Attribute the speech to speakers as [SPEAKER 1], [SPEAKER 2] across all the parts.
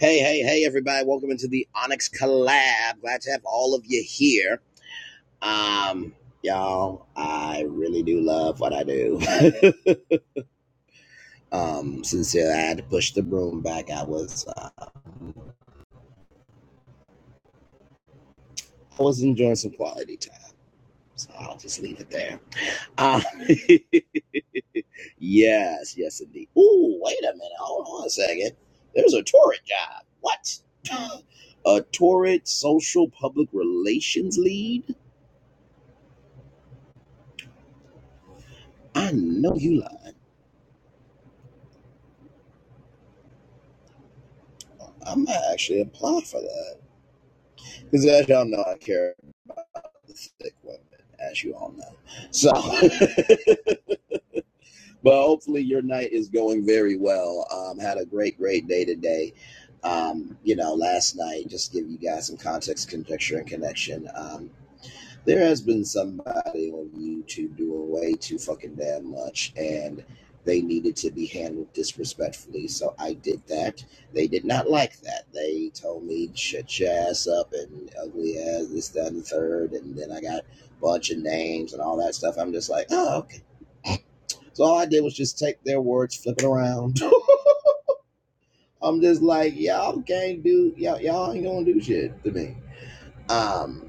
[SPEAKER 1] Hey, hey, hey, everybody. Welcome into the Onyx Collab. Glad to have all of you here. Um, y'all, I really do love what I do. um, sincerely, I had to push the broom back. I was, uh, I was enjoying some quality time, so I'll just leave it there. Um, yes, yes, indeed. Ooh, wait a minute. Hold on a second. There's a turret job. What? a turret social public relations lead? I know you love. I might actually apply for that because, as y'all know, I care about the sick women, as you all know. So, but hopefully, your night is going very well. Um, had a great, great day today. Um, you know, last night, just to give you guys some context, conjecture, and connection. Um, there has been somebody on YouTube doing way too fucking damn much, and they needed to be handled disrespectfully. So I did that. They did not like that. They told me shut your ass up and ugly ass, this, that, and the third. And then I got a bunch of names and all that stuff. I'm just like, oh, okay. So all I did was just take their words, flip it around. I'm just like, y'all can't do, y'all, y'all ain't gonna do shit to me um,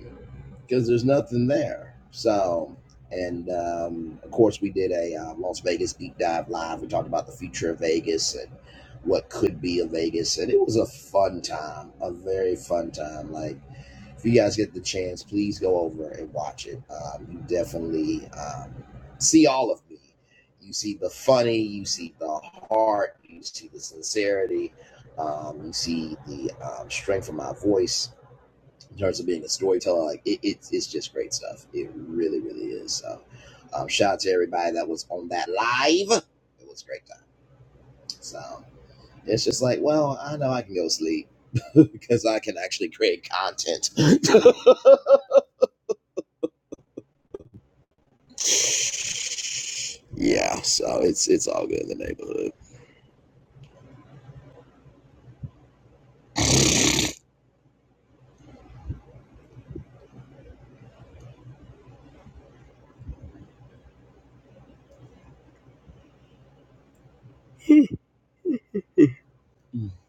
[SPEAKER 1] because there's nothing there. So, and um, of course, we did a uh, Las Vegas deep dive live. We talked about the future of Vegas and what could be of Vegas, and it was a fun time, a very fun time. Like, if you guys get the chance, please go over and watch it. Um, you definitely um, see all of me. You see the funny, you see the heart, you see the sincerity, um, you see the um, strength of my voice in terms of being a storyteller. Like it, it's it's just great stuff. It really, really is. So um, shout out to everybody that was on that live. It was a great time. So it's just like, well, I know I can go sleep because I can actually create content. Yeah, so it's it's all good in the neighborhood.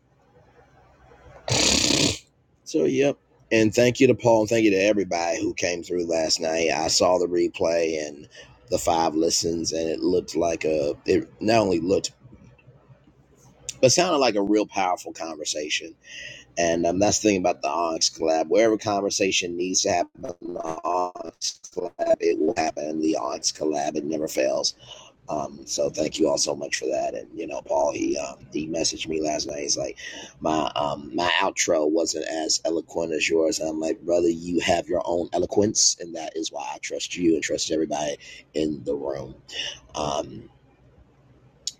[SPEAKER 1] So yep. And thank you to Paul and thank you to everybody who came through last night. I saw the replay and the five listens and it looked like a it not only looked but it sounded like a real powerful conversation. And um, that's the thing about the Onyx Collab. Wherever conversation needs to happen, the Onyx Collab, it will happen. The Onyx Collab, it never fails. Um, so thank you all so much for that. And you know, Paul, he um, he messaged me last night. He's like, my um, my outro wasn't as eloquent as yours. And I'm like, brother, you have your own eloquence, and that is why I trust you and trust everybody in the room. Um,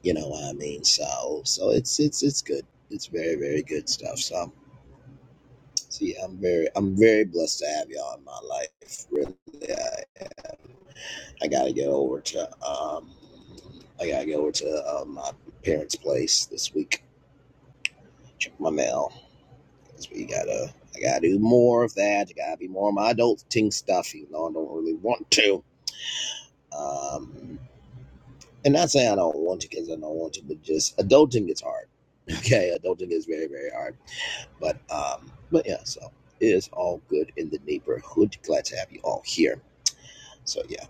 [SPEAKER 1] you know what I mean? So so it's it's it's good. It's very very good stuff. So see, I'm very I'm very blessed to have y'all in my life. Really, I, I gotta get over to um I gotta go over to uh, my parents' place this week. Check my mail 'cause we gotta I gotta do more of that. I gotta be more of my adulting stuff, even though I don't really want to. Um, and not saying I don't want to because I don't want to, but just adulting is hard. Okay, adulting is very very hard But um, but yeah, so it is all good in the neighborhood. Glad to have you all here. So yeah.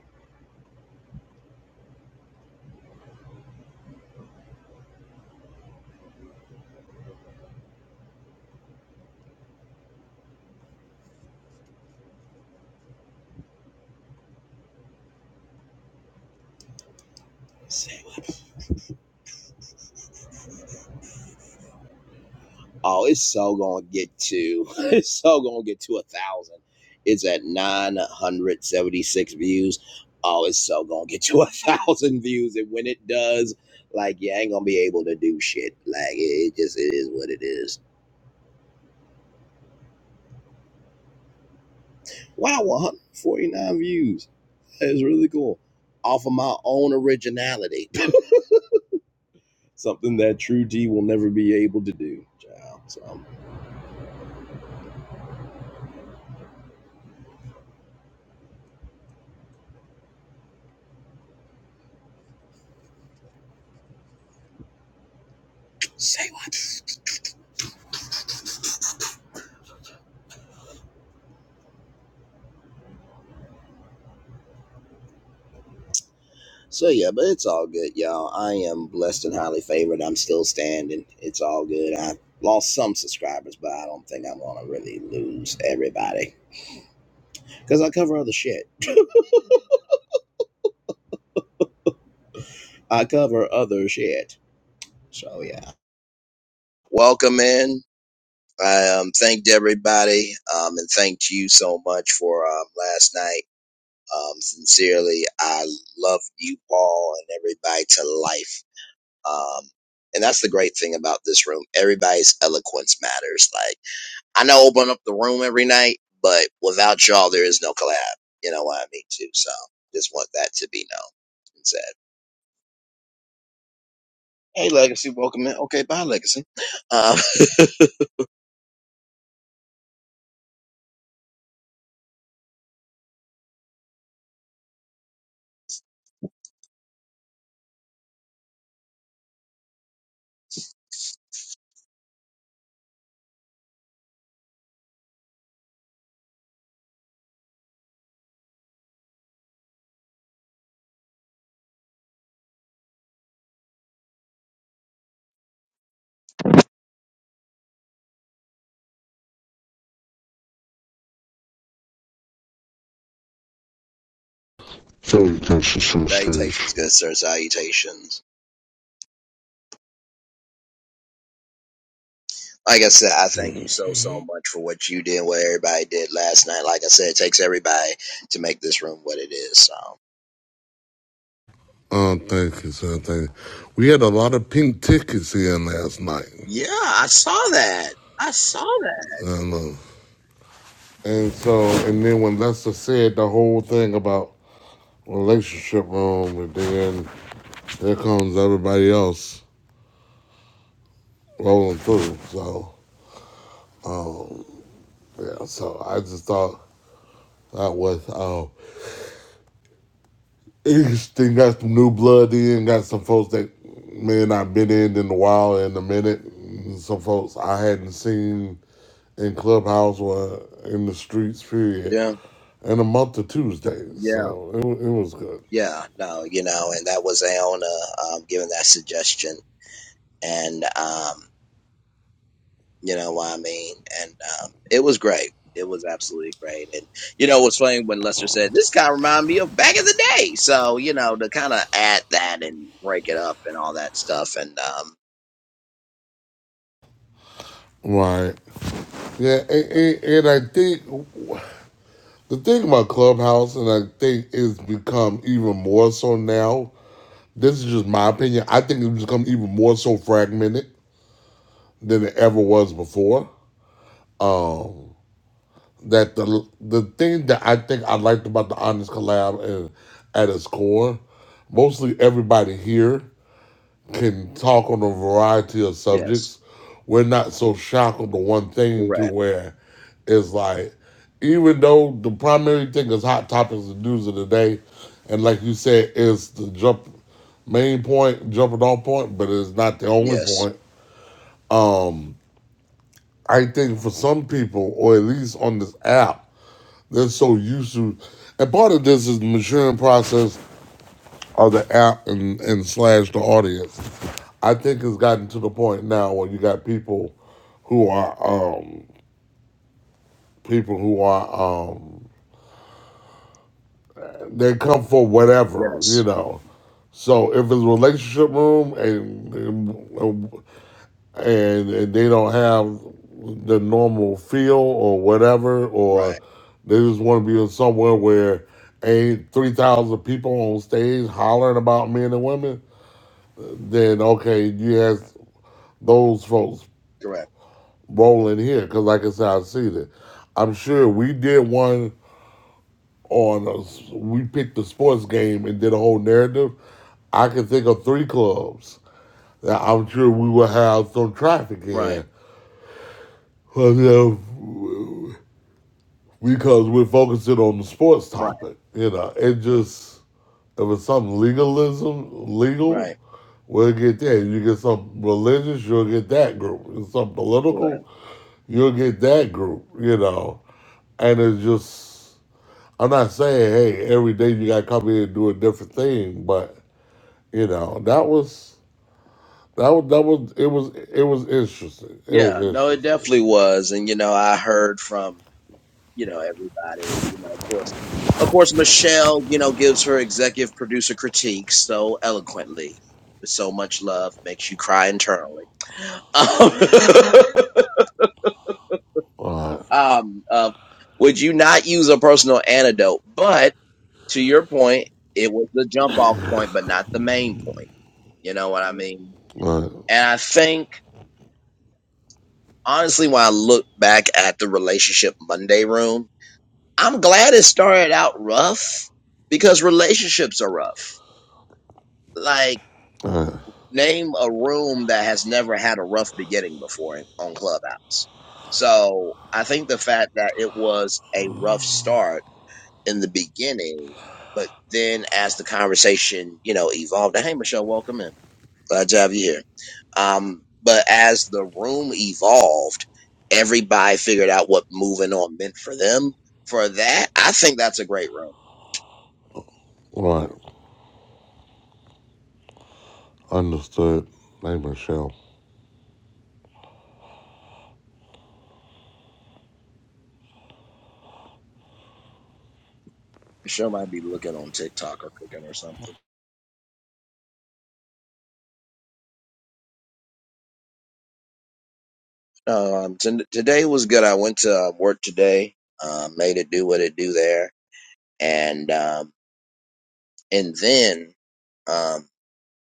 [SPEAKER 1] Oh, it's so gonna get to it's so gonna get to a thousand. It's at nine hundred seventy six views. Oh, it's so gonna get to a thousand views, and when it does, like you ain't gonna be able to do shit. Like it, it just it is what it is. Wow, one hundred forty nine views. That is really cool. Off of my own originality. something that True D will never be able to do. So say what? So yeah, but it's all good, y'all. I am blessed and highly favored. I'm still standing. It's all good. I lost some subscribers, but I don't think I'm gonna really lose everybody because I cover other shit. I cover other shit. So yeah, welcome in. I um, thanked everybody, um, and thanked you so much for um, last night. Um, sincerely, I love you, Paul, and everybody to life. Um, and that's the great thing about this room. Everybody's eloquence matters. Like I know I open up the room every night, but without y'all, there is no collab. You know what I mean too. So just want that to be known and said. Hey, Legacy, welcome in. Okay, bye, Legacy. Um,
[SPEAKER 2] Salutations from the
[SPEAKER 1] salutations,
[SPEAKER 2] stage.
[SPEAKER 1] good sir. Salutations. Like I said, I thank you so so much for what you did, what everybody did last night. Like I said, it takes everybody to make this room what it is. So
[SPEAKER 2] Oh, thank you, sir. Thank you. We had a lot of pink tickets in last night.
[SPEAKER 1] yeah, I saw that. I saw that.
[SPEAKER 2] And, uh, and so, and then when Lester said the whole thing about relationship room, and then there comes everybody else rolling through. So, yeah, so I just thought that was, oh. Houston got some new blood in, got some folks that man I've been in in a while in a minute. Some folks I hadn't seen in clubhouse or in the streets period
[SPEAKER 1] Yeah,
[SPEAKER 2] in a month or Tuesdays,
[SPEAKER 1] yeah.
[SPEAKER 2] so it, wa- it was good.
[SPEAKER 1] Yeah, no, you know, and that was Aona um, giving that suggestion, and um, you know what I mean, and um, it was great. It was absolutely great, and you know what's funny when Lester said this kind of reminded me of back in the day, so you know to kind of add that and break it up and all that stuff, and um,
[SPEAKER 2] Right. Yeah, and, and, and I think the thing about clubhouse, and I think it's become even more so now. This is just my opinion. I think it's become even more so fragmented than it ever was before. Um, that the the thing that I think I liked about the Honest Collab is at its core, mostly everybody here can talk on a variety of
[SPEAKER 1] yes,
[SPEAKER 2] subjects. We're not so shackled to one thing to
[SPEAKER 1] correct,
[SPEAKER 2] where it's like, even though the primary thing is hot topics and news of the day, and like you said, is the jump main point, jumping off point, but it's not the only
[SPEAKER 1] yes,
[SPEAKER 2] point. I think for some people, or at least on this app, They're so used to, and part of this is the maturing process of the app and, and slash the audience. I think it's gotten to the point now where you got people who are um, people who are um, they come for whatever you
[SPEAKER 1] yes,
[SPEAKER 2] know. So if it's a relationship room and, and and, and they don't have the normal feel or whatever, or
[SPEAKER 1] right,
[SPEAKER 2] they just want to be in somewhere where ain't 3,000 people on stage hollering about men and women, then okay, you have those folks
[SPEAKER 1] correct,
[SPEAKER 2] rolling here. Because, like I said, I see that. I'm sure we did one on, a s we picked the sports game and did a whole narrative. I can think of three clubs that I'm sure we will have some traffic in.
[SPEAKER 1] right,
[SPEAKER 2] But if because we're focusing on the sports
[SPEAKER 1] right,
[SPEAKER 2] topic. You know, it just if it's some legalism, legal,
[SPEAKER 1] right,
[SPEAKER 2] we'll get that. You get some religious, you'll get that group. If it's some
[SPEAKER 1] correct.
[SPEAKER 2] political, you'll get that group. You know, and it's just I'm not saying hey every day you got to come here and do a different thing, but you know that was. That was, that was it was it was interesting. It was
[SPEAKER 1] Yeah, no, it
[SPEAKER 2] interesting.
[SPEAKER 1] definitely was, and you know I heard from. you know, everybody. You know, of course, of course, Michelle, you know, gives her executive producer critiques so eloquently with so much love, makes you cry internally. Um,
[SPEAKER 2] All right,
[SPEAKER 1] um, uh, would you not use a personal antidote? But to your point, it was the jump off point, but not the main point. You know what I mean?
[SPEAKER 2] all right,
[SPEAKER 1] And I think honestly, when I look back at the relationship Monday room, I'm glad it started out rough because relationships are rough Like, name a room that has never had a rough beginning before on Clubhouse. So I think the fact that it was a rough start in the beginning, but then as the conversation, you know, evolved, hey, Michelle, welcome in. Glad to have you here. Um, but as the room evolved, everybody figured out what moving on meant for them. For that, I think that's a great room.
[SPEAKER 2] all right. Understood. Hey Michelle.
[SPEAKER 1] Michelle might be looking on TikTok or cooking or something. Um, t- today was good. I went to uh, work today, um, made it do what it do there, and um, and then um,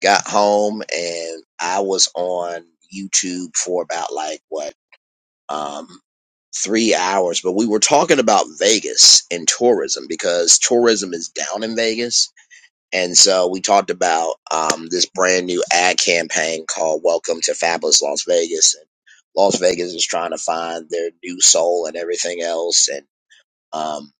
[SPEAKER 1] got home and I was on YouTube for about like what um, three hours. But we were talking about Vegas and tourism because tourism is down in Vegas and so we talked about um, this brand new ad campaign called Welcome to Fabulous Las Vegas. And Las Vegas is trying to find their new soul and everything else. And um,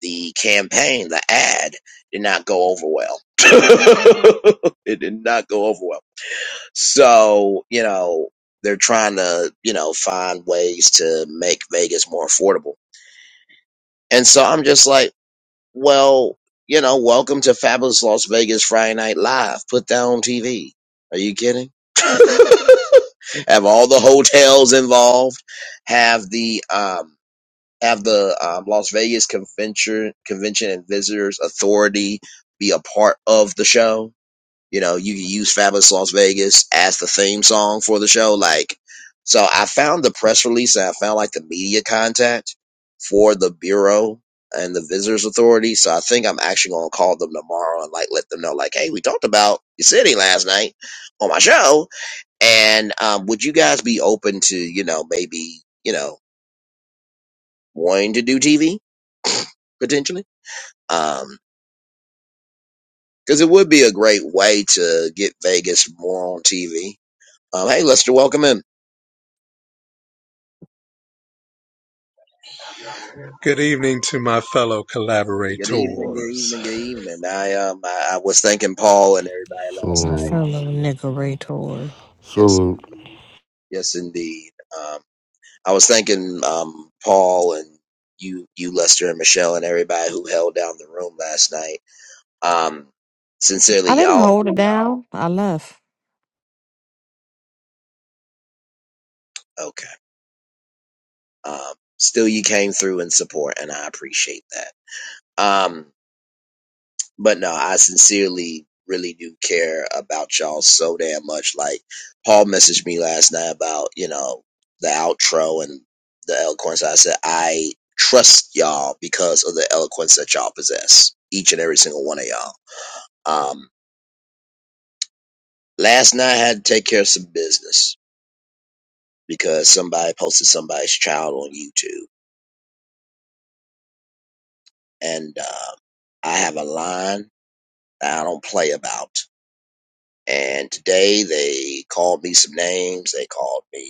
[SPEAKER 1] the campaign, the ad, did not go over well. it did not go over well. So, you know, they're trying to, you know, find ways to make Vegas more affordable. And so I'm just like, well, you know, welcome to Fabulous Las Vegas Friday Night Live. Put that on TV. Are you kidding? have all the hotels involved. Have the um, have the um, Las Vegas Convention Convention and Visitors Authority be a part of the show. You know, you can use Fabulous Las Vegas as the theme song for the show. Like, so I found the press release and I found like the media contact for the Bureau and the Visitors Authority. So I think I'm actually going to call them tomorrow and like let them know, like, hey, we talked about your city last night on my show. And um, would you guys be open to, you know, maybe, you know, wanting to do TV potentially? Um, because it would be a great way to get Vegas more on TV. Um, hey, Lester, welcome in,
[SPEAKER 3] Good evening to my fellow
[SPEAKER 1] Good evening, good
[SPEAKER 3] collaborators.
[SPEAKER 1] evening, good evening. I um I, I was thanking Paul and everybody last
[SPEAKER 4] My
[SPEAKER 1] night.
[SPEAKER 2] So
[SPEAKER 4] fellow
[SPEAKER 1] And, uh,
[SPEAKER 4] niggerators.
[SPEAKER 1] Yes,
[SPEAKER 2] So
[SPEAKER 1] indeed. yes, indeed. Um, I was thanking um Paul and you, you Lester and Michelle and everybody who held down the room last night. Um, sincerely,
[SPEAKER 4] I didn't
[SPEAKER 1] y'all.
[SPEAKER 4] hold it down. I left.
[SPEAKER 1] Okay. Um, still you came through in support, and I appreciate that. Um, But no, I sincerely really do care about y'all so damn much. Like Paul messaged me last night about, you know, the outro and the eloquence. I said, I trust y'all because of the eloquence that y'all possess. Each and every single one of y'all. Um last night I had to take care of some business because somebody posted somebody's child on YouTube. And uh, I have a line that I don't play about. And today they called me some names. They called me,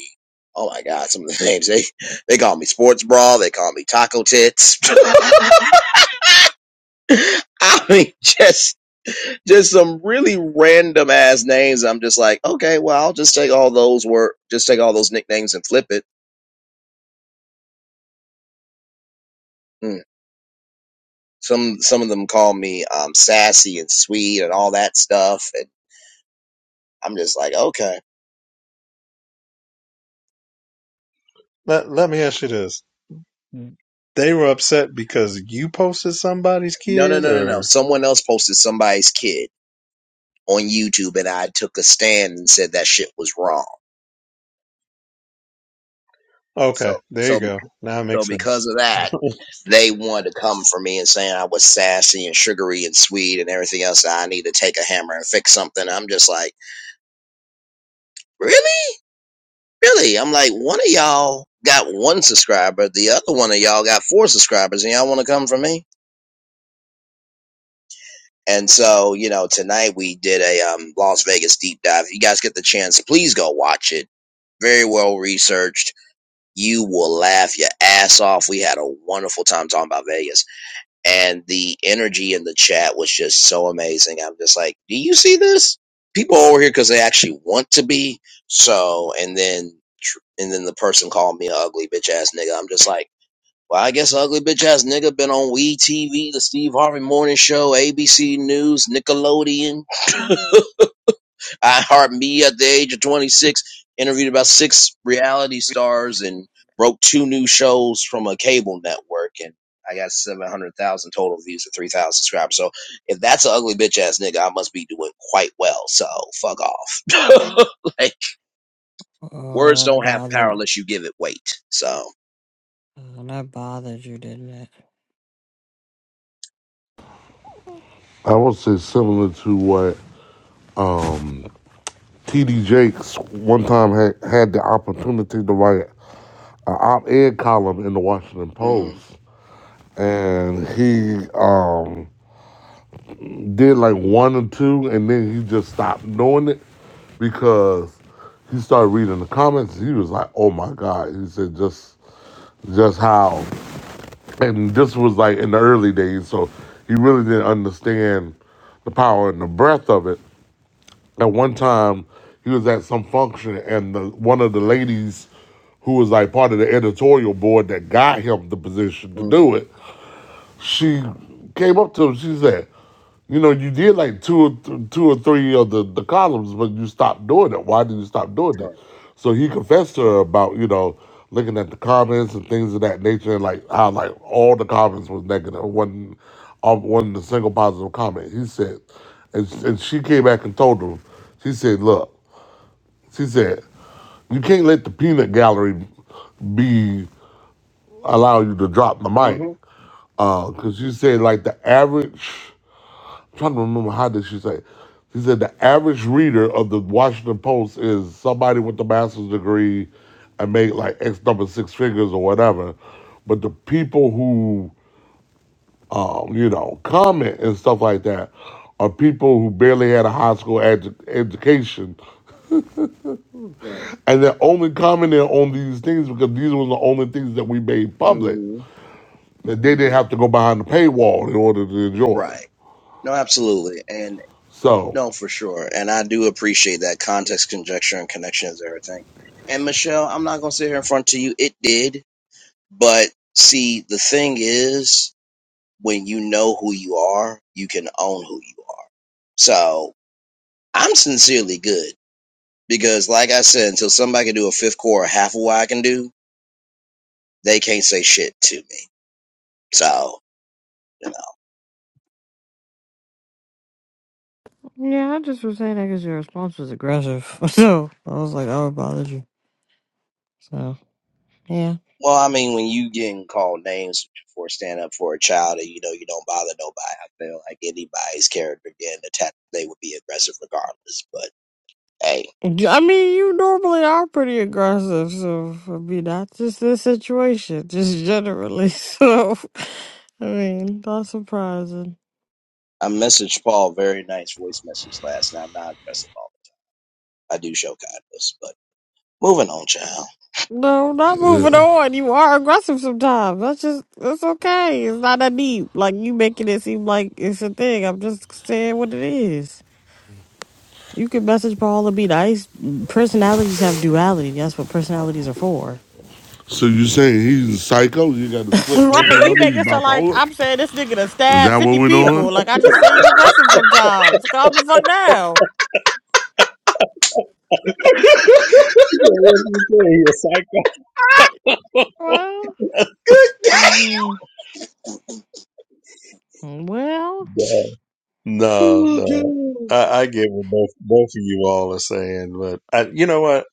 [SPEAKER 1] oh my God, some of the names. They, they called me sports bra. They called me taco tits. I mean, just, just some really random ass names. I'm just like, okay, well, I'll just take all those word, just take all those nicknames and flip it. Mm. Some, some of them call me, um, sassy and sweet and all that stuff. And I'm just like, okay.
[SPEAKER 3] Let, let me ask you this. They were upset because you posted somebody's
[SPEAKER 1] No, no,
[SPEAKER 3] kid
[SPEAKER 1] no, no, no.
[SPEAKER 3] or
[SPEAKER 1] Someone else posted somebody's kid on YouTube, and I took a stand and said that shit was wrong.
[SPEAKER 3] Okay,
[SPEAKER 1] So,
[SPEAKER 3] there you
[SPEAKER 1] so,
[SPEAKER 3] go.
[SPEAKER 1] bec-
[SPEAKER 3] Now it
[SPEAKER 1] so
[SPEAKER 3] makes
[SPEAKER 1] because
[SPEAKER 3] sense.
[SPEAKER 1] of that, they wanted to come for me and saying I was sassy and sugary and sweet and everything else. I need to take a hammer and fix something. I'm just like, really, really. I'm like, one of y'all got one subscriber, the other one of y'all got four subscribers, and y'all want to come for me. And so, you know, tonight we did a um, Las Vegas deep dive. If you guys get the chance, please go watch it. Very well researched You will laugh your ass off. We had a wonderful time talking about Vegas. And the energy in the chat was just so amazing. I'm just like, do you see this? People are over here because they actually want to be. So, and then, and then the person called me an ugly bitch ass nigga. I'm just like, well, I guess ugly bitch ass nigga been on We TV, the Steve Harvey Morning Show, ABC News, Nickelodeon. iHeart Me at the age of 26, interviewed about six reality stars and broke two new shows from a cable network. And I got 700,000 total views and 3,000 subscribers. So if that's an ugly bitch ass nigga, I must be doing quite well. So fuck off. like,
[SPEAKER 4] Oh,
[SPEAKER 1] words
[SPEAKER 4] that
[SPEAKER 1] don't have power
[SPEAKER 4] bothered.
[SPEAKER 1] unless you give it weight. So,
[SPEAKER 4] Oh, that bothered you, didn't it?
[SPEAKER 2] I would say similar to what um, TD Jakes one time had, had the opportunity to write an op-ed column in the Washington
[SPEAKER 1] mm hmm.
[SPEAKER 2] Post, and he um, did like one or two, and then he just stopped doing it because he started reading the comments. He was like, "Oh my God!" He said, "Just just how and this was like in the early days so he really didn't understand the power and the breadth of it At one time, he was at some function, and the, one of the ladies who was like part of the editorial board that got him the position to
[SPEAKER 1] Mm
[SPEAKER 2] do it
[SPEAKER 1] hmm.
[SPEAKER 2] she came up to him. She said, "You know, you did like two or th- two or three of the, the columns, but you stopped doing it. Why did you stop doing it?"
[SPEAKER 1] Right.
[SPEAKER 2] So he confessed to her about you know looking at the comments and things of that nature, and like how like all the comments was negative. One, um, one the single positive comment. He said, and, and she came back and told him. She said, "Look," she said, "you can't let the peanut gallery be." allow you to drop the
[SPEAKER 1] Mm
[SPEAKER 2] mic.
[SPEAKER 1] hmm.
[SPEAKER 2] Because you said, like, the average, I'm trying to remember how did she say, it. she said the average reader of the Washington Post is somebody with a master's degree and make like X number six figures or whatever. But the people who, um, you know, comment and stuff like that are people who barely had a high school edu- education.
[SPEAKER 1] Right.
[SPEAKER 2] And they're only commenting on these things because these were the only things that we made
[SPEAKER 1] Mm
[SPEAKER 2] public.
[SPEAKER 1] hmm.
[SPEAKER 2] that they didn't have to go behind the paywall in order to enjoy.
[SPEAKER 1] Right. No, absolutely. And.
[SPEAKER 2] So,
[SPEAKER 1] No, for sure. And I do appreciate that context, conjecture, and connection is everything. And Michelle, I'm not going to sit here in front to you. It did. But see, the thing is, when you know who you are, you can own who you are. So I'm sincerely good because, like I said, until somebody can do a fifth core or half of what I can do, they can't say shit to me. So.
[SPEAKER 4] Yeah, I just was saying that because your response was aggressive. So I was like, oh, it bothered you. So, yeah.
[SPEAKER 1] Well, I mean, when you getting called names for standing up for a child, and you know you don't bother nobody, I feel like anybody's character getting attacked, they would be aggressive regardless. But hey,
[SPEAKER 4] Y- I mean, you normally are pretty aggressive. So, I mean, not just this situation, just generally. So, I mean, not surprising.
[SPEAKER 1] I messaged Paul very nice voice message last night. I'm not aggressive all the time. I do show kindness, but moving on, child.
[SPEAKER 4] No, not moving on. You are aggressive sometimes. That's just that's okay. It's not that deep. Like you making it seem like it's a thing. I'm just saying what it is. You can message Paul and be nice. Personalities have duality. That's what personalities are for.
[SPEAKER 2] so you saying he's a psycho? You got a split
[SPEAKER 4] right. You
[SPEAKER 2] personality,
[SPEAKER 4] make
[SPEAKER 2] he's
[SPEAKER 4] it sound like
[SPEAKER 2] bipolar?
[SPEAKER 4] I'm saying this nigga to
[SPEAKER 2] Is
[SPEAKER 4] stab
[SPEAKER 2] that what
[SPEAKER 4] fifty
[SPEAKER 2] we're
[SPEAKER 4] people.
[SPEAKER 2] doing?
[SPEAKER 4] Like I just say you aggressive sometimes. Calm the fuck down.
[SPEAKER 3] Yeah, What You're a psycho.
[SPEAKER 4] Well, I mean, well,
[SPEAKER 3] No, no,
[SPEAKER 1] Oh,
[SPEAKER 3] no.
[SPEAKER 1] God.
[SPEAKER 3] I, I get what both both of you all are saying, but I, you know what?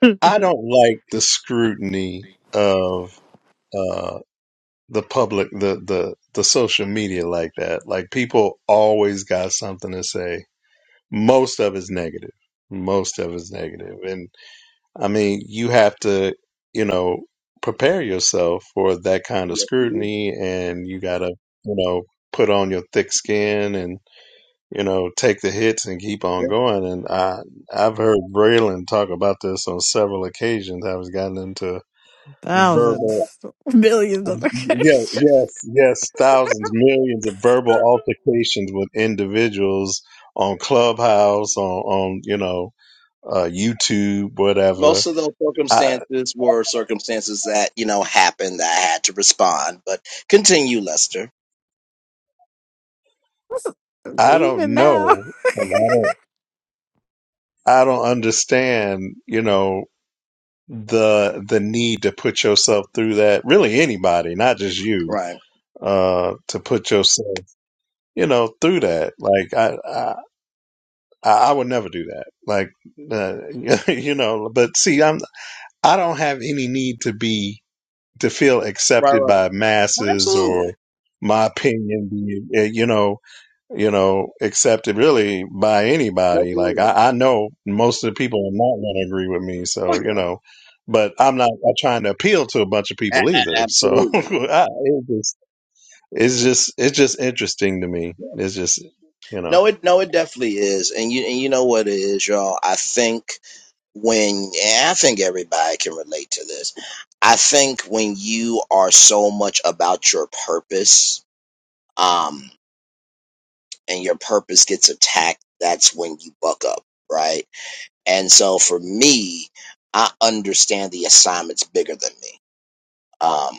[SPEAKER 3] I don't like the scrutiny of uh, the public the the the social media like that like people always got something to say most of it's negative most of it's negative and i mean you have to you know prepare yourself for that kind of
[SPEAKER 1] Yes, you do.
[SPEAKER 3] scrutiny and you got to you know put on your thick skin and you know take the hits and keep on
[SPEAKER 1] Yeah.
[SPEAKER 3] going and i i've heard braylon talk about this on several occasions i was gotten into verbal
[SPEAKER 4] thousands, millions of
[SPEAKER 3] yeah,
[SPEAKER 4] occasions,
[SPEAKER 3] yes, yes, thousands, millions of verbal altercations with individuals on Clubhouse, on, on you know, uh, YouTube, whatever.
[SPEAKER 1] Most of those
[SPEAKER 3] I
[SPEAKER 1] circumstances were circumstances that you know happened that I had to respond. But continue, Lester.
[SPEAKER 3] I
[SPEAKER 4] even
[SPEAKER 3] don't
[SPEAKER 4] now.
[SPEAKER 3] know, and I don't I don't understand, you know, the the need to put yourself through that. Really, anybody, not just you,
[SPEAKER 1] Right.
[SPEAKER 3] uh, to put yourself, you know, through that. Like I I I I would never do that. Like uh, you know, but see, I'm I don't have any need to be to feel
[SPEAKER 1] Right.
[SPEAKER 3] accepted by
[SPEAKER 1] Right.
[SPEAKER 3] masses
[SPEAKER 1] Absolutely.
[SPEAKER 3] or my opinion be eh, you know you know accepted really by anybody. Like
[SPEAKER 1] Absolutely.
[SPEAKER 3] I, I know most of the people are not going to agree with me,
[SPEAKER 1] Oh
[SPEAKER 3] so you
[SPEAKER 1] yeah,
[SPEAKER 3] know. But I'm not uh, trying to appeal to a bunch of people
[SPEAKER 1] a- a-
[SPEAKER 3] either. So
[SPEAKER 1] absolutely.
[SPEAKER 3] I, it just, it's just it's just interesting to me.
[SPEAKER 1] Yeah.
[SPEAKER 3] It's just you know.
[SPEAKER 1] No, it no, it definitely is, and you and you know what it is, y'all. I think when and I think everybody can relate to this. I think when you are so much about your purpose, um, and your purpose gets attacked, that's when you buck up, right? And so for me, I understand the assignment's bigger than me. Um,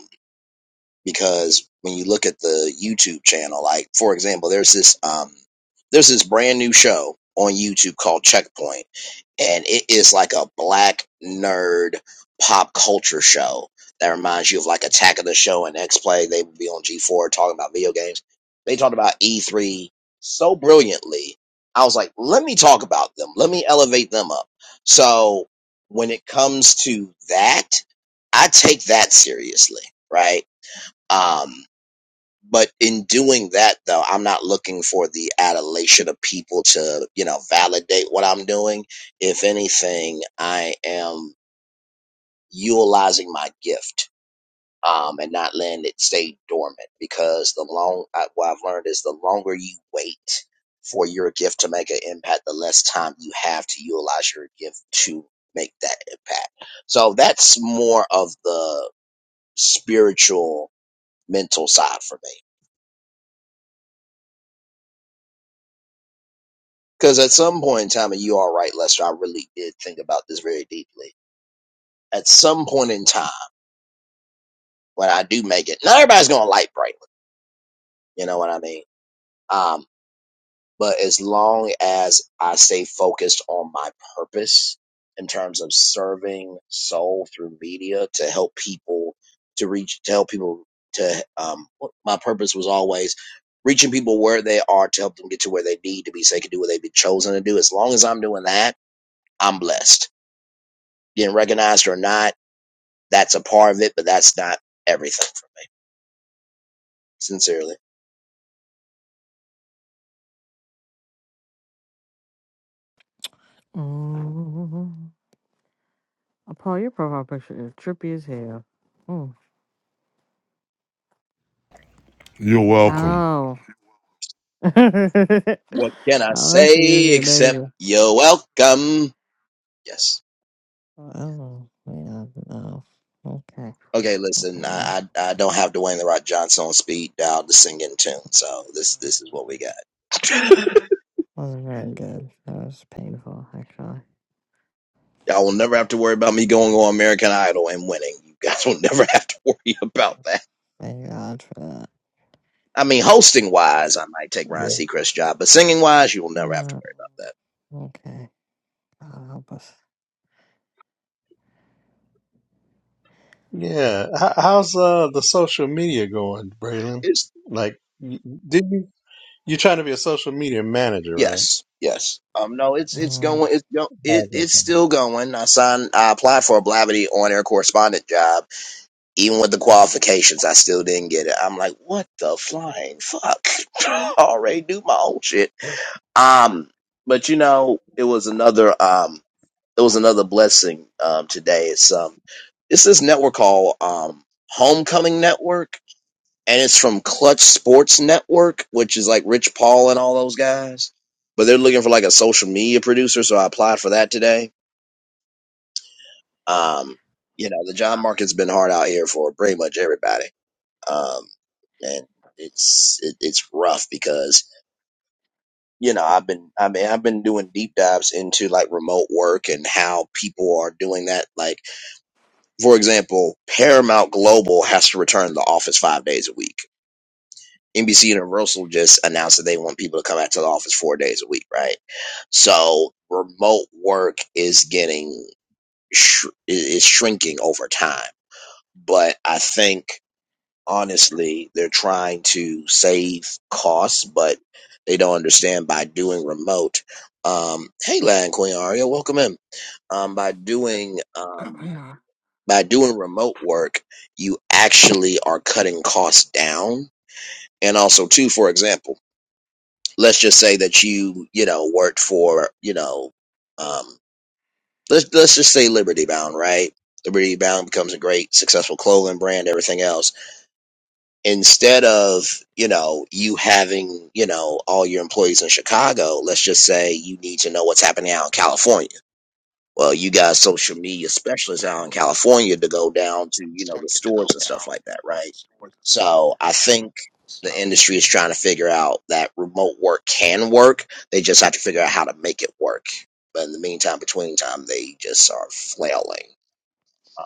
[SPEAKER 1] because when you look at the YouTube channel, like for example, there's this um there's this brand new show on YouTube called Checkpoint, and it is like a black nerd pop culture show that reminds you of like Attack of the Show and X Play. They would be on G4 talking about video games. They talked about E3 so brilliantly. I was like, let me talk about them. Let me elevate them up. So when it comes to that, I take that seriously, right? Um, but in doing that, though, I'm not looking for the adulation of people to, you know, validate what I'm doing. If anything, I am utilizing my gift um, and not letting it stay dormant because the long, I, what I've learned is the longer you wait for your gift to make an impact, the less time you have to utilize your gift to make that impact. So that's more of the spiritual, mental side for me. Because at some point in time, and you are right, Lester, I really did think about this very deeply. At some point in time, when I do make it, not everybody's going to like Brightly. You know what I mean? Um, but as long as I stay focused on my purpose in terms of serving soul through media to help people to reach, to help people to, um, my purpose was always reaching people where they are to help them get to where they need to be so they can do what they've been chosen to do. As long as I'm doing that, I'm blessed Being recognized or not, that's a part of it, but that's not everything. Sincerely.
[SPEAKER 4] Oh, Paul, your profile picture is trippy as hell. Mm.
[SPEAKER 2] You're welcome,
[SPEAKER 4] Oh,
[SPEAKER 1] What can I
[SPEAKER 4] all I see is
[SPEAKER 1] say
[SPEAKER 4] your
[SPEAKER 1] except
[SPEAKER 4] name.
[SPEAKER 1] you're welcome? Yes.
[SPEAKER 4] Oh, yeah, no. Okay,
[SPEAKER 1] Okay, listen,
[SPEAKER 4] well,
[SPEAKER 1] I I, I don't have Dwayne the Rock Johnson on speed dial to sing in tune, so this this is what we
[SPEAKER 4] it
[SPEAKER 1] got.
[SPEAKER 4] wasn't very good. That was painful, actually.
[SPEAKER 1] Y'all will never have to worry about me going on American Idol and winning. You guys will never have to worry about that.
[SPEAKER 4] Thank God for that.
[SPEAKER 1] I mean, hosting wise, I might take Ryan
[SPEAKER 3] Yeah.
[SPEAKER 1] Seacrest's job, but singing wise, you will never have to
[SPEAKER 4] Mm,
[SPEAKER 1] worry about that.
[SPEAKER 4] okay, God help us.
[SPEAKER 3] Yeah. How, how's uh the social media going, Braylon?
[SPEAKER 1] It's
[SPEAKER 3] Like, y- did you you're trying to be a social media manager, right?
[SPEAKER 1] Yes, yes. Um, no, it's it's
[SPEAKER 4] Mm.
[SPEAKER 1] going. It's go- it, it's
[SPEAKER 3] Okay.
[SPEAKER 1] still going. I signed. I applied for a Blavity on air correspondent job. Even with the qualifications, I still didn't get it. I'm like, what the flying fuck? I already do my own shit. Um, but you know, it was another um, it was another blessing. Um, today it's um, it's this network called um, Homecoming Network and it's from Clutch Sports Network, which is like Rich Paul and all those guys. But they're looking for like a social media producer, so I applied for that today. Um, you know, the job market's been hard out here for pretty much everybody, um, and it's it, it's rough because you know I've been I mean I've been doing deep dives into like remote work and how people are doing that. Like for example, Paramount Global has to return to the office five days a week NBC Universal just announced that they want people to come back to the office four days a week, right? So remote work is getting sh- is shrinking over time, but I think honestly they're trying to save costs, but they don't understand by doing remote. Um, hey, Land Queen Aria, welcome in. Um, by doing um, by doing remote work, you actually are cutting costs down, and also too, for example. let's just say that you you know worked for you know um let's let's just say liberty bound right liberty bound becomes a great successful clothing brand everything else instead of you know you having you know all your employees in chicago let's just say you need to know what's happening out in california well, you guys, social media specialists out in California to go down to, you know, the stores and stuff like that, right? So I think the industry is trying to figure out that remote work can work. They just have to figure out how to make it work. But in the meantime, between time, they just are flailing. Uh,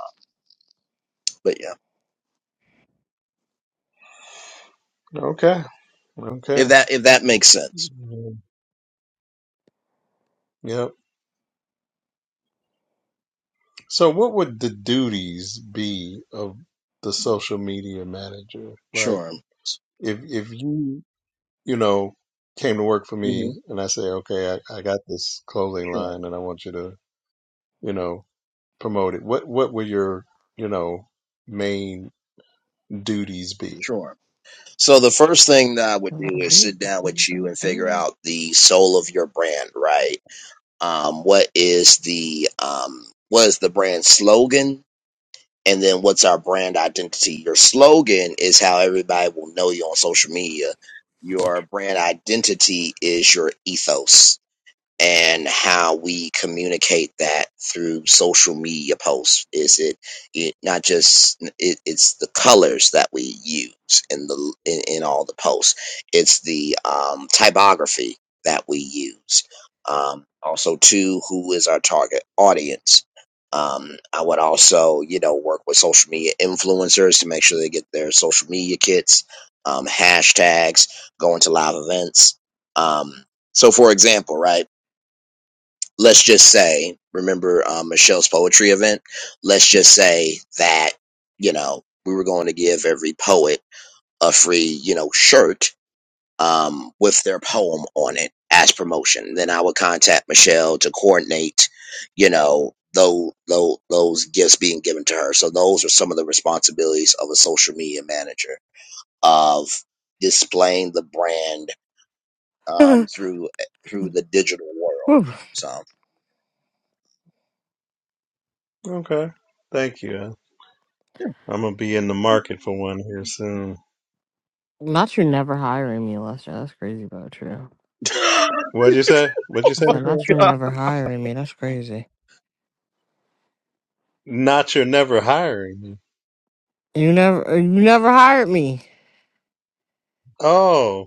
[SPEAKER 1] but yeah,
[SPEAKER 3] Okay.
[SPEAKER 1] if
[SPEAKER 3] Okay.
[SPEAKER 1] that if that makes sense,
[SPEAKER 3] Mm, Yep. So, what would the duties be of the social media manager? Like,
[SPEAKER 1] sure,
[SPEAKER 3] if if you you know came to work for
[SPEAKER 1] hmm
[SPEAKER 3] me and I say, okay, I, I got this clothing
[SPEAKER 1] sure,
[SPEAKER 3] line and I want you to you know promote it. What what would your you know main duties be?
[SPEAKER 1] sure. So the first thing that I would do
[SPEAKER 4] Somebody
[SPEAKER 1] is
[SPEAKER 4] give me
[SPEAKER 1] sit
[SPEAKER 4] some
[SPEAKER 1] down
[SPEAKER 4] food,
[SPEAKER 1] with you
[SPEAKER 4] God,
[SPEAKER 1] and figure
[SPEAKER 4] please.
[SPEAKER 1] out the soul of your brand, right? um, what is the um, what is the brand slogan and then what's our brand identity your slogan is how everybody will know you on social media your brand identity is your ethos and how we communicate that through social media posts is it, it not just it, it's the colors that we use in the in, in all the posts it's the um, typography that we use um, also too who is our target audience um, i would also you know work with social media influencers to make sure they get their social media kits um, hashtags going to live events um, so, for example, right? let's just say, remember um, Michelle's poetry event? Let's just say that, you know, we were going to give every poet a free, you know, shirt um, with their poem on it as promotion. Then I would contact Michelle to coordinate, you know, those, those, those gifts being given to her. So those are some of the responsibilities of a social media manager of displaying the brand um, through through the digital world. So
[SPEAKER 3] Okay, thank you. I'm gonna be in the market for one
[SPEAKER 4] Whew.
[SPEAKER 3] here soon.
[SPEAKER 4] Not you never hiring me, Lester. That's crazy, but true.
[SPEAKER 3] What'd you say? What'd you
[SPEAKER 4] I
[SPEAKER 3] say?
[SPEAKER 4] said,
[SPEAKER 3] Nicole?
[SPEAKER 4] not you never hiring me. That's crazy.
[SPEAKER 3] Not you're never hiring me.
[SPEAKER 4] You never, uh, you never hired me.
[SPEAKER 3] Oh,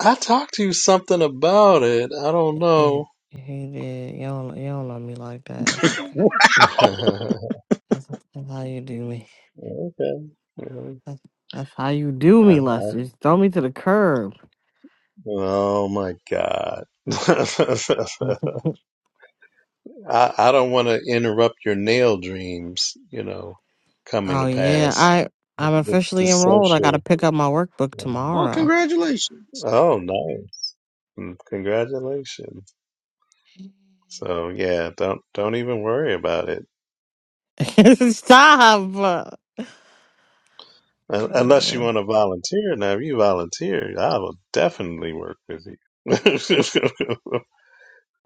[SPEAKER 3] I talked to you something about it. I don't
[SPEAKER 4] Yeah, yeah,
[SPEAKER 3] know.
[SPEAKER 4] yeah, he did. You don't, you don't know me like that. It's okay.
[SPEAKER 3] okay.
[SPEAKER 4] That's, that's how you do me.
[SPEAKER 3] Really?
[SPEAKER 4] That's, that's how you do
[SPEAKER 3] I-
[SPEAKER 4] me, Lester. Just throw me to the curb.
[SPEAKER 3] Oh my God. I,
[SPEAKER 4] oh
[SPEAKER 3] I don't want to interrupt your nail dreams, you know, coming to
[SPEAKER 4] yeah,
[SPEAKER 3] pass
[SPEAKER 4] I, I'm
[SPEAKER 3] with the
[SPEAKER 4] officially enrolled. I got to
[SPEAKER 3] social.
[SPEAKER 4] pick up my workbook tomorrow.
[SPEAKER 3] Oh, nice. Mm, Congratulations. So yeah, don't don't even worry about it.
[SPEAKER 4] Stop.
[SPEAKER 3] Un- Unless you
[SPEAKER 4] Uh,
[SPEAKER 3] want to volunteer now, if you volunteer, I will definitely work with you.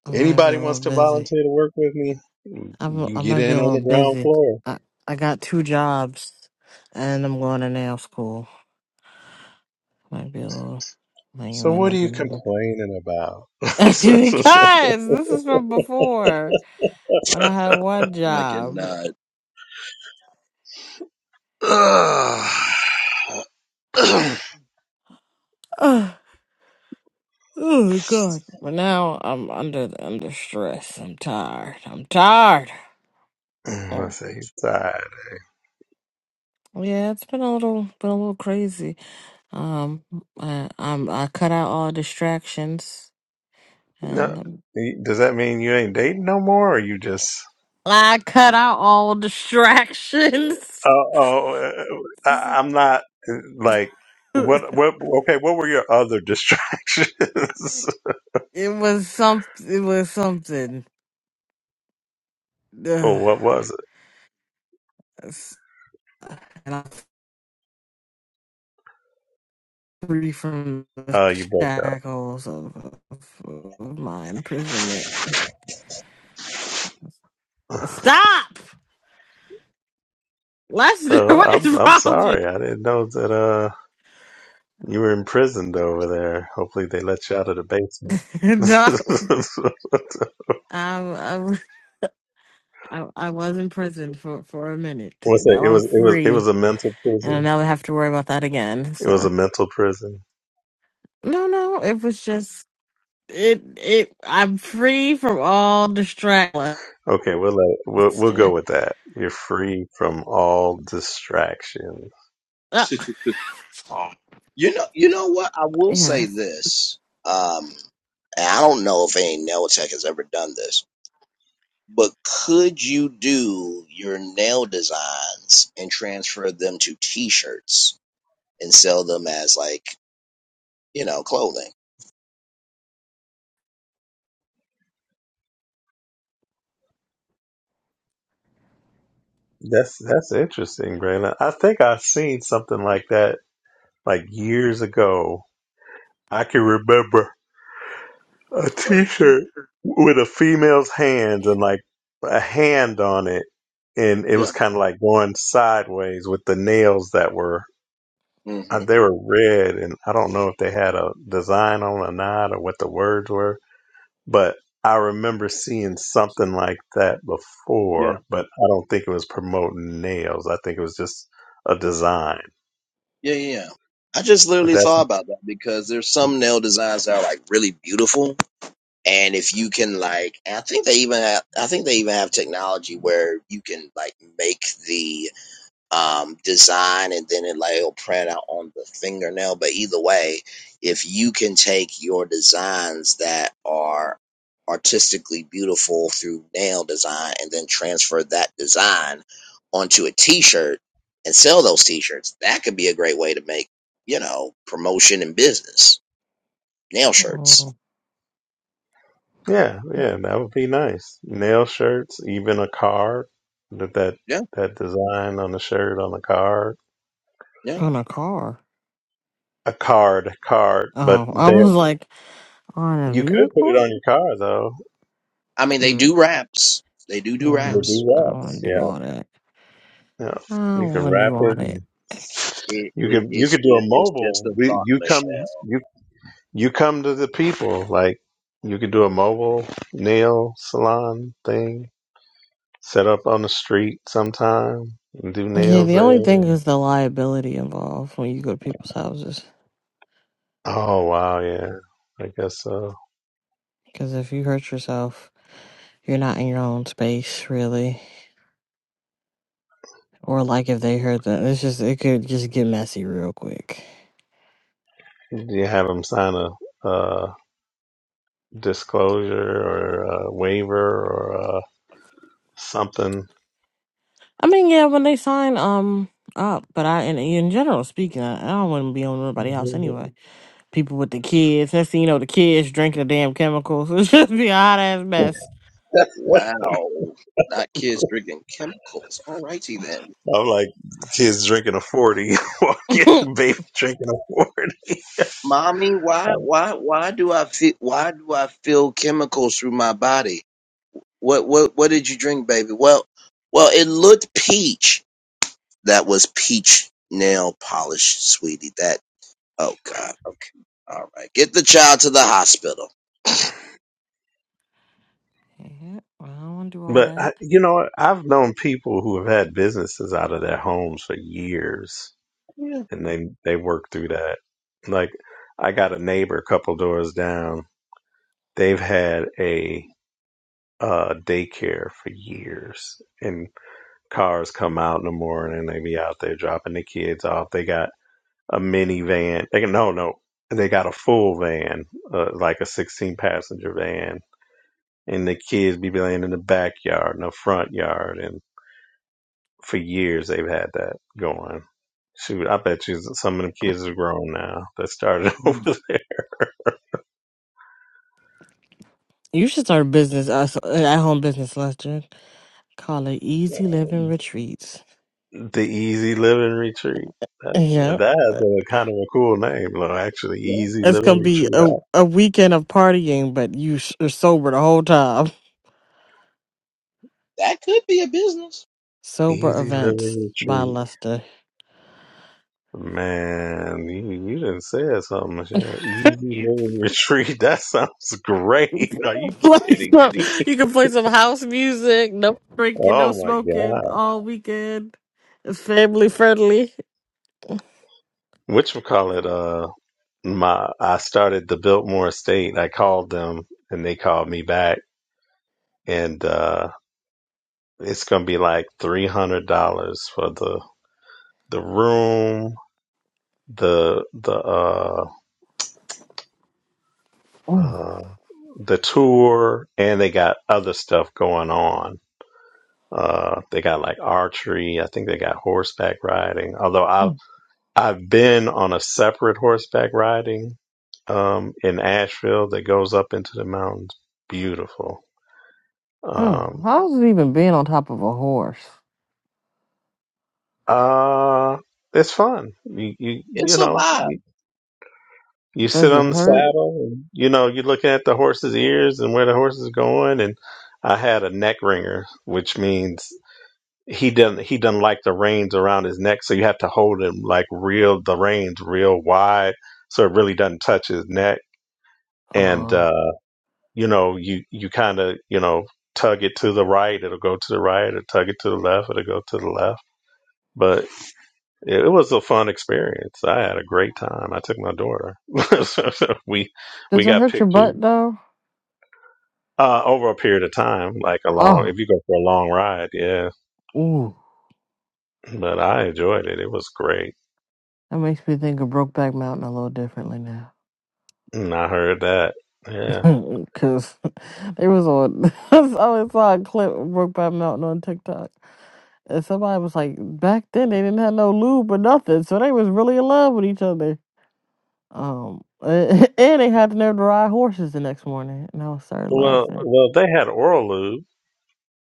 [SPEAKER 4] I might be
[SPEAKER 3] Anybody
[SPEAKER 4] a little
[SPEAKER 3] wants to
[SPEAKER 4] busy.
[SPEAKER 3] volunteer to work with me, you
[SPEAKER 4] I'm
[SPEAKER 3] can
[SPEAKER 4] I
[SPEAKER 3] get
[SPEAKER 4] might be a
[SPEAKER 3] in on
[SPEAKER 4] little
[SPEAKER 3] the ground
[SPEAKER 4] busy.
[SPEAKER 3] floor.
[SPEAKER 4] I I got two jobs, and I'm going to nail school. Might be a little. Like, you
[SPEAKER 3] So
[SPEAKER 4] might
[SPEAKER 3] what
[SPEAKER 4] not
[SPEAKER 3] are
[SPEAKER 4] be
[SPEAKER 3] you
[SPEAKER 4] able-
[SPEAKER 3] complaining about? I
[SPEAKER 4] because this is from before when I had one
[SPEAKER 1] I can
[SPEAKER 4] job.
[SPEAKER 1] uh,
[SPEAKER 4] Ugh, oh God! But now I'm under under stress. I'm tired. I'm tired. Oh.
[SPEAKER 3] say you're tired.
[SPEAKER 4] Yeah, it's been a little been a little crazy. Um, I, I'm I cut out all distractions,
[SPEAKER 3] No,
[SPEAKER 4] and
[SPEAKER 3] does that mean you ain't dating no more, or you just?
[SPEAKER 4] I cut out all distractions.
[SPEAKER 3] Oh, oh, uh, uh, I, I'm not uh, like
[SPEAKER 4] it
[SPEAKER 3] what? What? Okay, what were your other distractions?
[SPEAKER 4] was some. It was something. Ugh.
[SPEAKER 3] or what was
[SPEAKER 4] That's- And I'm free from
[SPEAKER 3] it?
[SPEAKER 4] the
[SPEAKER 3] Uh, you broke
[SPEAKER 4] shackles of, of, of my imprisonment.
[SPEAKER 3] up.
[SPEAKER 4] Stop! Let's.
[SPEAKER 3] Uh,
[SPEAKER 4] What
[SPEAKER 3] I'm
[SPEAKER 4] is
[SPEAKER 3] I'm
[SPEAKER 4] wrong with
[SPEAKER 3] sorry. I didn't know that. Uh, you were imprisoned over there. Hopefully, they let you out of the basement.
[SPEAKER 4] you? no,
[SPEAKER 3] What's
[SPEAKER 4] I'm. I'm I, I was in prison for, for a minute.
[SPEAKER 3] it?
[SPEAKER 4] Now
[SPEAKER 3] It
[SPEAKER 4] I'm
[SPEAKER 3] was it was it
[SPEAKER 4] free,
[SPEAKER 3] was a mental
[SPEAKER 4] and I
[SPEAKER 3] prison.
[SPEAKER 4] never have to worry about that again.
[SPEAKER 3] It was a
[SPEAKER 4] So
[SPEAKER 3] mental prison.
[SPEAKER 4] no, no, it was just it it I'm free from all distractions.
[SPEAKER 3] Okay, we'll let, we'll we'll go with that. You're free from all distractions.
[SPEAKER 4] Uh,
[SPEAKER 1] You know, you know what? I will say
[SPEAKER 4] yeah.
[SPEAKER 1] this. Um, and I don't know if any nail tech has ever done this, but could you do your nail designs and transfer them to T-shirts and sell them as like you know clothing?
[SPEAKER 3] That's that's interesting, Braylon. I think I've seen something like that like years ago. I can remember a T-shirt with a female's hands and like a hand on it, and it was
[SPEAKER 1] Yeah.
[SPEAKER 3] kind of like going sideways with the nails that were
[SPEAKER 1] hmm
[SPEAKER 3] uh, they were red, and I don't know if they had a design on or not or what the words were, but I remember seeing something like that
[SPEAKER 1] Yeah.
[SPEAKER 3] before, but I don't think it was promoting nails. I think it was just a design.
[SPEAKER 1] Yeah. Yeah. yeah. I just
[SPEAKER 3] But
[SPEAKER 1] literally
[SPEAKER 3] that's
[SPEAKER 1] thought about that because there's some nail designs that are like really beautiful, and if you can like, and I think they even have, I think they even have technology where you can like make the um, design and then it like it'll print out on the fingernail. But either way, if you can take your designs that are artistically beautiful through nail design and then transfer that design onto a t-shirt and sell those t-shirts, that could be a great way to make, you know, promotion and business. Nail shirts.
[SPEAKER 4] Oh,
[SPEAKER 3] yeah, yeah, that would be nice. Nail shirts, even a card. That that
[SPEAKER 1] Yeah,
[SPEAKER 3] that design on the shirt on the card.
[SPEAKER 1] yeah.
[SPEAKER 4] on a car.
[SPEAKER 3] A card, card. But
[SPEAKER 4] Oh, I
[SPEAKER 3] there
[SPEAKER 4] was like on a
[SPEAKER 3] you could put it
[SPEAKER 4] vehicle.
[SPEAKER 3] on your car though.
[SPEAKER 1] I mean, they
[SPEAKER 4] Mm,
[SPEAKER 1] do wraps. They do do
[SPEAKER 4] nah,
[SPEAKER 3] They
[SPEAKER 1] wraps.
[SPEAKER 3] do
[SPEAKER 4] I don't want to
[SPEAKER 3] wraps,
[SPEAKER 4] do
[SPEAKER 3] yeah.
[SPEAKER 4] all that.
[SPEAKER 3] Yeah.
[SPEAKER 4] I
[SPEAKER 3] You
[SPEAKER 4] don't
[SPEAKER 3] can
[SPEAKER 4] want to
[SPEAKER 3] wrap
[SPEAKER 4] do all
[SPEAKER 3] it and
[SPEAKER 4] that.
[SPEAKER 1] It,
[SPEAKER 3] you
[SPEAKER 1] it,
[SPEAKER 3] could you
[SPEAKER 1] it's
[SPEAKER 3] could do a
[SPEAKER 1] just, it's just
[SPEAKER 3] mobile.
[SPEAKER 1] a
[SPEAKER 3] We,
[SPEAKER 1] thought,
[SPEAKER 3] you
[SPEAKER 1] Michelle.
[SPEAKER 3] come you you come to the people. Like you could do a mobile nail salon thing. Set up on the street sometime and do
[SPEAKER 4] Yeah,
[SPEAKER 3] nails
[SPEAKER 4] the only
[SPEAKER 3] there.
[SPEAKER 4] thing is the liability involved when you go to people's houses.
[SPEAKER 3] Oh wow, yeah. I guess so.
[SPEAKER 4] Because if you hurt yourself, you're not in your own space really. Or like if they hurt them, it's just it could just get messy real quick.
[SPEAKER 3] Did you have him sign a uh, disclosure or a waiver or uh, something?
[SPEAKER 4] I mean, yeah, when they sign um up, but I in in general speaking, I, I don't want to be on nobody's house
[SPEAKER 3] Mhm.
[SPEAKER 4] anyway. People with the kids, next thing you know, the kids drinking the damn chemicals. It's just be a hot ass mess.
[SPEAKER 1] Wow. Not kids drinking chemicals. All righty then.
[SPEAKER 3] I'm like, kids drinking a forty, walking
[SPEAKER 4] yeah,
[SPEAKER 3] baby drinking a forty.
[SPEAKER 1] Mommy, why why why do I feel why do I feel chemicals through my body? What what what did you drink, baby? Well well it looked peach. That was peach nail polish, sweetie. That oh God. Okay. All right. Get the child to the hospital.
[SPEAKER 4] I don't want to do all
[SPEAKER 3] But
[SPEAKER 4] that.
[SPEAKER 3] I, you know, I've known people who have had businesses out of their homes for years,
[SPEAKER 1] Yeah,
[SPEAKER 3] and they they work through that. Like, I got a neighbor a couple doors down. They've had a uh, daycare for years, and cars come out in the morning. They be out there dropping the kids off. They got a minivan. They can, no, no, they got a full van, uh, like a sixteen passenger van, and the kids be playing in the backyard, and the front yard, and for years they've had that going. Shoot, I bet you some of them kids are grown now that started
[SPEAKER 4] Mm.
[SPEAKER 3] over
[SPEAKER 4] You should start a business, uh, so- uh, at home business, Lester. Call it
[SPEAKER 3] there.
[SPEAKER 4] Easy Living Retreats.
[SPEAKER 3] The Easy Living Retreat. That,
[SPEAKER 4] Yeah.
[SPEAKER 3] that
[SPEAKER 4] uh,
[SPEAKER 3] is a kind of a cool name, though. Actually,
[SPEAKER 1] yeah.
[SPEAKER 3] Easy
[SPEAKER 4] It's
[SPEAKER 3] Living
[SPEAKER 4] gonna be
[SPEAKER 3] Retreat.
[SPEAKER 4] a,
[SPEAKER 3] I-
[SPEAKER 4] a weekend of partying, but you s- are sober the whole time.
[SPEAKER 1] That could be a business.
[SPEAKER 4] Sober
[SPEAKER 3] Easy
[SPEAKER 4] events
[SPEAKER 3] Living
[SPEAKER 4] by
[SPEAKER 3] Retreat.
[SPEAKER 4] Lester.
[SPEAKER 3] Man, you you didn't said something, Michelle. Easy Living Retreat. That sounds great. Are
[SPEAKER 1] Yeah.
[SPEAKER 3] you
[SPEAKER 4] play
[SPEAKER 3] kidding
[SPEAKER 4] some,
[SPEAKER 3] me?
[SPEAKER 4] you can play some house music, no drinking, no
[SPEAKER 3] Oh my
[SPEAKER 4] smoking
[SPEAKER 3] God.
[SPEAKER 4] all weekend. It's family friendly.
[SPEAKER 3] Which we call it? Uh, my I started the Biltmore Estate. I called them, and they called me back, and uh, it's gonna be like three hundred dollars for the the room the the uh, uh, the tour, and they got other stuff going on. Uh, they got like archery. I think they got horseback riding. Although I've I've been on a separate horseback riding um, in Asheville that goes up into the mountains. Beautiful.
[SPEAKER 4] Oh,
[SPEAKER 3] Um,
[SPEAKER 4] how's it even being on top of a horse?
[SPEAKER 3] uh, it's fun. You, you you
[SPEAKER 1] It's a
[SPEAKER 3] know
[SPEAKER 1] vibe.
[SPEAKER 3] You sit
[SPEAKER 4] Does it
[SPEAKER 3] on the
[SPEAKER 1] It's
[SPEAKER 4] hurt?
[SPEAKER 1] fun.
[SPEAKER 3] saddle, and, you know, you're looking at the horse's ears and where the horse is going. And I had a neck ringer, which means he doesn't he doesn't like the reins around his neck, so you have to hold him like real the reins real wide, so it really doesn't touch his neck. And
[SPEAKER 4] Uh,
[SPEAKER 3] uh, you know, you you kind of you know tug it to the right, it'll go to the right, or tug it to the left, it'll go to the left. But it, it was a fun experience. I had a great time. I took my daughter. we we
[SPEAKER 4] does it
[SPEAKER 3] got
[SPEAKER 4] hurt your
[SPEAKER 3] pictures.
[SPEAKER 4] butt though?
[SPEAKER 3] Uh, over a period of time, like a long,
[SPEAKER 4] Oh,
[SPEAKER 3] if you go for a long ride, yeah.
[SPEAKER 4] ooh,
[SPEAKER 3] But I enjoyed it. It was great.
[SPEAKER 4] that makes me think of Brokeback Mountain a little differently now.
[SPEAKER 3] And I heard that. Yeah.
[SPEAKER 4] Cause they was on, I always saw a clip of Brokeback Mountain on TikTok, and somebody was like, back then they didn't have no lube or nothing, so they was really in love with each other. Um, and they had to learn to ride horses the next morning, and I was started
[SPEAKER 3] Well,
[SPEAKER 4] laughing.
[SPEAKER 3] well, they had oral lube.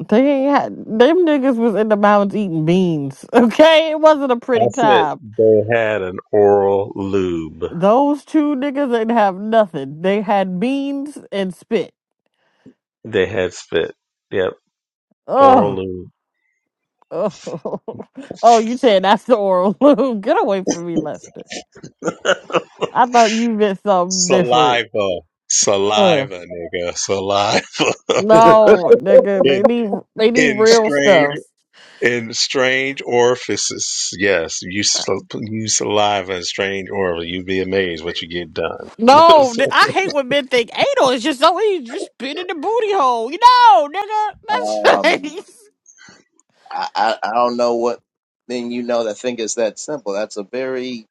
[SPEAKER 4] They ain't had them niggas was in the mountains eating beans. Okay, it wasn't a pretty
[SPEAKER 3] I said
[SPEAKER 4] time.
[SPEAKER 3] they had an oral lube.
[SPEAKER 4] Those two niggas didn't have nothing. They had beans and spit.
[SPEAKER 3] They had spit. Yep. Oral
[SPEAKER 4] Oh,
[SPEAKER 3] lube.
[SPEAKER 4] oh, oh! You said that's the oral lube. Get away from me, Lester. I thought you meant something different.
[SPEAKER 3] Saliva.
[SPEAKER 4] Ugh.
[SPEAKER 3] Saliva, nigga. Saliva.
[SPEAKER 4] No, nigga, they
[SPEAKER 3] in,
[SPEAKER 4] need they need
[SPEAKER 3] in
[SPEAKER 4] real
[SPEAKER 3] strange
[SPEAKER 4] stuff.
[SPEAKER 3] In strange orifices, yes, you sl- you saliva in strange orifices. You'd be amazed what you get done.
[SPEAKER 4] No, th- I hate when men think anal is just so easy. Just spit in the booty hole. You know, nigga.
[SPEAKER 1] Um
[SPEAKER 4] That's
[SPEAKER 1] I, I I don't know what thing you know that think it's that simple. That's a very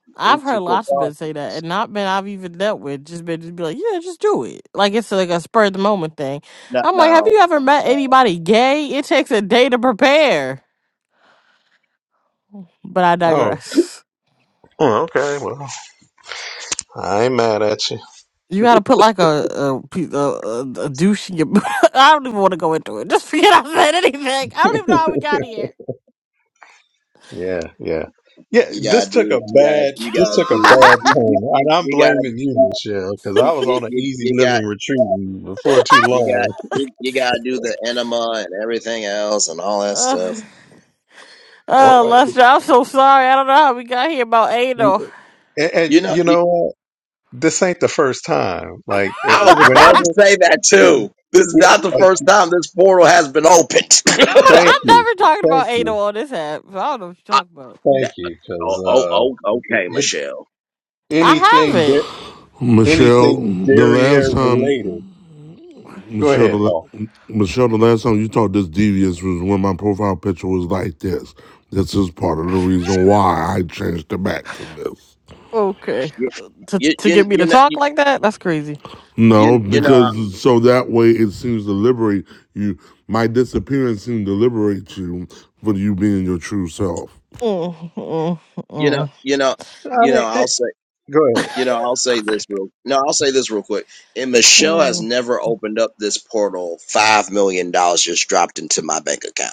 [SPEAKER 4] I've heard
[SPEAKER 1] integral
[SPEAKER 4] lots of men
[SPEAKER 1] part.
[SPEAKER 4] say that, and not men I've even dealt with. Just been just be like, yeah, just do it. Like it's like a spur of the moment thing.
[SPEAKER 1] Now,
[SPEAKER 4] I'm like, have
[SPEAKER 1] now
[SPEAKER 4] you ever met
[SPEAKER 1] now,
[SPEAKER 4] anybody gay? It takes a day to prepare. But I
[SPEAKER 3] So, oh,
[SPEAKER 4] digress.
[SPEAKER 3] oh, okay. Well, I ain't mad at you.
[SPEAKER 4] You gotta put like a a, pe- a, a a douche in your. I don't even want to go into it. Just forget I said anything. I don't even know how we got here.
[SPEAKER 3] Yeah, yeah, yeah.
[SPEAKER 1] you
[SPEAKER 3] This
[SPEAKER 1] gotta
[SPEAKER 3] took a
[SPEAKER 1] do. You got.
[SPEAKER 3] bad
[SPEAKER 1] You
[SPEAKER 3] this
[SPEAKER 1] gotta
[SPEAKER 3] took a
[SPEAKER 1] do.
[SPEAKER 3] bad
[SPEAKER 1] You you
[SPEAKER 3] turn,
[SPEAKER 1] you,
[SPEAKER 3] and I'm
[SPEAKER 1] you got.
[SPEAKER 3] blaming you,
[SPEAKER 1] You
[SPEAKER 3] Michelle, because I
[SPEAKER 1] you
[SPEAKER 3] was
[SPEAKER 1] you
[SPEAKER 3] on an
[SPEAKER 1] you
[SPEAKER 3] easy
[SPEAKER 1] you
[SPEAKER 3] living
[SPEAKER 1] got.
[SPEAKER 3] retreat before too
[SPEAKER 1] You got.
[SPEAKER 3] long.
[SPEAKER 1] You, you gotta do the enema and everything else and all that
[SPEAKER 4] Ugh.
[SPEAKER 1] stuff.
[SPEAKER 4] Oh,
[SPEAKER 3] Or-
[SPEAKER 4] Lester, I'm so sorry. I don't know how we got here about anal.
[SPEAKER 3] And, and
[SPEAKER 1] You know.
[SPEAKER 3] you
[SPEAKER 1] You,
[SPEAKER 3] know. what? this ain't the first time.
[SPEAKER 4] no,
[SPEAKER 3] Like uh,
[SPEAKER 1] I was about to
[SPEAKER 4] but
[SPEAKER 3] whenever,
[SPEAKER 1] say that
[SPEAKER 3] w-
[SPEAKER 1] too. This is
[SPEAKER 3] w-
[SPEAKER 1] not the
[SPEAKER 3] like,
[SPEAKER 1] first time this portal has been opened.
[SPEAKER 3] thank
[SPEAKER 4] I'm
[SPEAKER 3] you,
[SPEAKER 4] never talking about
[SPEAKER 3] thank you,
[SPEAKER 4] anal on this app. So I don't know what you're
[SPEAKER 1] I,
[SPEAKER 4] talking about.
[SPEAKER 3] thank
[SPEAKER 1] that,
[SPEAKER 3] you,
[SPEAKER 1] oh,
[SPEAKER 3] because
[SPEAKER 1] oh,
[SPEAKER 3] uh,
[SPEAKER 1] oh, okay,
[SPEAKER 3] it
[SPEAKER 1] Michelle.
[SPEAKER 4] I
[SPEAKER 3] anything
[SPEAKER 4] haven't.
[SPEAKER 3] da-
[SPEAKER 2] Michelle.
[SPEAKER 3] anything
[SPEAKER 2] The
[SPEAKER 3] derriere
[SPEAKER 2] last time,
[SPEAKER 3] related. Go
[SPEAKER 2] Michelle, the
[SPEAKER 3] ahead, Paul.
[SPEAKER 2] Michelle, the last time you talked this devious was when my profile picture was like this. This is part of the reason why I changed it back to this.
[SPEAKER 4] Okay.
[SPEAKER 1] You,
[SPEAKER 4] To
[SPEAKER 1] you,
[SPEAKER 4] to get
[SPEAKER 1] you,
[SPEAKER 4] me to
[SPEAKER 1] you know.
[SPEAKER 4] talk like that? That's crazy.
[SPEAKER 2] No,
[SPEAKER 1] you you know
[SPEAKER 2] because so that way it seems to liberate you. My disappearance seemed to liberate you for you being your true self.
[SPEAKER 4] Mm, mm,
[SPEAKER 1] you know
[SPEAKER 4] mm,
[SPEAKER 1] you know
[SPEAKER 3] I
[SPEAKER 1] you
[SPEAKER 3] mean,
[SPEAKER 1] know
[SPEAKER 3] eh,
[SPEAKER 1] I'll say
[SPEAKER 3] go ahead.
[SPEAKER 1] you know I'll say this real no I'll say this real quick. And Michelle has
[SPEAKER 4] mm.
[SPEAKER 1] never opened up this portal. Five million dollars just dropped into my bank account.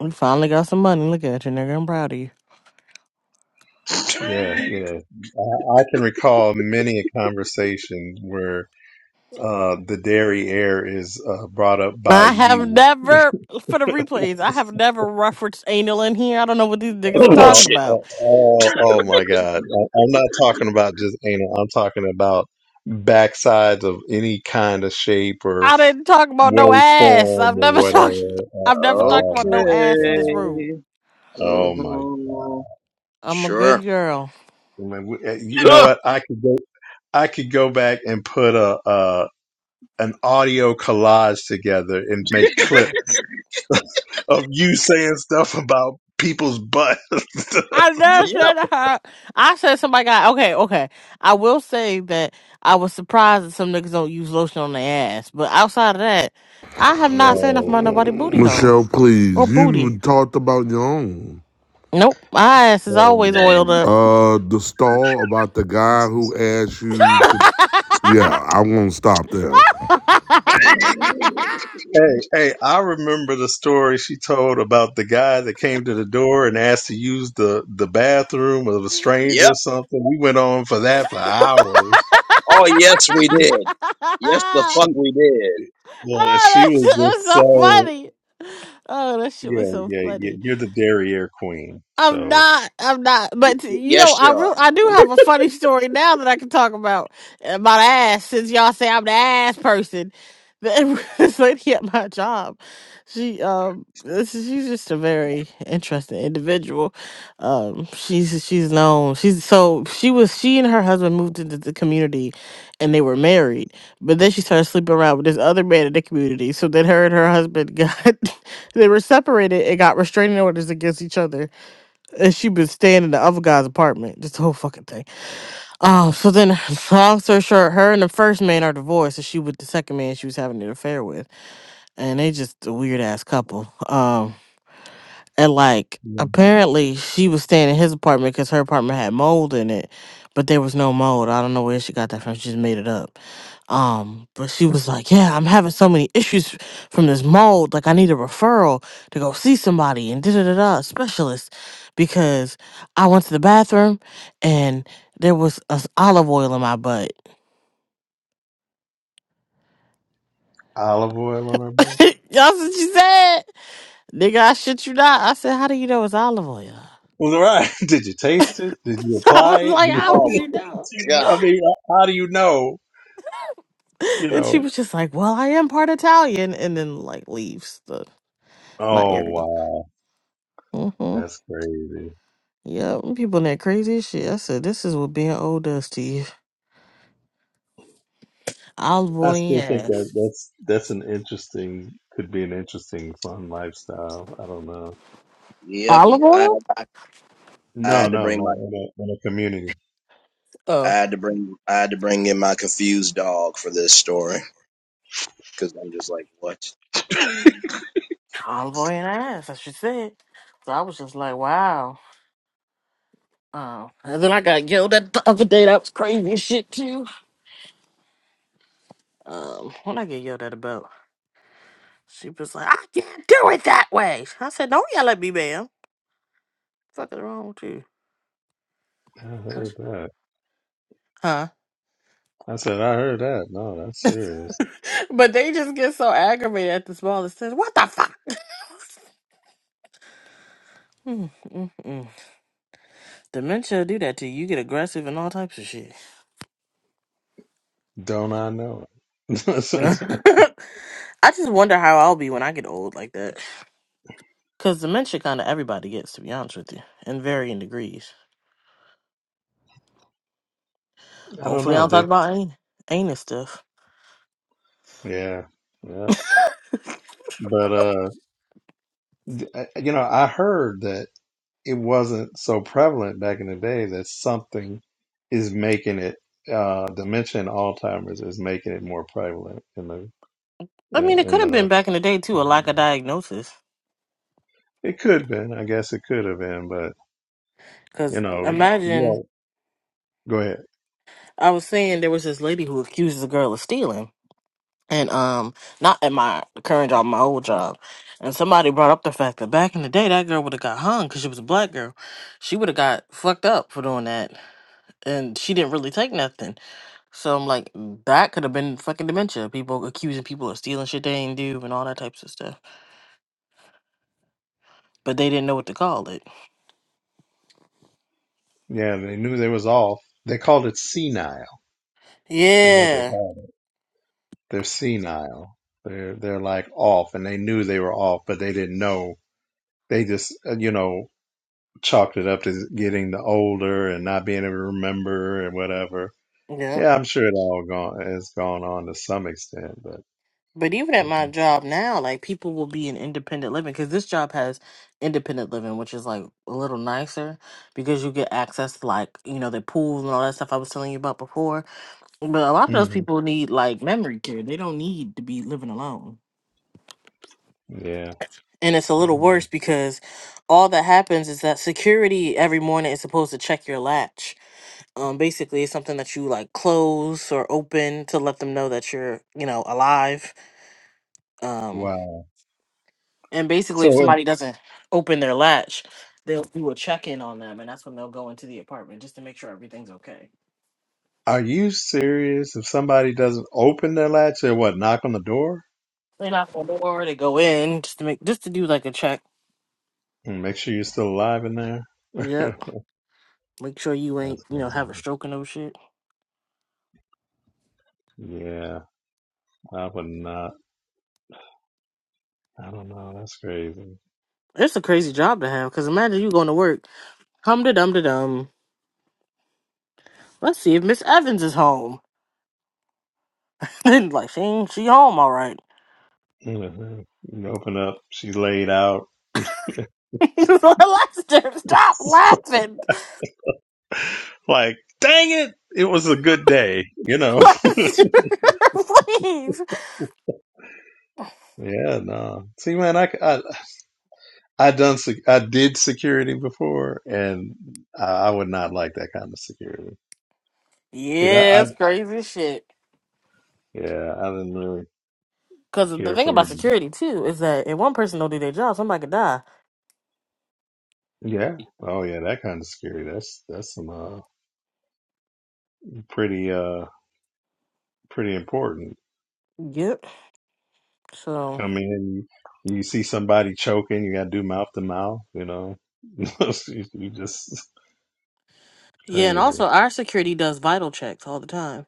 [SPEAKER 4] We finally got some money. Look at you, nigga. I'm proud of you.
[SPEAKER 3] Yeah, yeah. I, I can recall many a conversation where uh, the dairy air is uh, brought up by
[SPEAKER 4] I have
[SPEAKER 3] you.
[SPEAKER 4] never, for the replays, I have never referenced anal in here. I don't know what these niggas are
[SPEAKER 1] Oh
[SPEAKER 3] Oh,
[SPEAKER 4] talking
[SPEAKER 1] bullshit.
[SPEAKER 4] about.
[SPEAKER 3] oh, oh, oh my God. I- I'm not talking about just anal. I'm talking about backsides of any kind of shape or
[SPEAKER 4] I
[SPEAKER 3] f-
[SPEAKER 4] didn't talk about no ass.
[SPEAKER 3] waveform
[SPEAKER 4] I've
[SPEAKER 3] or
[SPEAKER 4] never talked.
[SPEAKER 3] whatever. Oh,
[SPEAKER 4] I've never talked
[SPEAKER 3] oh
[SPEAKER 4] about
[SPEAKER 1] Okay.
[SPEAKER 3] my
[SPEAKER 4] no ass in this
[SPEAKER 3] God.
[SPEAKER 4] room.
[SPEAKER 3] Oh my. I
[SPEAKER 1] hmm
[SPEAKER 4] I'm a good
[SPEAKER 1] Sure.
[SPEAKER 4] girl.
[SPEAKER 3] mean, we- eh, You know
[SPEAKER 1] Huh.
[SPEAKER 3] what? I could go, I could go back and put a, uh, an audio collage together and make clips of you saying stuff about people's butts.
[SPEAKER 4] I never
[SPEAKER 1] Yep.
[SPEAKER 4] said that. I said somebody got okay. Okay. I will say that I was surprised that some niggas don't use lotion on their ass. But outside of that, I have not said nothing
[SPEAKER 3] no.
[SPEAKER 4] about
[SPEAKER 3] okay.
[SPEAKER 4] nobody booty hole
[SPEAKER 2] Michelle,
[SPEAKER 4] or
[SPEAKER 2] please.
[SPEAKER 4] booty.
[SPEAKER 2] You talked about your own.
[SPEAKER 4] Nope. My ass is
[SPEAKER 3] Oh
[SPEAKER 4] always oiled
[SPEAKER 3] my.
[SPEAKER 4] up.
[SPEAKER 2] Uh, the stall about the guy who asked you to. Yeah, I won't stop there.
[SPEAKER 3] Hey, hey, I remember the story she told about the guy that came to the door and asked to use the, the bathroom of a stranger
[SPEAKER 1] Yep.
[SPEAKER 3] or something. We went on for that for hours.
[SPEAKER 1] Oh yes, we
[SPEAKER 3] She,
[SPEAKER 1] did. Yes, the fuck
[SPEAKER 3] she,
[SPEAKER 1] we did.
[SPEAKER 3] yeah, she
[SPEAKER 4] Oh, that's,
[SPEAKER 3] was
[SPEAKER 4] that's
[SPEAKER 3] just
[SPEAKER 4] so
[SPEAKER 3] so,
[SPEAKER 4] funny. Oh, that shit was
[SPEAKER 3] yeah,
[SPEAKER 4] so
[SPEAKER 3] yeah, yeah,
[SPEAKER 4] funny.
[SPEAKER 3] you're the derriere queen.
[SPEAKER 4] I'm
[SPEAKER 3] So,
[SPEAKER 4] not. I'm not. But
[SPEAKER 1] Y-
[SPEAKER 4] you
[SPEAKER 1] Yes,
[SPEAKER 4] know, I real
[SPEAKER 1] sure.
[SPEAKER 4] I do have a funny story now that I can talk about about ass. Since y'all say I'm the ass person, the- this lady at my job, she um, this is, she's just a very interesting individual. Um, she's she's known. She's so she was she and her husband moved into the community, and they were married. But then she started sleeping around with this other man in the community. So then her and her husband got they were separated and got restraining orders against each other. And she been staying in the other guy's apartment. This whole fucking thing. Oh, so then long story short, her and the first man are divorced, and she with the second man she was having an affair with. And they just a weird ass couple. Um and like
[SPEAKER 3] yeah.
[SPEAKER 4] apparently she was staying in his apartment because her apartment had mold in it but there was no mold i don't know where she got that from she just made it up um but she was like yeah i'm having so many issues from this mold like i need a referral to go see somebody and da da da da specialist because i went to the bathroom and there was a s- olive oil in my butt
[SPEAKER 3] olive oil on her butt.
[SPEAKER 4] y'all see what she said nigga i shit you not i said how do you know it's olive oil
[SPEAKER 3] Well, right. Did you taste it? Did you
[SPEAKER 4] i was
[SPEAKER 3] apply it?
[SPEAKER 4] like how
[SPEAKER 1] Oh
[SPEAKER 4] would
[SPEAKER 3] Did
[SPEAKER 4] you
[SPEAKER 1] my
[SPEAKER 4] know
[SPEAKER 3] you-
[SPEAKER 1] god.
[SPEAKER 3] I mean, how do you know? You
[SPEAKER 4] and she
[SPEAKER 3] know,
[SPEAKER 4] was just like, "Well, I am part Italian," and then like leaves the my
[SPEAKER 3] oh,
[SPEAKER 4] area.
[SPEAKER 3] wow.
[SPEAKER 4] Mm-hmm.
[SPEAKER 3] That's crazy.
[SPEAKER 4] Yep, people in that crazy as shit. I said, "This is what being old does to you." Olive
[SPEAKER 3] I
[SPEAKER 4] oil and your
[SPEAKER 3] still think that
[SPEAKER 4] ass.
[SPEAKER 3] that's that's an interesting could be an interesting fun lifestyle. I don't know.
[SPEAKER 1] Yep.
[SPEAKER 4] Olive
[SPEAKER 1] I
[SPEAKER 4] oil?
[SPEAKER 1] I
[SPEAKER 3] No,
[SPEAKER 1] had to
[SPEAKER 3] no,
[SPEAKER 1] bring my
[SPEAKER 3] no. In a, in a community.
[SPEAKER 1] I
[SPEAKER 4] Oh,
[SPEAKER 1] had to bring I had to bring in my confused dog for this story because I'm just like, what?
[SPEAKER 4] olive oil and ass. I should say. So I was just like, "Wow." Um, and then I got yelled at the other day. That was crazy as shit too. Um, when I get yelled at about, she was like, "I can't do it that way." I said, "Don't yell at me, ma'am." Fuck is wrong with you?
[SPEAKER 3] I heard that.
[SPEAKER 4] Huh?
[SPEAKER 3] I said I heard that. No, that's serious.
[SPEAKER 4] But they just get so aggravated at the smallest things. What the fuck? Mm, mm, mm. Dementia do that to you. You get aggressive and all types of shit.
[SPEAKER 3] Don't I know it?
[SPEAKER 4] I just wonder how I'll be when I get old like that. Because dementia kind of everybody gets, to be honest with you, in varying degrees.
[SPEAKER 3] I don't
[SPEAKER 4] Hopefully, I
[SPEAKER 3] know.
[SPEAKER 4] don't talk
[SPEAKER 3] They
[SPEAKER 4] about any anus stuff.
[SPEAKER 3] yeah yeah. But uh, d- I- you know, I heard that it wasn't so prevalent back in the day that something is making it uh dementia and Alzheimer's is making it more prevalent in the
[SPEAKER 4] I
[SPEAKER 3] in
[SPEAKER 4] mean, it could
[SPEAKER 3] in
[SPEAKER 4] have been
[SPEAKER 3] the
[SPEAKER 4] back in the day, too, a lack of diagnosis.
[SPEAKER 3] It could have been. I guess it could have been, but you
[SPEAKER 4] Because
[SPEAKER 3] know, you
[SPEAKER 4] imagine,
[SPEAKER 3] all go ahead.
[SPEAKER 4] I was saying there was this lady who accused the girl of stealing. and um not at my current job my old job and somebody brought up the fact that back in the day that girl would have got hung because she was a black girl she would have got fucked up for doing that and she didn't really take nothing so i'm like that could have been fucking dementia people accusing people of stealing shit they ain't do and all that types of stuff but they didn't know what to call it
[SPEAKER 3] Yeah, they knew they was off. They called it senile, is what they
[SPEAKER 4] yeah
[SPEAKER 3] called it. They're senile. They're they're like off, and they knew they were off, but they didn't know. They just uh, you know chalked it up to getting the older and not being able to remember and whatever.
[SPEAKER 4] yep
[SPEAKER 3] Yeah, I'm sure it all gone has gone on to some extent, but
[SPEAKER 4] But even at my job now, like people will be in independent living because this job has independent living, which is like a little nicer because you get access to like, you know, the pool and all that stuff I was telling you about before. But a lot of those
[SPEAKER 3] Mhm.
[SPEAKER 4] people need like memory care. They don't need to be living alone.
[SPEAKER 3] yeah,
[SPEAKER 4] And it's a little worse because all that happens is that security every morning is supposed to check your latch. Um, basically, it's something that you like close or open to let them know that you're, you know, alive. Um,
[SPEAKER 3] wow.
[SPEAKER 4] And basically, if
[SPEAKER 3] So
[SPEAKER 4] somebody doesn't open their latch, they'll do a check in on them, and that's when they'll go into the apartment just to make sure everything's okay.
[SPEAKER 3] Are you serious? If somebody doesn't open their latch, they what? Knock on the door
[SPEAKER 4] They knock on the door, they go in just to make just to do like a check.
[SPEAKER 3] and make sure you're still alive in there.
[SPEAKER 4] Yep, make sure you ain't
[SPEAKER 3] That's
[SPEAKER 4] you know have a stroke and no shit.
[SPEAKER 3] crazy. Yeah, I would not. I don't know. That's crazy.
[SPEAKER 4] It's a crazy job to have because imagine you going to work, hum da dum da dum. Let's see if Miss Evans is home. Then like she ain't she home all right.
[SPEAKER 3] Mhm. You open up, she's laid out.
[SPEAKER 4] Lester, stop laughing.
[SPEAKER 3] like, dang it, it was a good day, you know.
[SPEAKER 4] Lester, please.
[SPEAKER 3] yeah, no. See, man, I I, I done sec- I did security before, and I, I would not like that kind of security. Shoot, I,
[SPEAKER 4] Yeah,
[SPEAKER 3] I
[SPEAKER 4] it's crazy as shit.
[SPEAKER 3] yeah, I didn't really
[SPEAKER 4] Because the
[SPEAKER 3] care
[SPEAKER 4] thing
[SPEAKER 3] for.
[SPEAKER 4] about security too is that if one person don't do their job, somebody could die.
[SPEAKER 3] Yeah. Oh yeah, that kind of scary. That's that's some uh pretty uh pretty important.
[SPEAKER 4] Yep. So
[SPEAKER 3] Come in, you see somebody choking, you gotta do mouth to mouth, you know. you, you just
[SPEAKER 4] yeah, and
[SPEAKER 3] crazy.
[SPEAKER 4] also our security does vital checks all the time.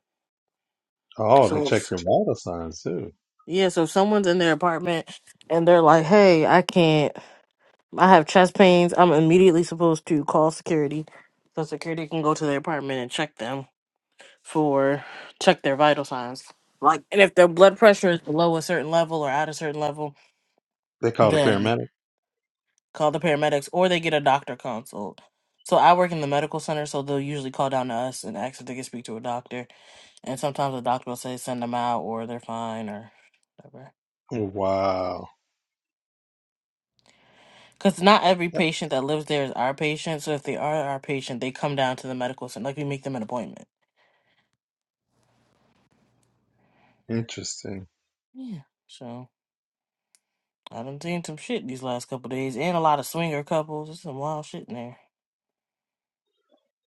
[SPEAKER 3] Oh, they
[SPEAKER 4] So
[SPEAKER 3] check
[SPEAKER 4] if-
[SPEAKER 3] your vital signs too.
[SPEAKER 4] yeah, so if someone's in their apartment and they're like, "Hey, I can't. I have chest pains." I'm immediately supposed to call security, so security can go to their apartment and check them for check their vital signs. Like, and if their blood pressure is below a certain level or at a certain level,
[SPEAKER 3] They called a
[SPEAKER 4] then
[SPEAKER 3] paramedic.
[SPEAKER 4] call the paramedics or they get a doctor consult. So I work in the medical center, so they'll usually call down to us and ask if they can speak to a doctor. And sometimes the doctor will say send them out or they're fine or whatever.
[SPEAKER 3] Oh, Wow.
[SPEAKER 4] Because not every patient that lives there is our patient. So if they are our patient, they come down to the medical center. Like we make them an appointment.
[SPEAKER 3] Interesting.
[SPEAKER 4] Yeah. So I done seen some shit these last couple days and a lot of swinger couples. There's some wild shit in there.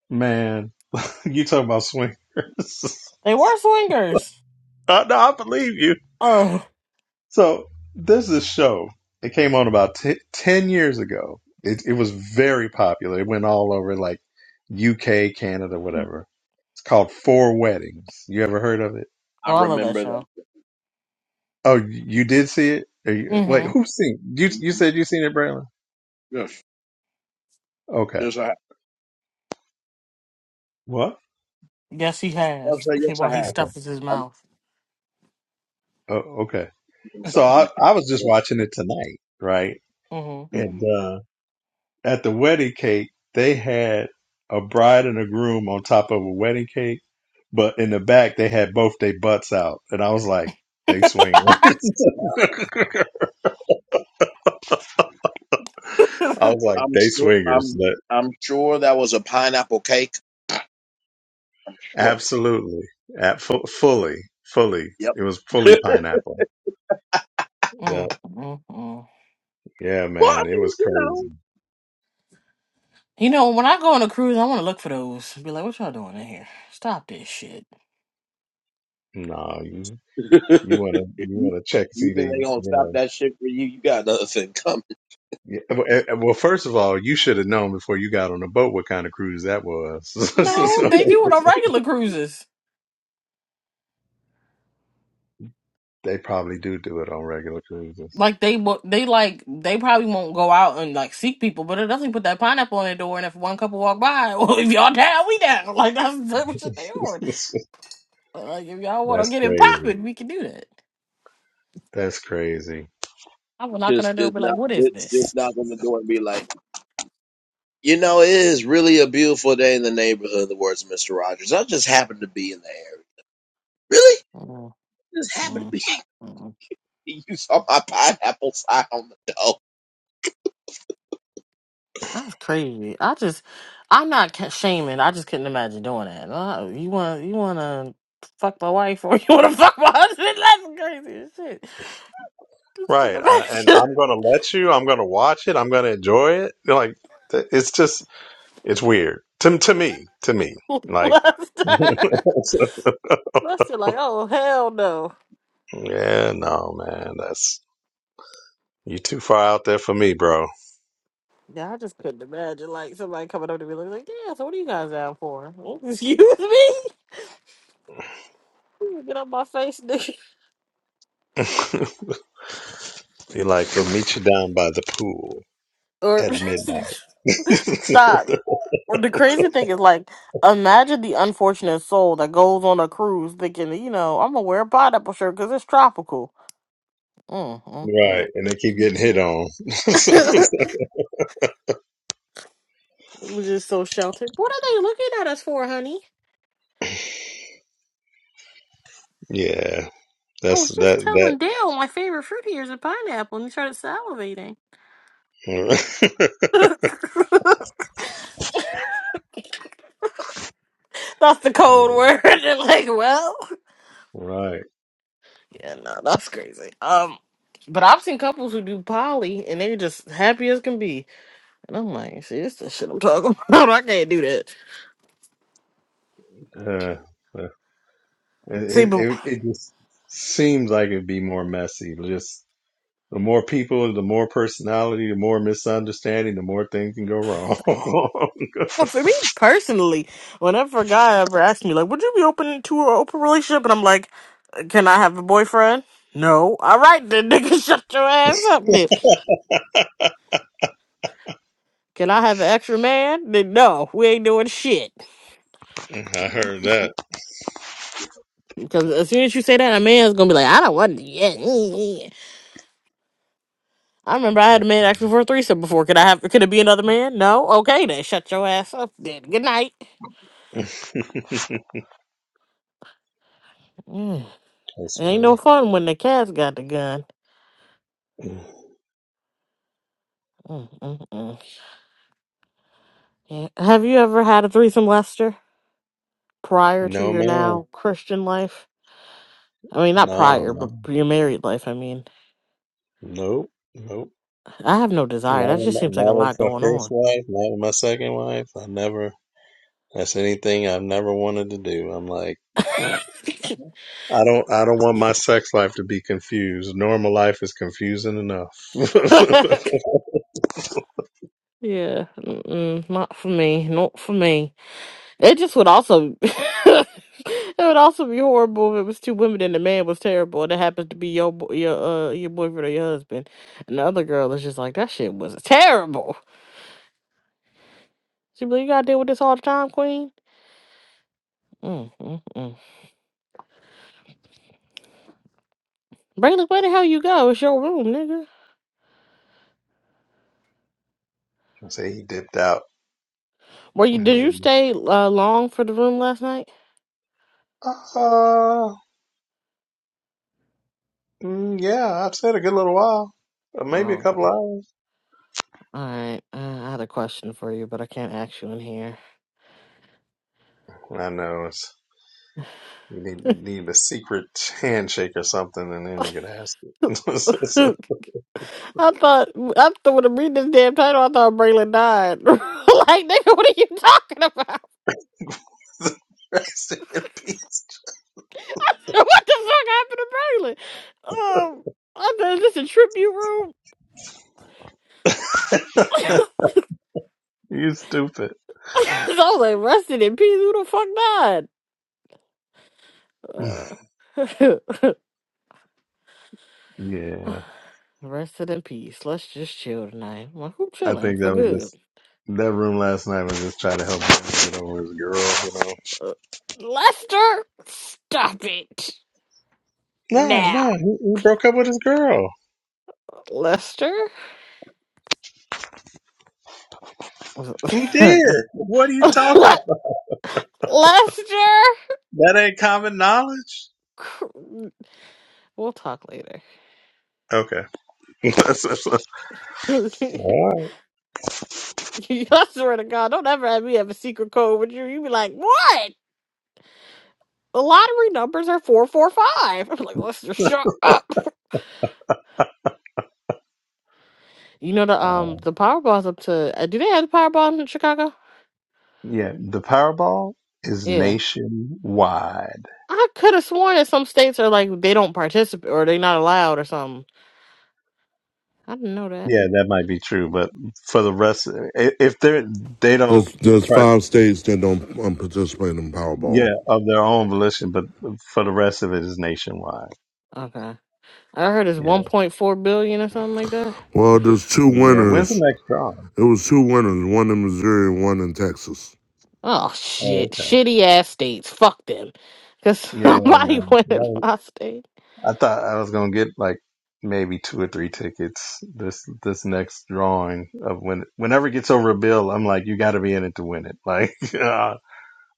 [SPEAKER 3] Man, you talk about swingers.
[SPEAKER 4] They were swingers.
[SPEAKER 3] I, no, I believe you.
[SPEAKER 4] Oh,
[SPEAKER 3] So there's this show. It came on about t- 10 years ago. It, it was very popular. It went all over like UK, Canada, whatever. It's called Four Weddings. You ever heard of it?
[SPEAKER 1] I
[SPEAKER 4] oh I love that
[SPEAKER 1] remember
[SPEAKER 4] show.
[SPEAKER 1] that.
[SPEAKER 3] Oh, you did see it? Are you, wait,
[SPEAKER 4] Mm-hmm.
[SPEAKER 3] who's seen? You you
[SPEAKER 1] Mhm.
[SPEAKER 3] said you seen it, Braylon?
[SPEAKER 1] Yes,
[SPEAKER 3] Okay.
[SPEAKER 1] yes, I have.
[SPEAKER 3] What?
[SPEAKER 4] Yes, he
[SPEAKER 1] I'll
[SPEAKER 4] has.
[SPEAKER 1] say yes,
[SPEAKER 4] While
[SPEAKER 1] I
[SPEAKER 4] he
[SPEAKER 1] have.
[SPEAKER 4] stuffs his
[SPEAKER 1] I'm
[SPEAKER 4] mouth.
[SPEAKER 3] Oh, okay.
[SPEAKER 1] eating
[SPEAKER 3] So
[SPEAKER 1] some
[SPEAKER 3] I
[SPEAKER 1] eating.
[SPEAKER 3] I was just
[SPEAKER 1] Go
[SPEAKER 3] watching it tonight, right?
[SPEAKER 4] Mm-hmm.
[SPEAKER 1] ahead. hmm
[SPEAKER 3] And uh, at the wedding cake, they had a bride and a groom on top of a wedding cake, but in the back they had both their butts out, and I was like, "They swingers." I was like,
[SPEAKER 1] I'm
[SPEAKER 3] "They
[SPEAKER 1] sure.
[SPEAKER 3] swingers."
[SPEAKER 1] I'm
[SPEAKER 3] But
[SPEAKER 1] I'm sure that was a pineapple cake. I'm sure of it.
[SPEAKER 3] absolutely, at fu- fully, fully,
[SPEAKER 1] Yep.
[SPEAKER 3] it was fully pineapple. Yeah,
[SPEAKER 4] mm, mm, mm.
[SPEAKER 3] yeah,
[SPEAKER 1] well, I
[SPEAKER 3] man, it
[SPEAKER 1] mean,
[SPEAKER 3] was crazy.
[SPEAKER 1] you
[SPEAKER 4] You know, when I go on a cruise, I want to look for those. Be like, what y'all doing in here? Stop this shit.
[SPEAKER 3] No, you
[SPEAKER 1] know,
[SPEAKER 3] you wanna
[SPEAKER 1] if
[SPEAKER 3] you
[SPEAKER 1] you,
[SPEAKER 3] wanna check see
[SPEAKER 1] you
[SPEAKER 3] the
[SPEAKER 1] think they
[SPEAKER 3] you
[SPEAKER 1] gonna stop
[SPEAKER 3] know.
[SPEAKER 1] that shit for you? You got another thing coming.
[SPEAKER 3] Yeah, well, eh, eh, well, first of all, you should have known before you got on the boat what kind of cruise that
[SPEAKER 4] No, they
[SPEAKER 3] was.
[SPEAKER 4] do it on regular cruises.
[SPEAKER 3] They probably do do it on regular cruises.
[SPEAKER 4] Like they, wo- they like they probably won't go out and like seek people, but it doesn't put that pineapple on their door. And if one couple walk by, well, if y'all down, we down. Like that's the type of shit they on.
[SPEAKER 3] That's
[SPEAKER 4] But like if y'all want to get it
[SPEAKER 3] crazy.
[SPEAKER 4] popping, we can do that.
[SPEAKER 3] That's crazy.
[SPEAKER 4] I will knock on their
[SPEAKER 1] just,
[SPEAKER 4] door, and
[SPEAKER 1] just
[SPEAKER 4] be like,
[SPEAKER 1] not,
[SPEAKER 4] what is
[SPEAKER 1] just, just
[SPEAKER 4] this?
[SPEAKER 1] knock on the door and be like. You know, it is really a beautiful day in the neighborhood, in the words of Mr. Rogers. I just happened to be in the area. Really?
[SPEAKER 4] Mm,
[SPEAKER 1] Just happened to
[SPEAKER 4] Mhm.
[SPEAKER 1] be. You saw my pineapple sign on the door.
[SPEAKER 4] That's crazy. I just, I'm not ca- shaming. I just couldn't imagine doing that. Uh, You want, you want to fuck my wife or you want to fuck my husband? That's crazy as shit. Just couldn't
[SPEAKER 3] Right. I, and
[SPEAKER 4] imagine
[SPEAKER 3] I'm going to let you, I'm going to watch it, I'm going to enjoy it. Like, th- it's just, it's weird. To, to me, to me. Like,
[SPEAKER 4] last
[SPEAKER 3] yeah,
[SPEAKER 4] time. That's just like, oh hell no.
[SPEAKER 3] no, man, that's, you too far out there for me, bro.
[SPEAKER 4] Yeah, I just couldn't imagine like somebody coming up to me like, like, yeah. So what are you guys down for? Excuse me? Get off my face, nigga.
[SPEAKER 3] You're like, we'll meet you down by the pool
[SPEAKER 4] Or
[SPEAKER 3] at midnight. right.
[SPEAKER 4] stop. Well, the crazy thing is, like, imagine the unfortunate soul that goes on a cruise thinking, you know, I'm gonna wear a pineapple shirt because it's tropical. Mm, mm,
[SPEAKER 3] And they keep getting hit on.
[SPEAKER 4] mm. We're just so sheltered. What are they looking at us for, honey?
[SPEAKER 3] yeah.
[SPEAKER 4] I
[SPEAKER 3] That's
[SPEAKER 4] was just
[SPEAKER 3] that, that
[SPEAKER 4] telling Dale my favorite fruit here is a pineapple, and he started salivating. that's the code
[SPEAKER 3] right.
[SPEAKER 4] word. And like, well, yeah, no, that's crazy. Um, but I've seen couples who do poly, and they're just happy as can be. And I'm like, see, this the shit I'm talking about. I can't do that.
[SPEAKER 3] Uh, uh,
[SPEAKER 4] See,
[SPEAKER 3] it,
[SPEAKER 4] but
[SPEAKER 3] it it just seems like it'd be more messy. Just the more people, the more personality, the more misunderstanding, the more things can go wrong.
[SPEAKER 4] well, for me personally, whenever a guy ever asks me, like, would you be open to an open relationship? And I'm like, can I have a boyfriend? No. All right, then, nigga, shut your ass up, then. Can I have an extra man? Then no, we ain't doing shit.
[SPEAKER 3] I heard that.
[SPEAKER 4] Because as soon as you say that, a man's gonna be like, I don't want to. Yeah, yeah, yeah. yeah." I remember I had a man ask me for a threesome before. Could I have? Could it be another man? No. Okay, then shut your ass up. Then good night.
[SPEAKER 3] That's
[SPEAKER 4] Mm. Ain't no
[SPEAKER 3] funny.
[SPEAKER 4] fun when the cat's got the gun. Mm-mm-mm. Yeah. Have you ever had a threesome, Lester, prior to
[SPEAKER 3] No
[SPEAKER 4] your
[SPEAKER 3] man.
[SPEAKER 4] now Christian life? I mean, not
[SPEAKER 3] No
[SPEAKER 4] prior, but
[SPEAKER 3] man.
[SPEAKER 4] your married life. I mean,
[SPEAKER 3] Nope. Nope.
[SPEAKER 4] I have no desire.
[SPEAKER 3] Not
[SPEAKER 4] That
[SPEAKER 3] with
[SPEAKER 4] just
[SPEAKER 3] my,
[SPEAKER 4] seems like
[SPEAKER 3] not
[SPEAKER 4] a
[SPEAKER 3] with
[SPEAKER 4] lot
[SPEAKER 3] my
[SPEAKER 4] going
[SPEAKER 3] first
[SPEAKER 4] on.
[SPEAKER 3] wife. Not with my second wife. I never. That's anything I've never wanted to do. I'm like. I don't I don't want my sex life to be confused. Normal life is confusing enough. I
[SPEAKER 4] yeah, mm-mm, not for me. Not for me. It just would also. it would also be horrible if it was two women and the man was terrible, and it happens to be your bo- your uh your boyfriend or your husband, and the other girl is just like that shit was terrible. She be like, you gotta deal with this all the time, queen. Mm-mm-mm. Bring the way the hell you go. It's your room, nigga.
[SPEAKER 3] Say he dipped out.
[SPEAKER 4] Were you? Did you
[SPEAKER 3] Maybe.
[SPEAKER 4] stay uh, long for the room last night?
[SPEAKER 3] Uh, mm, yeah, I've said a good little while. Uh, Maybe a
[SPEAKER 4] Oh, okay.
[SPEAKER 3] couple hours.
[SPEAKER 4] all right. Uh, I had a question for you, but I can't ask you in here.
[SPEAKER 3] I know it's you need need a secret handshake or something, and then you can ask it.
[SPEAKER 4] I thought after when I read this damn title, I thought Braylon died. like, nigga, what are you talking about?
[SPEAKER 3] Rest in peace.
[SPEAKER 4] what the fuck happened to Braylon? Um, I thought is this a tribute room? so
[SPEAKER 3] You stupid.
[SPEAKER 4] I was like, rested in peace. Who the fuck died? Uh,
[SPEAKER 3] Yeah,
[SPEAKER 4] Rested in peace. Let's just chill tonight. Well, who
[SPEAKER 3] I
[SPEAKER 4] chilling
[SPEAKER 3] think
[SPEAKER 4] for
[SPEAKER 3] that was
[SPEAKER 4] good?
[SPEAKER 3] just That room last night was just trying to help him get over his girl, you know.
[SPEAKER 4] Uh, Lester, stop it
[SPEAKER 3] No, no,
[SPEAKER 4] now.
[SPEAKER 3] he, he broke up with his girl.
[SPEAKER 4] Lester,
[SPEAKER 3] He did.
[SPEAKER 4] Le-
[SPEAKER 3] What are you talking about?
[SPEAKER 4] Lester.
[SPEAKER 3] That ain't common knowledge.
[SPEAKER 4] Cr- We'll talk later.
[SPEAKER 3] Okay. That's- that's- that's-
[SPEAKER 4] I
[SPEAKER 3] All
[SPEAKER 4] swear to God, don't ever have me have a secret code with you. You be like, what? The lottery numbers are four four five. I'm like, Lester, shut up. You know the
[SPEAKER 3] right.
[SPEAKER 4] um
[SPEAKER 3] Uh,
[SPEAKER 4] the Powerball's up to. uh, Do they have the Powerball in Chicago?
[SPEAKER 3] yeah, the Powerball is
[SPEAKER 4] Yeah.
[SPEAKER 3] nationwide.
[SPEAKER 4] I could have sworn that some states are like they don't participate or they not allowed or something. I didn't know that.
[SPEAKER 3] Yeah, that might be true, but for the rest, i- if they're they
[SPEAKER 2] There's
[SPEAKER 3] don't,
[SPEAKER 2] there's
[SPEAKER 3] right,
[SPEAKER 2] five states that don't um, participate in Powerball.
[SPEAKER 3] yeah, of their own volition, but for the rest of it is nationwide.
[SPEAKER 4] Okay. I heard it's
[SPEAKER 3] Yeah,
[SPEAKER 4] 1.4 billion or something like that.
[SPEAKER 2] Well, there's two
[SPEAKER 3] yeah. When's the
[SPEAKER 2] winners.
[SPEAKER 3] next drawing?
[SPEAKER 2] It was two winners. One in Missouri, and one in Texas.
[SPEAKER 4] Oh
[SPEAKER 3] Oh,
[SPEAKER 4] shit. Shitty ass states. Fuck them. Cause
[SPEAKER 3] Yeah,
[SPEAKER 4] somebody
[SPEAKER 3] man. That
[SPEAKER 4] went in
[SPEAKER 3] was-
[SPEAKER 4] my state.
[SPEAKER 3] I thought I was gonna get like maybe two or three tickets this this next drawing of when whenever it gets over a bill, I'm like, you got to be in it to win it. Like, uh,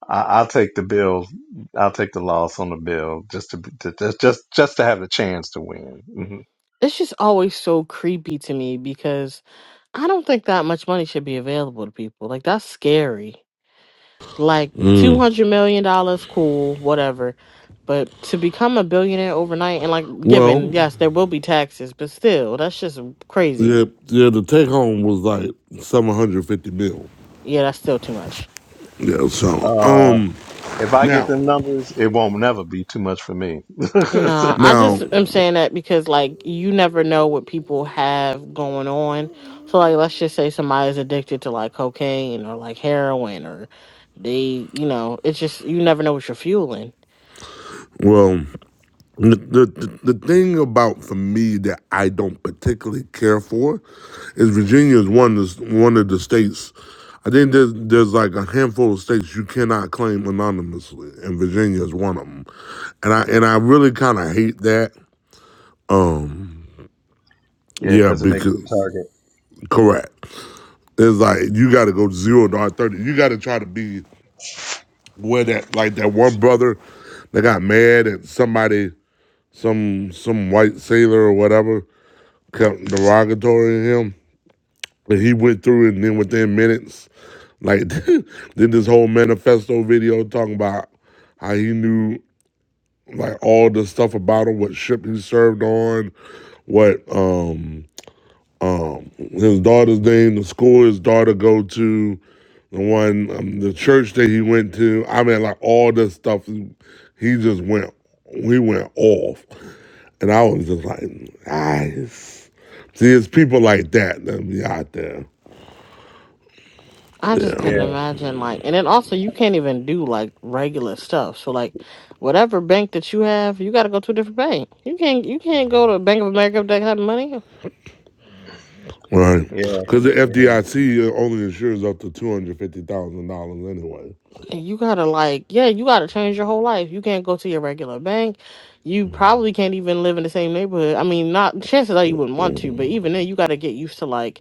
[SPEAKER 3] I, I'll take the bill, I'll take the loss on the bill just to, to just just just to have the chance to win. Mhm.
[SPEAKER 4] It's just always so creepy to me because I don't think that much money should be available to people. Like that's scary. Like two
[SPEAKER 2] Mm.
[SPEAKER 4] hundred million dollars, cool, whatever. But to become a billionaire overnight and like given,
[SPEAKER 2] Well,
[SPEAKER 4] yes, there will be taxes, but still, that's just crazy.
[SPEAKER 2] Yeah, yeah. The take home was like seven hundred fifty mil.
[SPEAKER 4] Yeah, that's still too much.
[SPEAKER 2] Yeah. So,
[SPEAKER 3] Uh,
[SPEAKER 2] um,
[SPEAKER 3] if I get
[SPEAKER 2] now,
[SPEAKER 3] them numbers, it won't never be too much for me.
[SPEAKER 4] Nah, I
[SPEAKER 2] now,
[SPEAKER 4] just am saying that because like you never know what people have going on. So like let's just say somebody's addicted to like cocaine or like heroin or they you know, it's just you never know what you're fueling.
[SPEAKER 2] well, the, the the thing about for me that I don't particularly care for is Virginia is one is one of the states. I think there's there's like a handful of states you cannot claim anonymously, and Virginia is one of them. And I and I really kind of hate that.
[SPEAKER 3] Yeah,
[SPEAKER 2] Yeah,
[SPEAKER 3] because it makes you a
[SPEAKER 2] because
[SPEAKER 3] target.
[SPEAKER 2] correct. It's like you got to go zero to R thirty. You got to try to be where that like that one brother that got mad at somebody, some some white sailor or whatever, kept derogatory to him, and he went through it, and then within minutes, like did this whole manifesto video talking about how he knew like all the stuff about him, what ship he served on, what um um, his daughter's name, the school his daughter go to, the one, um, the church that he went to. I mean, like all this stuff. He just went, we went off, and I was just like, nice. See, it's people like that that be out there.
[SPEAKER 4] I just couldn't
[SPEAKER 2] Yeah,
[SPEAKER 3] Yeah,
[SPEAKER 4] imagine like and then also you can't even do like regular stuff. So like whatever bank that you have, you gotta go to a different bank. You can't you can't go to Bank of America that have money.
[SPEAKER 2] right.
[SPEAKER 3] yeah,
[SPEAKER 2] Because the
[SPEAKER 3] yeah,
[SPEAKER 2] FDIC only insures up to two hundred fifty thousand dollars anyway.
[SPEAKER 4] You gotta like yeah, you gotta change your whole life. You can't go to your regular bank. You probably can't even live in the same neighborhood. I mean not chances are you wouldn't want to, but even then you gotta get used to like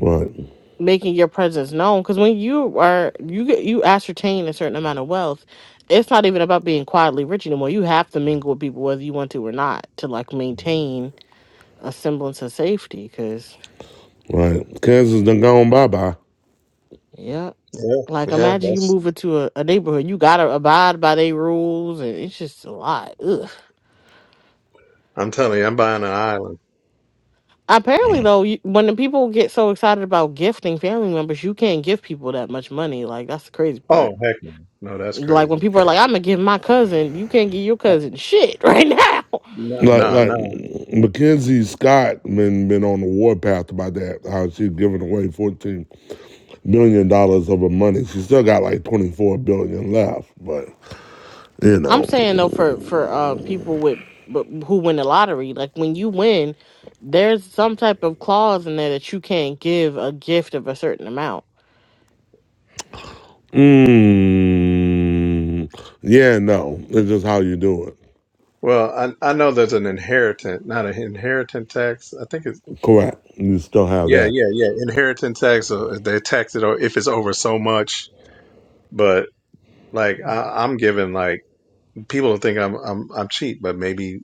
[SPEAKER 2] Right,
[SPEAKER 4] making your presence known because when you are you get you ascertain a certain amount of wealth it's not even about being quietly rich anymore you have to mingle with people whether you want to or not to like maintain a semblance of safety because
[SPEAKER 2] right. Kansas done gone bye bye.
[SPEAKER 4] yeah
[SPEAKER 3] yeah,
[SPEAKER 4] like
[SPEAKER 3] yeah.
[SPEAKER 4] imagine you
[SPEAKER 3] That's
[SPEAKER 4] move into a, a neighborhood you gotta abide by their rules and it's just a lot Ugh.
[SPEAKER 3] I'm telling you, I'm buying an island.
[SPEAKER 4] apparently though you, when the people get so excited about gifting family members you can't give people that much money like that's the crazy part
[SPEAKER 3] Oh heck no, no, that's
[SPEAKER 4] Like
[SPEAKER 3] crazy.
[SPEAKER 4] when people are like, I'm gonna give my cousin, you can't give your
[SPEAKER 3] Uh,
[SPEAKER 4] cousin shit right now.
[SPEAKER 3] No,
[SPEAKER 2] Like
[SPEAKER 3] no,
[SPEAKER 2] like
[SPEAKER 3] no.
[SPEAKER 2] Mackenzie Scott been been on the warpath about that. How she's giving away fourteen billion dollars of her money. She still got like twenty four billion left, but you
[SPEAKER 4] I'm
[SPEAKER 2] know,
[SPEAKER 4] saying though for for um people with but who win the lottery, like when you win, there's some type of clause in there that you can't give a gift of a certain amount.
[SPEAKER 2] mm, yeah, no, it's just how you do it.
[SPEAKER 3] Well, I I know there's an inheritance, not an inheritance tax. I think it's
[SPEAKER 2] Correct. You still have
[SPEAKER 3] yeah,
[SPEAKER 2] that.
[SPEAKER 3] yeah, yeah. Inheritance tax. uh, They tax it o- if it's over so much, but like I, I'm giving like people think I'm I'm I'm cheap, but maybe.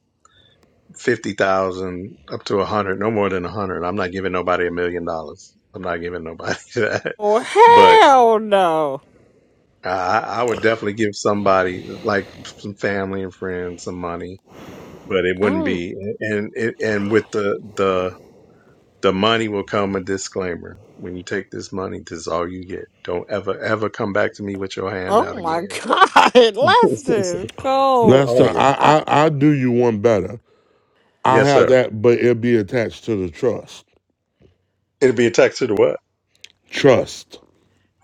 [SPEAKER 3] fifty thousand up to a hundred, no more than a hundred. I'm not giving nobody a million dollars. I'm not giving nobody that.
[SPEAKER 4] Oh
[SPEAKER 3] But
[SPEAKER 4] hell no!
[SPEAKER 3] I, I would definitely give somebody like some family and friends some money. But it wouldn't
[SPEAKER 4] Um,
[SPEAKER 3] be, and it, and with the the the money will come a disclaimer. When you take this money, this is all you get. Don't ever ever come back to me with your hand out
[SPEAKER 4] Oh my
[SPEAKER 3] again.
[SPEAKER 4] god, let's just go.
[SPEAKER 3] oh
[SPEAKER 2] Lester,
[SPEAKER 3] yeah,
[SPEAKER 4] I
[SPEAKER 2] I I I do you one better. I
[SPEAKER 3] yes
[SPEAKER 2] have
[SPEAKER 3] sir.
[SPEAKER 2] that, but it'll be attached to the trust.
[SPEAKER 3] It'd be a tax to the what?
[SPEAKER 2] Trust.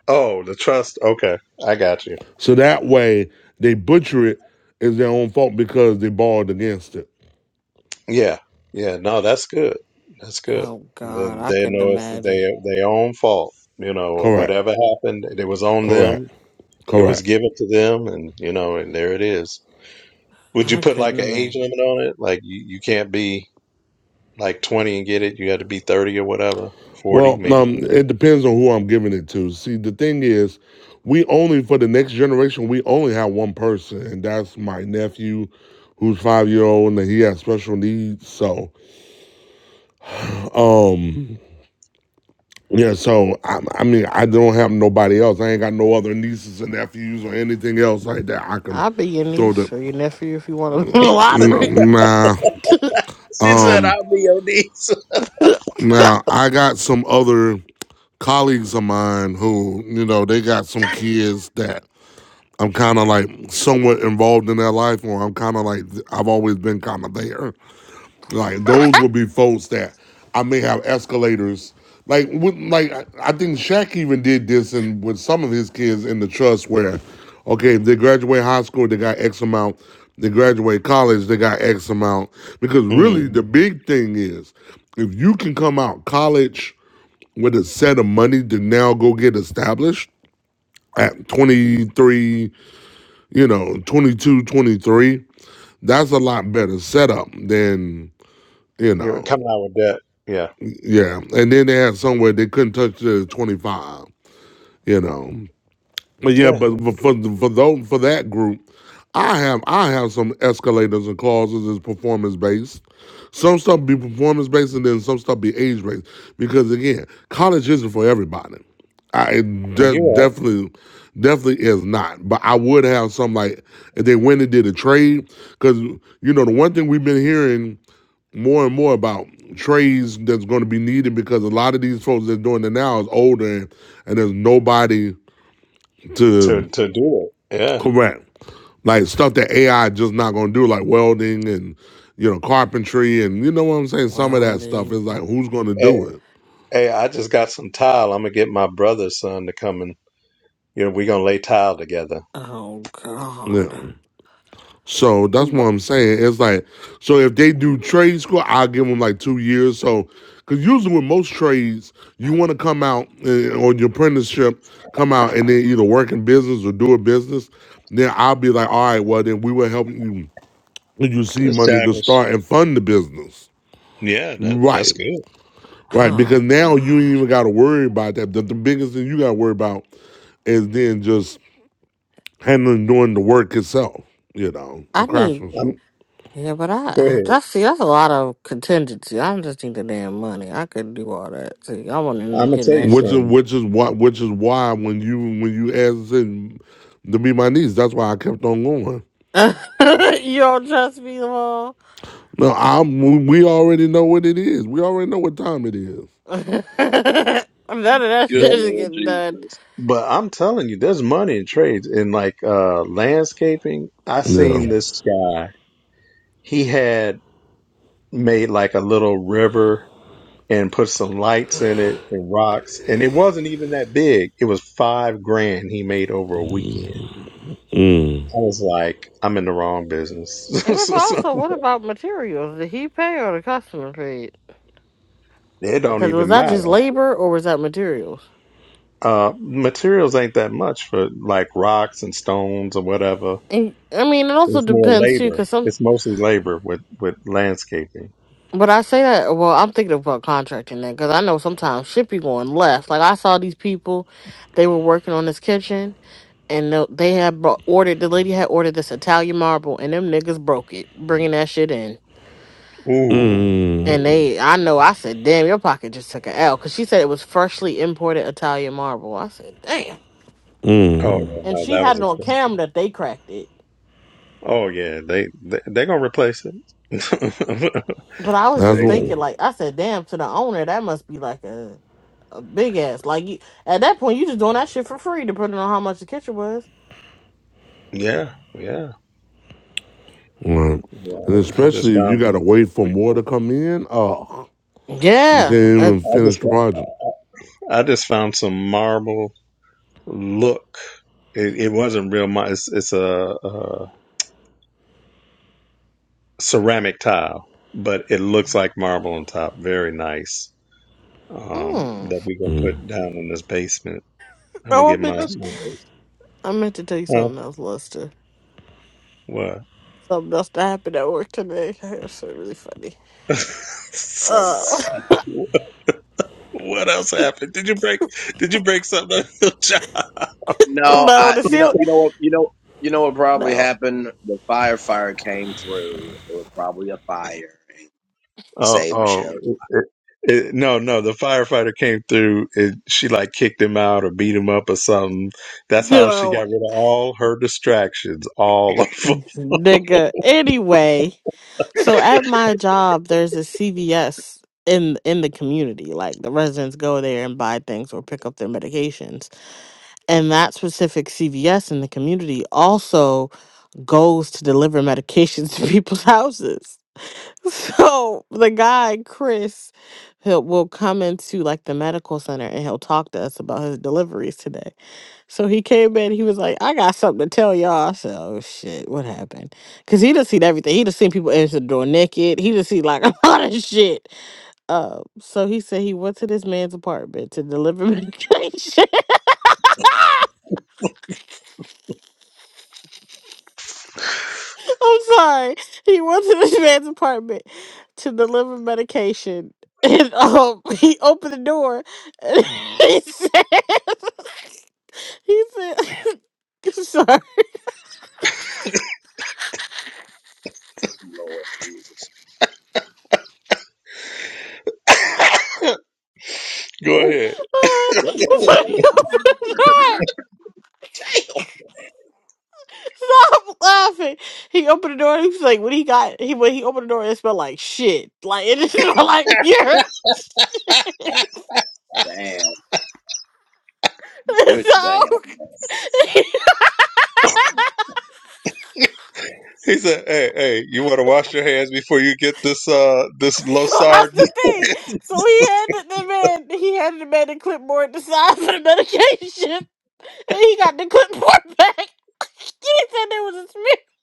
[SPEAKER 3] Oh, the trust. Okay, I got you.
[SPEAKER 2] So that way they butcher it is their own fault because they borrowed against it.
[SPEAKER 3] Yeah, yeah, no, that's good. That's good.
[SPEAKER 4] oh
[SPEAKER 3] And
[SPEAKER 4] god,
[SPEAKER 3] then
[SPEAKER 4] I
[SPEAKER 3] they
[SPEAKER 4] couldn't
[SPEAKER 3] know it's
[SPEAKER 4] imagine.
[SPEAKER 3] their their own fault. You know,
[SPEAKER 2] Correct.
[SPEAKER 3] whatever happened, it was on
[SPEAKER 2] Correct.
[SPEAKER 3] them. It was
[SPEAKER 2] Correct.
[SPEAKER 3] given to them, and you know, and there it is. Would you
[SPEAKER 4] I
[SPEAKER 3] put like
[SPEAKER 4] couldn't
[SPEAKER 3] an age
[SPEAKER 4] imagine.
[SPEAKER 3] limit on it? Like you, you can't be like twenty and get it. You got to be thirty or whatever, forty,
[SPEAKER 2] Well,
[SPEAKER 3] maybe
[SPEAKER 2] um,
[SPEAKER 3] fifty.
[SPEAKER 2] it depends on who I'm giving it to. See, the thing is, we only for the next generation, we only have one person, and that's my nephew, who's five year old, and he has special needs. So, um, yeah. So I, I mean, I don't have nobody else. I ain't got no other nieces and nephews or anything else like that. I can
[SPEAKER 4] I'll be your
[SPEAKER 2] throw
[SPEAKER 4] niece
[SPEAKER 2] the
[SPEAKER 4] or your nephew if you want to win the
[SPEAKER 2] nah.
[SPEAKER 4] lottery.
[SPEAKER 2] nah,
[SPEAKER 3] She
[SPEAKER 2] um.
[SPEAKER 3] said, I'll be your niece.
[SPEAKER 2] Now I got some other colleagues of mine who, you know, they got some kids that I'm kind of like somewhat involved in their life, or I'm kind of like I've always been kind of there. Like those would be folks that I may have escalators. Like with, like I I think Shaq even did this and with some of his kids in the trust where, okay, if they graduate high school, they got X amount. They graduate college, they got X amount. Because really the
[SPEAKER 3] Mm-hmm.
[SPEAKER 2] big thing is if you can come out college with a set of money to now go get established at 23, you know, 22, 23, that's a lot better setup than, you
[SPEAKER 3] You're
[SPEAKER 2] know.
[SPEAKER 3] coming out with that. Yeah,
[SPEAKER 2] Yeah, and then they had somewhere they couldn't touch the twenty five. You know, but yeah,
[SPEAKER 3] yeah,
[SPEAKER 2] but for for for those for that group, I have I have some escalators and clauses is performance based. Some stuff be performance based, and then some stuff be age based. Because again, college isn't for everybody. I it
[SPEAKER 3] and
[SPEAKER 2] de-
[SPEAKER 3] you
[SPEAKER 2] definitely definitely is not. But I would have some like if they went and did a trade, because you know the one thing we've been hearing more and more about trades that's going to be needed because a lot of these folks that's doing it now is older and, and there's nobody
[SPEAKER 3] are
[SPEAKER 2] to
[SPEAKER 3] to to do it. Yeah.
[SPEAKER 2] correct. Like stuff that AI just not going to do, like welding and, you know, carpentry and, you know what I'm saying? Some of
[SPEAKER 4] Well,
[SPEAKER 2] that stuff is like,
[SPEAKER 4] the
[SPEAKER 2] who's going to
[SPEAKER 3] Hey,
[SPEAKER 2] do it?
[SPEAKER 3] hey, I just got some tile. I'm gonna get my brother's son to come and You know, we're gonna lay tile together.
[SPEAKER 4] oh god,
[SPEAKER 2] Yeah. So that's what
[SPEAKER 4] Bro-
[SPEAKER 2] I'm saying. It's like, so if they do trade school, I'll give them like two years. So, because usually with most trades, you want to come out uh, on your apprenticeship, come out and then either work in business or do a business. Then I'll be like, all right, well, then we will help you when you see money to
[SPEAKER 3] Establish.
[SPEAKER 2] start and fund the business.
[SPEAKER 3] Yeah, that,
[SPEAKER 2] Right.
[SPEAKER 3] that's good.
[SPEAKER 2] Right. Because
[SPEAKER 4] oh
[SPEAKER 2] now you ain't
[SPEAKER 4] gosh,
[SPEAKER 2] even got to worry about that. The, the biggest thing you got to worry about is then just handling, doing the work itself, you know,
[SPEAKER 4] I
[SPEAKER 2] the
[SPEAKER 4] need
[SPEAKER 2] craftsmanship.
[SPEAKER 3] I'm,
[SPEAKER 4] yeah, but
[SPEAKER 3] go
[SPEAKER 4] I
[SPEAKER 3] ahead.
[SPEAKER 4] that's see that's a lot of contingency. I do just need the damn money. I couldn't do all that. See, I wouldn't end
[SPEAKER 3] I'm
[SPEAKER 4] up
[SPEAKER 3] gonna
[SPEAKER 4] getting
[SPEAKER 3] tell
[SPEAKER 4] that
[SPEAKER 3] you
[SPEAKER 2] Which is
[SPEAKER 4] shit.
[SPEAKER 3] something,
[SPEAKER 2] which is what which is why when you when you asked it to be my niece, that's why I kept on going.
[SPEAKER 4] you don't trust me, Lamar.
[SPEAKER 2] No, I'm we we already know what it is. We already know what time it is.
[SPEAKER 4] None of that
[SPEAKER 1] Good
[SPEAKER 4] shit
[SPEAKER 3] but
[SPEAKER 4] is
[SPEAKER 1] Lord
[SPEAKER 4] getting done.
[SPEAKER 1] Jesus.
[SPEAKER 3] but I'm telling you, there's money in trades in like uh landscaping. I
[SPEAKER 2] Yeah,
[SPEAKER 3] seen this
[SPEAKER 1] Yes.
[SPEAKER 3] guy. He had made like a little river and put some lights in it and rocks, and it wasn't even that big. It was five grand he made over a weekend. I was like, I'm in the wrong business.
[SPEAKER 4] Yeah, but also, what about materials? Did he pay or the customer paid?
[SPEAKER 3] it don't
[SPEAKER 4] Because was
[SPEAKER 3] even
[SPEAKER 4] that just
[SPEAKER 3] matter.
[SPEAKER 4] labor or was that materials?
[SPEAKER 3] Uh, materials ain't that much for like rocks and stones or whatever.
[SPEAKER 4] And, I mean, it also
[SPEAKER 3] It's more
[SPEAKER 4] depends too,
[SPEAKER 3] labor.
[SPEAKER 4] because some.
[SPEAKER 3] It's mostly labor with with landscaping.
[SPEAKER 4] But I say that. Well, I'm thinking about contracting that because I know sometimes shit be going left. Like I saw these people, they were working on this kitchen, and they they had brought, ordered. The lady had ordered this Italian marble, and them niggas broke it, bringing that shit in.
[SPEAKER 3] Ooh.
[SPEAKER 4] And they, I know, I said, "Damn, your pocket just took an L," because she said it was freshly imported Italian marble. I said, "Damn,"
[SPEAKER 3] Oh yeah,
[SPEAKER 4] and
[SPEAKER 3] no,
[SPEAKER 4] she
[SPEAKER 3] that
[SPEAKER 4] had
[SPEAKER 3] was
[SPEAKER 4] it on
[SPEAKER 3] expensive.
[SPEAKER 4] camera that they cracked it.
[SPEAKER 3] Oh yeah, they they they gonna replace it.
[SPEAKER 4] But I was
[SPEAKER 3] they
[SPEAKER 2] that's
[SPEAKER 4] just
[SPEAKER 2] what.
[SPEAKER 3] gonna
[SPEAKER 4] thinking, like I said, damn, to the owner, that must be like a a big ass. Like you, at that point, you just doing that shit for free, depending on how much the kitchen was.
[SPEAKER 3] yeah yeah
[SPEAKER 2] Right. And
[SPEAKER 3] yeah. I just
[SPEAKER 2] especially if you
[SPEAKER 3] found
[SPEAKER 2] gotta wait for more to come in. Oh, you can't
[SPEAKER 4] Yeah. Uh,
[SPEAKER 2] even
[SPEAKER 3] I
[SPEAKER 2] finish
[SPEAKER 3] just
[SPEAKER 2] the project.
[SPEAKER 3] I just found some marble. Look, it, it wasn't real. mar It's it's a, a ceramic tile, but it looks like marble on top. Very nice. um,
[SPEAKER 4] hmm.
[SPEAKER 3] that we're gonna put down in this basement. I'm gonna
[SPEAKER 4] Oh, I
[SPEAKER 3] get
[SPEAKER 4] meant
[SPEAKER 3] my,
[SPEAKER 4] to,
[SPEAKER 1] That's
[SPEAKER 3] my
[SPEAKER 1] good.
[SPEAKER 4] I meant to tell you
[SPEAKER 3] huh?
[SPEAKER 4] something else, Lester.
[SPEAKER 3] What?
[SPEAKER 4] Something else that happened at work today. It was so really funny.
[SPEAKER 1] Oh
[SPEAKER 4] Uh,
[SPEAKER 1] God.
[SPEAKER 3] what else happened? Did you break? Did you break something? on your job?
[SPEAKER 1] No,
[SPEAKER 4] no,
[SPEAKER 1] I
[SPEAKER 4] the
[SPEAKER 1] you know
[SPEAKER 4] ceiling.
[SPEAKER 1] you know what you know you know what probably
[SPEAKER 4] No,
[SPEAKER 1] happened? The firefighter came through. It was probably a fire and
[SPEAKER 3] Oh,
[SPEAKER 1] saved
[SPEAKER 3] oh,
[SPEAKER 1] Michelle.
[SPEAKER 3] it, it, it- no, no. The firefighter came through. And she like kicked him out or beat him up or something. That's
[SPEAKER 4] you
[SPEAKER 3] how she got
[SPEAKER 4] know,
[SPEAKER 3] rid of all her distractions. All of them.
[SPEAKER 4] nigga. Anyway. So at my job, there's a CVS in in the community. Like the residents go there and buy things or pick up their medications. And that specific CVS in the community also goes to deliver medications to people's houses. So the guy Chris he'll, will come into like the medical center and he'll talk to us about his deliveries today. So he came in, he was like, I got something to tell y'all. I said, Oh shit, what happened? Cause he just seen everything. He just seen people enter the door naked. He just seen like a lot of shit. Uh, so he said he went to this man's apartment to deliver medication. I'm sorry. He went to this man's apartment to deliver medication. And um, he opened the door and he said, he said, I'm sorry.
[SPEAKER 1] Good Lord Jesus.
[SPEAKER 3] Go
[SPEAKER 1] Oh,
[SPEAKER 3] ahead.
[SPEAKER 1] good
[SPEAKER 4] he opened
[SPEAKER 1] Lord.
[SPEAKER 4] the door
[SPEAKER 1] Damn.
[SPEAKER 4] Stop laughing. He opened the door and he's like, when he got he when he opened the door, it smelled like shit. Like it just smelled like urine.
[SPEAKER 1] Damn.
[SPEAKER 4] So
[SPEAKER 1] Good damn. man.
[SPEAKER 3] He said, "Hey, hey, you want to wash your hands before you get this uh this
[SPEAKER 4] So
[SPEAKER 3] losard?"
[SPEAKER 4] that's the thing. So he handed the man he handed the man the clipboard to sign for the medication. And he got the clipboard back. He said there was a smear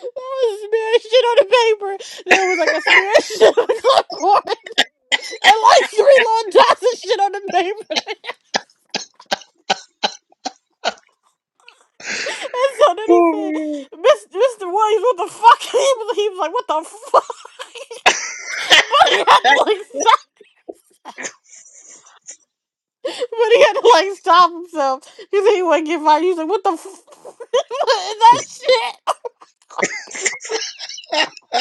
[SPEAKER 4] there was a smear of shit on the paper. There was like a smear of shit on the clipboard. And like three long dots of shit on the paper. And so then he said,
[SPEAKER 3] Oh,
[SPEAKER 4] Miss, Mr. Williams, what the fuck? He was, he was like, what the fuck? But he had to like stop. But he had to like stop himself. He said he wouldn't get fired. He was like, what the fuck? that shit.
[SPEAKER 3] man.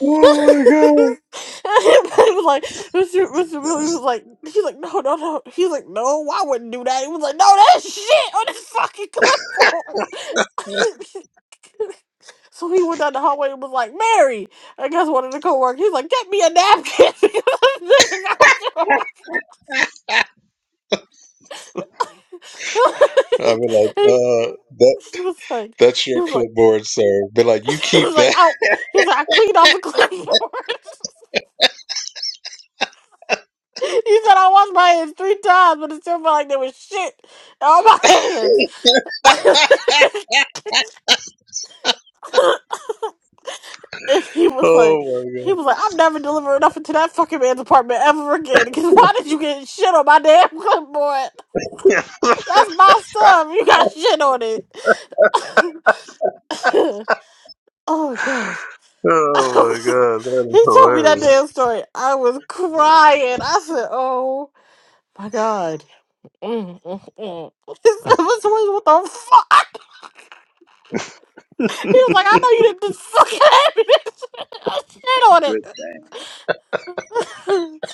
[SPEAKER 3] Oh my god.
[SPEAKER 4] and he was like, Mr. Mr. Williams was like, he's like, no, no, no. He's like, no, I wouldn't do that. He was like, no, that shit on the fucking clipboard. So he went down the hallway and was like, Mary! I guess one of the co-workers, he's like, get me a napkin! nigga got shit on my-
[SPEAKER 3] I'd be like,
[SPEAKER 4] He
[SPEAKER 3] uh, that
[SPEAKER 4] he was like,
[SPEAKER 3] that's
[SPEAKER 4] he
[SPEAKER 3] your
[SPEAKER 4] was like,
[SPEAKER 3] clipboard, sir. Be like, you
[SPEAKER 4] he
[SPEAKER 3] keep
[SPEAKER 4] was like,
[SPEAKER 3] that.
[SPEAKER 4] out. He was like, I cleaned off the clipboard. he said, I washed my hands three times, but it still felt like there was shit on my hands. and he was
[SPEAKER 3] oh
[SPEAKER 4] like,
[SPEAKER 3] my
[SPEAKER 4] he
[SPEAKER 3] god.
[SPEAKER 4] was like, I'm never delivering nothing to that fucking man's apartment ever again. Because why did you get shit on my damn clipboard? That's my stuff. You got shit on it. oh gosh.
[SPEAKER 3] Oh my god, that is
[SPEAKER 4] he told me that
[SPEAKER 3] hilarious.
[SPEAKER 4] damn story. I was crying. I said, "Oh my god." Mm, mm, mm. Mr. Williams, what the fuck? He was like, "I know you didn't just fucking have me that shit I shit
[SPEAKER 1] Good damn.
[SPEAKER 4] on it."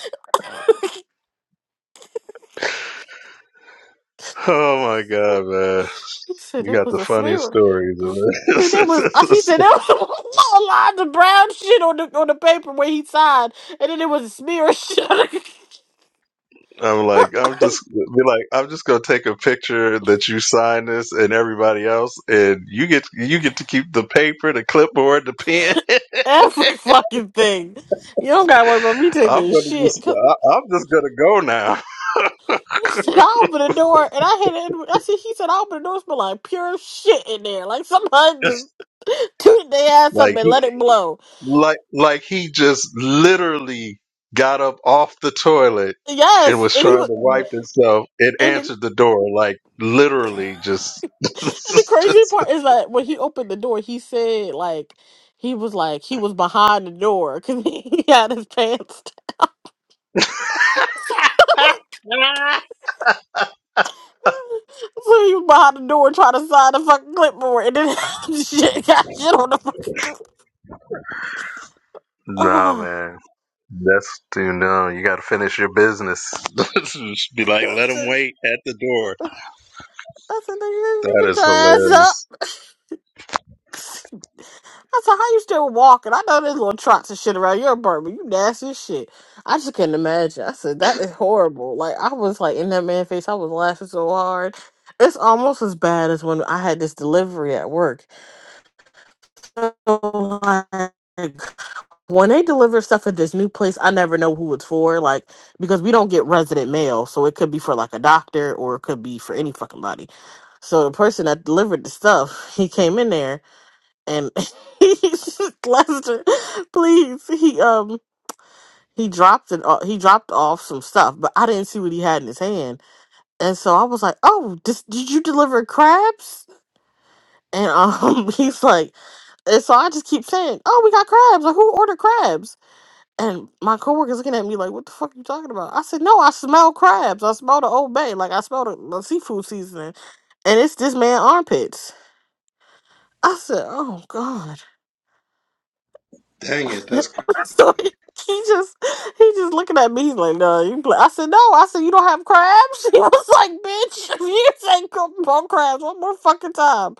[SPEAKER 3] Oh my god, man.
[SPEAKER 4] he said
[SPEAKER 3] You
[SPEAKER 4] that
[SPEAKER 3] got
[SPEAKER 4] was
[SPEAKER 3] the
[SPEAKER 4] a
[SPEAKER 3] funniest
[SPEAKER 4] smear. He
[SPEAKER 3] stories of
[SPEAKER 4] said that was. uh, He said
[SPEAKER 3] it.
[SPEAKER 4] there was all lines of brown shit on the on the paper where he signed, and then it was a smear shit.
[SPEAKER 3] I'm like, I'm just be like, I'm just gonna take a picture that you sign this and everybody else and you get you get to keep the paper, the clipboard, the pen.
[SPEAKER 4] Every fucking thing. You don't gotta worry about me
[SPEAKER 3] I'm
[SPEAKER 4] taking
[SPEAKER 3] gonna
[SPEAKER 4] shit.
[SPEAKER 3] just
[SPEAKER 4] 'Cause
[SPEAKER 3] I, I'm just gonna go now.
[SPEAKER 4] He said, I opened the door and I had it. I said, he said, I opened the door, smell like pure shit in there. Like somebody just toot their ass up
[SPEAKER 3] Like
[SPEAKER 4] and
[SPEAKER 3] he
[SPEAKER 4] let it blow.
[SPEAKER 3] like like he just literally got up off the toilet and
[SPEAKER 4] Yes.
[SPEAKER 3] was
[SPEAKER 4] And he
[SPEAKER 1] Good
[SPEAKER 3] trying to
[SPEAKER 4] was,
[SPEAKER 1] damn.
[SPEAKER 3] wipe himself and
[SPEAKER 4] and the,
[SPEAKER 3] answered the door. Like literally just,
[SPEAKER 4] and the crazy
[SPEAKER 3] just
[SPEAKER 4] part is that when he opened the door, he said, like, he was like, he was behind the door because he had his pants down. So he was behind the door trying to sign the fucking clipboard and then shit got shit on the fucking
[SPEAKER 3] Nah
[SPEAKER 4] clipboard.
[SPEAKER 3] man. That's too no, you gotta finish your business. Just Be like, let him wait at the door.
[SPEAKER 4] I said, nigga, you
[SPEAKER 3] That
[SPEAKER 4] can
[SPEAKER 3] is
[SPEAKER 4] your ass
[SPEAKER 3] hilarious.
[SPEAKER 4] up. I said, how you still walking? I know there's little trots and shit around your apartment. You nasty as shit. I just couldn't imagine. I said, that is horrible. Like, I was like in that man face. I was laughing so hard. It's almost as bad as when I had this delivery at work. So, like, when they deliver stuff at this new place, I never know who it's for. Like, because we don't get resident mail. So it could be for like a doctor or it could be for any fucking body. So the person that delivered the stuff, he came in there and he's Lester, please, he um he dropped it. o- He dropped off some stuff, but I didn't see what he had in his hand, and so I was like, "Oh, this, did you deliver crabs?" And um, he's like, and so I just keep saying, "Oh, we got crabs. Like, who ordered crabs?" And my coworker's looking at me like, "What the fuck are you talking about?" I said, "No, I smell crabs. I smell the Old Bay. Like I smell the, the seafood seasoning, and it's this man armpits." I said, "Oh God." So he, he just he just looking at me he's like, no, you can play. I said, no. I said, you don't have crabs. He was like, bitch, if you say cr- bump crabs one more fucking time.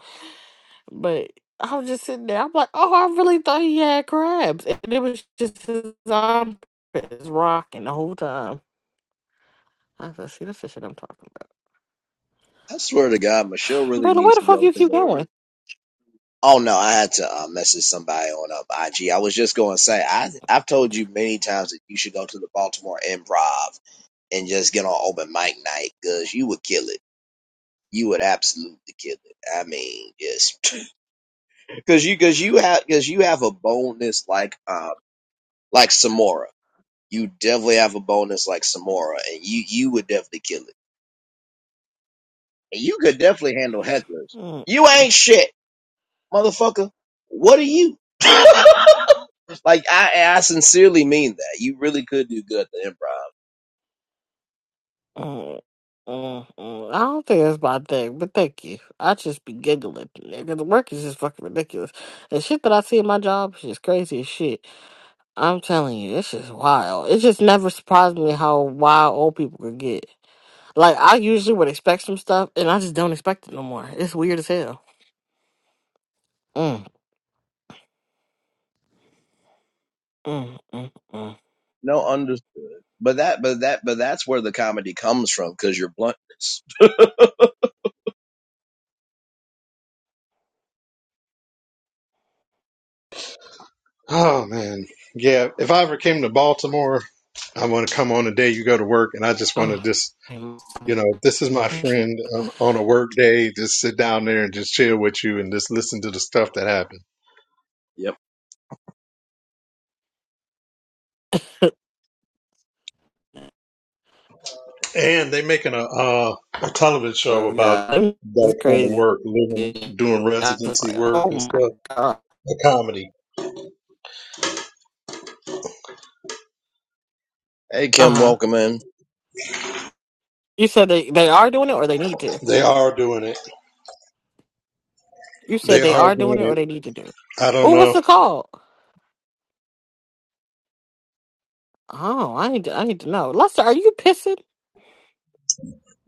[SPEAKER 4] But I was just sitting there. I'm like, oh, I really thought he had crabs, and it was just his armpits rocking the whole time. I said, see the fish that I'm talking
[SPEAKER 1] I swear to God, Michelle
[SPEAKER 4] about,
[SPEAKER 1] really
[SPEAKER 4] brother. Where
[SPEAKER 1] needs
[SPEAKER 4] the
[SPEAKER 1] to
[SPEAKER 4] fuck
[SPEAKER 1] go
[SPEAKER 4] you
[SPEAKER 1] to
[SPEAKER 4] keep
[SPEAKER 1] the.
[SPEAKER 4] going?
[SPEAKER 1] Oh no, I had to uh, message somebody on uh, IG. I was just going to say, I I've told you many times that you should go to the Baltimore Improv and just get on open mic night because you would kill it. You would absolutely kill it. I mean, just because you because you have because you have a bonus like um like Samora. You definitely have a bonus like Samora, and you you would definitely kill it. And you could definitely handle hecklers. You ain't shit. motherfucker, what are you? like I, I sincerely mean that. You really could do good at the improv.
[SPEAKER 4] Mm, mm, mm. I don't think that's my thing, but thank you. I just be giggling because the work is just fucking ridiculous. The shit that I see in my job is just crazy as shit. I'm telling you, it's just wild. It just never surprised me how wild old people could get. Like I usually would expect some stuff, and I just don't expect it no more. It's weird as hell. Mm, mm, mm, mm,
[SPEAKER 1] No, under, but that, but that, but that's where the comedy comes from because your bluntness.
[SPEAKER 3] Oh man. Yeah. If I ever came to Baltimore, I want to come on the day you go to work and I just want
[SPEAKER 4] mm.
[SPEAKER 3] to just
[SPEAKER 4] And
[SPEAKER 3] You know, this is my friend on, on a work day. Just sit down there and just chill with you and just listen to the stuff that happened.
[SPEAKER 1] Yep.
[SPEAKER 3] And they making a uh, a television show
[SPEAKER 4] So
[SPEAKER 3] about
[SPEAKER 4] God, it's
[SPEAKER 3] that kind of
[SPEAKER 4] crazy.
[SPEAKER 3] work,
[SPEAKER 4] Yeah.
[SPEAKER 3] living, doing
[SPEAKER 4] I was
[SPEAKER 3] residency
[SPEAKER 4] like,
[SPEAKER 3] work
[SPEAKER 4] oh
[SPEAKER 3] and
[SPEAKER 4] my
[SPEAKER 3] stuff.
[SPEAKER 4] god.
[SPEAKER 3] A comedy.
[SPEAKER 1] Hey
[SPEAKER 4] Uh
[SPEAKER 1] Kim,
[SPEAKER 4] huh.
[SPEAKER 1] welcome in.
[SPEAKER 4] You said they, they are doing it or they need to.
[SPEAKER 3] They are doing it.
[SPEAKER 4] You
[SPEAKER 3] They
[SPEAKER 4] said they
[SPEAKER 3] are
[SPEAKER 4] are
[SPEAKER 3] doing
[SPEAKER 4] doing it
[SPEAKER 3] it.
[SPEAKER 4] or they need to do it.
[SPEAKER 3] I don't
[SPEAKER 4] Oh, what's
[SPEAKER 3] know.
[SPEAKER 4] the call? Oh, I need to, I need to know. Lester, are you pissing?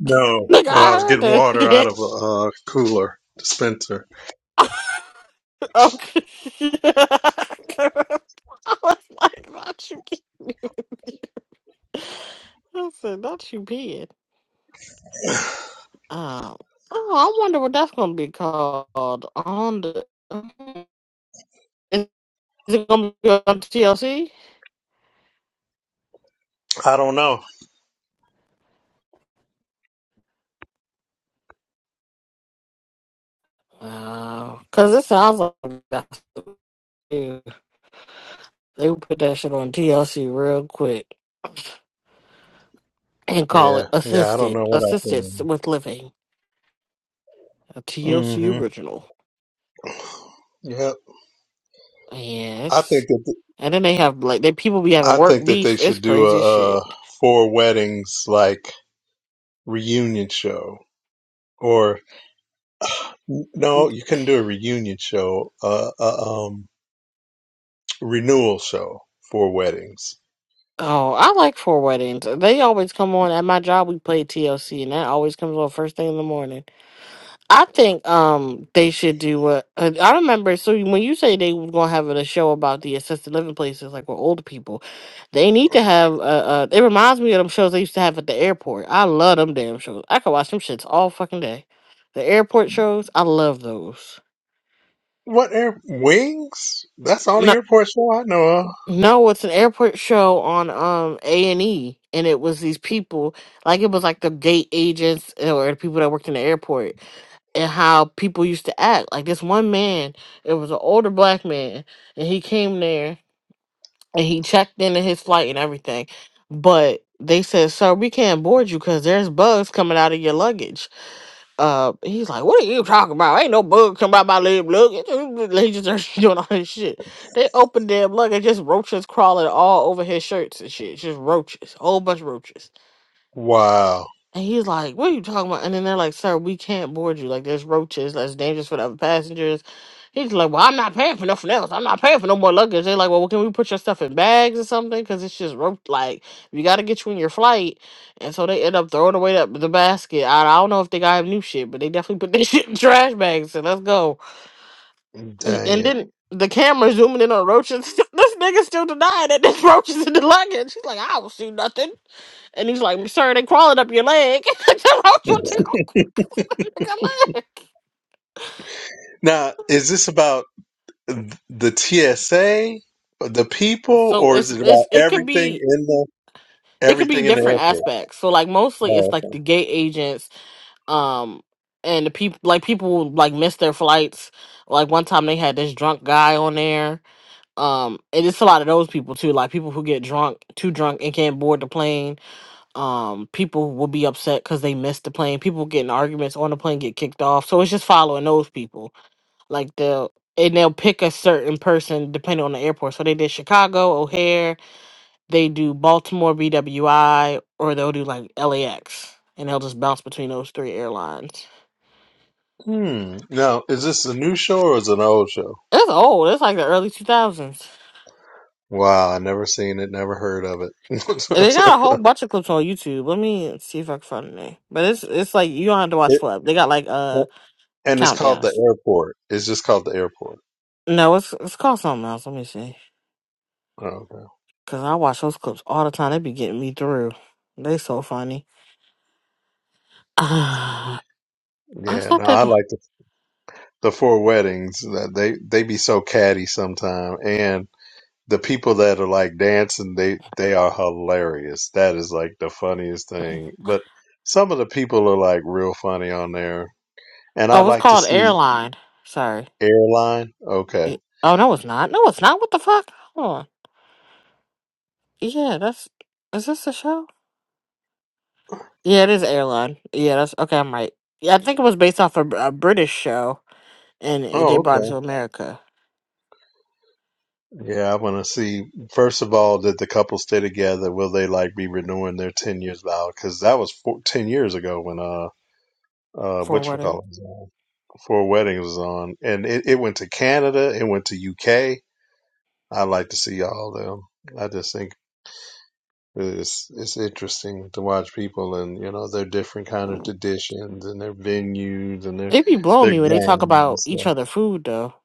[SPEAKER 3] No,
[SPEAKER 4] Look,
[SPEAKER 3] no.
[SPEAKER 4] I
[SPEAKER 3] I was
[SPEAKER 4] heard
[SPEAKER 3] getting
[SPEAKER 4] that
[SPEAKER 3] water out
[SPEAKER 4] shit.
[SPEAKER 3] of a uh, cooler dispenser.
[SPEAKER 4] okay. I was like, not you kidding me. I said, not you being. Um, oh, I wonder what that's going to be called on the. Is it going to be on TLC?
[SPEAKER 3] I don't know.
[SPEAKER 4] Because it sounds like that's. They would put that shit on TLC real quick and call it
[SPEAKER 3] Yeah, yeah. I don't
[SPEAKER 4] assisted
[SPEAKER 3] know what I think.
[SPEAKER 4] assistance with living, a TLC
[SPEAKER 3] Mm-hmm.
[SPEAKER 4] original.
[SPEAKER 3] Yep. I think
[SPEAKER 4] Yes,
[SPEAKER 3] that
[SPEAKER 4] and then they have like they people be having
[SPEAKER 3] I
[SPEAKER 4] work
[SPEAKER 3] think that
[SPEAKER 4] beef.
[SPEAKER 3] they
[SPEAKER 4] It's
[SPEAKER 3] should do
[SPEAKER 4] crazy as
[SPEAKER 3] a,
[SPEAKER 4] shit.
[SPEAKER 3] uh four weddings like reunion show, or no, you couldn't do a reunion show, uh, uh, um, renewal show for weddings.
[SPEAKER 4] Oh, I like four weddings. They always come on at my job. We play TLC, and that always comes on first thing in the morning. I think um they should do what uh, I remember. So when you say they were gonna have a show about the assisted living places, like with older people, they need to have. Uh, uh, it reminds me of them shows they used to have at the airport. I love them damn shows. I could watch them shits all fucking day. The airport shows, I love those.
[SPEAKER 3] What air wings? That's the only
[SPEAKER 4] No,
[SPEAKER 3] airport show I know of.
[SPEAKER 4] no, it's an airport show on um A and E, and it was these people like it was like the gate agents or the people that worked in the airport and how people used to act. Like this one man, it was an older black man, and he came there and he checked in his flight and everything. But they said, Sir, we can't board you because there's bugs coming out of your luggage. Uh he's like, What are you talking about? Ain't no bug coming out my damn luggage. They just started doing all this shit. They opened their luggage, just roaches crawling all over his shirts and shit. Just roaches. Whole bunch of roaches.
[SPEAKER 3] Wow,
[SPEAKER 4] And he's like, What are you talking about? And then they're like, Sir, we can't board you. Like, there's roaches. That's dangerous for the other passengers. He's like, Well, I'm not paying for nothing else. I'm not paying for no more luggage. They're like, Well, can we put your stuff in bags or something? Because it's just rope. Like, we got to get you in your flight. And so they end up throwing away that, the basket. I, I don't know if they got him new shit, but they definitely put their shit in trash bags. So let's go. He-
[SPEAKER 3] dang
[SPEAKER 4] And
[SPEAKER 3] it!
[SPEAKER 4] then the camera zooming in on roaches. this nigga still denying that there's roaches in the luggage. He's like, I don't see nothing. And he's like, sir, they crawling up your leg. the roach will take your leg.
[SPEAKER 3] Now, is this about th- the TSA, the people,
[SPEAKER 4] So
[SPEAKER 3] or is
[SPEAKER 4] it's
[SPEAKER 3] it about
[SPEAKER 4] it's it could
[SPEAKER 3] everything
[SPEAKER 4] be
[SPEAKER 3] in the
[SPEAKER 4] it could be
[SPEAKER 3] everything in the
[SPEAKER 4] different
[SPEAKER 3] airport?
[SPEAKER 4] aspects. So like mostly it's
[SPEAKER 3] Oh,
[SPEAKER 4] like
[SPEAKER 3] okay.
[SPEAKER 4] the gate agents, um, and the people like people like miss their flights. Like one time they had this drunk guy on there. Um, and it's a lot of those people too, like people who get drunk, too drunk and can't board the plane um people will be upset because they missed the plane people get in arguments on the plane get kicked off so it's just following those people like they'll and they'll pick a certain person depending on the airport so they did chicago o'hare they do baltimore bwi or they'll do like lax and they'll just bounce between those three airlines
[SPEAKER 3] Hmm. Now, is this a new show or is it an old show?
[SPEAKER 4] it's old it's like the early 2000s
[SPEAKER 3] Wow, I never seen it, never heard of it.
[SPEAKER 4] and they got a whole bunch of clips on youtube let me see if i can find the name but it's it's like you don't have to watch
[SPEAKER 3] it
[SPEAKER 4] flip they got like uh
[SPEAKER 3] and it's called the
[SPEAKER 4] countdowns
[SPEAKER 3] airport. It's just called the airport.
[SPEAKER 4] no it's it's called something else let me see
[SPEAKER 3] Oh, Okay.
[SPEAKER 4] Cause I watch those clips all the time. They be getting me through. They so funny. Uh, what's
[SPEAKER 3] Yeah,
[SPEAKER 4] not
[SPEAKER 3] no,
[SPEAKER 4] that?
[SPEAKER 3] I like the, the four weddings. That they they be so catty sometime, and the people that are like dancing, they they are hilarious. That is like the funniest thing. But some of the people are like real funny on there, and I
[SPEAKER 4] Oh, it's
[SPEAKER 3] like to
[SPEAKER 4] called
[SPEAKER 3] see
[SPEAKER 4] Airline. Sorry.
[SPEAKER 3] airline. Okay.
[SPEAKER 4] It, oh no, it's not. No, it's not. What the fuck? Hold on. Yeah, that's. Is this a show? Yeah, it is Airline. Yeah, that's okay. I'm right. Yeah, I think it was based off a, a British show, and it, they
[SPEAKER 3] Oh,
[SPEAKER 4] brought it
[SPEAKER 3] okay.
[SPEAKER 4] to America
[SPEAKER 3] Yeah, I want to see. First of all, did the couple stay together? Will they like be renewing their ten years vow? Because that was four, ten years ago when uh uh
[SPEAKER 4] for a
[SPEAKER 3] which we
[SPEAKER 4] wedding.
[SPEAKER 3] call it four weddings was on, and it, it went to Canada, it went to UK. I like to see all of them. I just think it's it's interesting to watch people and you know their different kind of traditions and their venues and their
[SPEAKER 4] They be blowing
[SPEAKER 3] their
[SPEAKER 4] me when they talk
[SPEAKER 3] games and
[SPEAKER 4] about each
[SPEAKER 3] stuff.
[SPEAKER 4] other food though.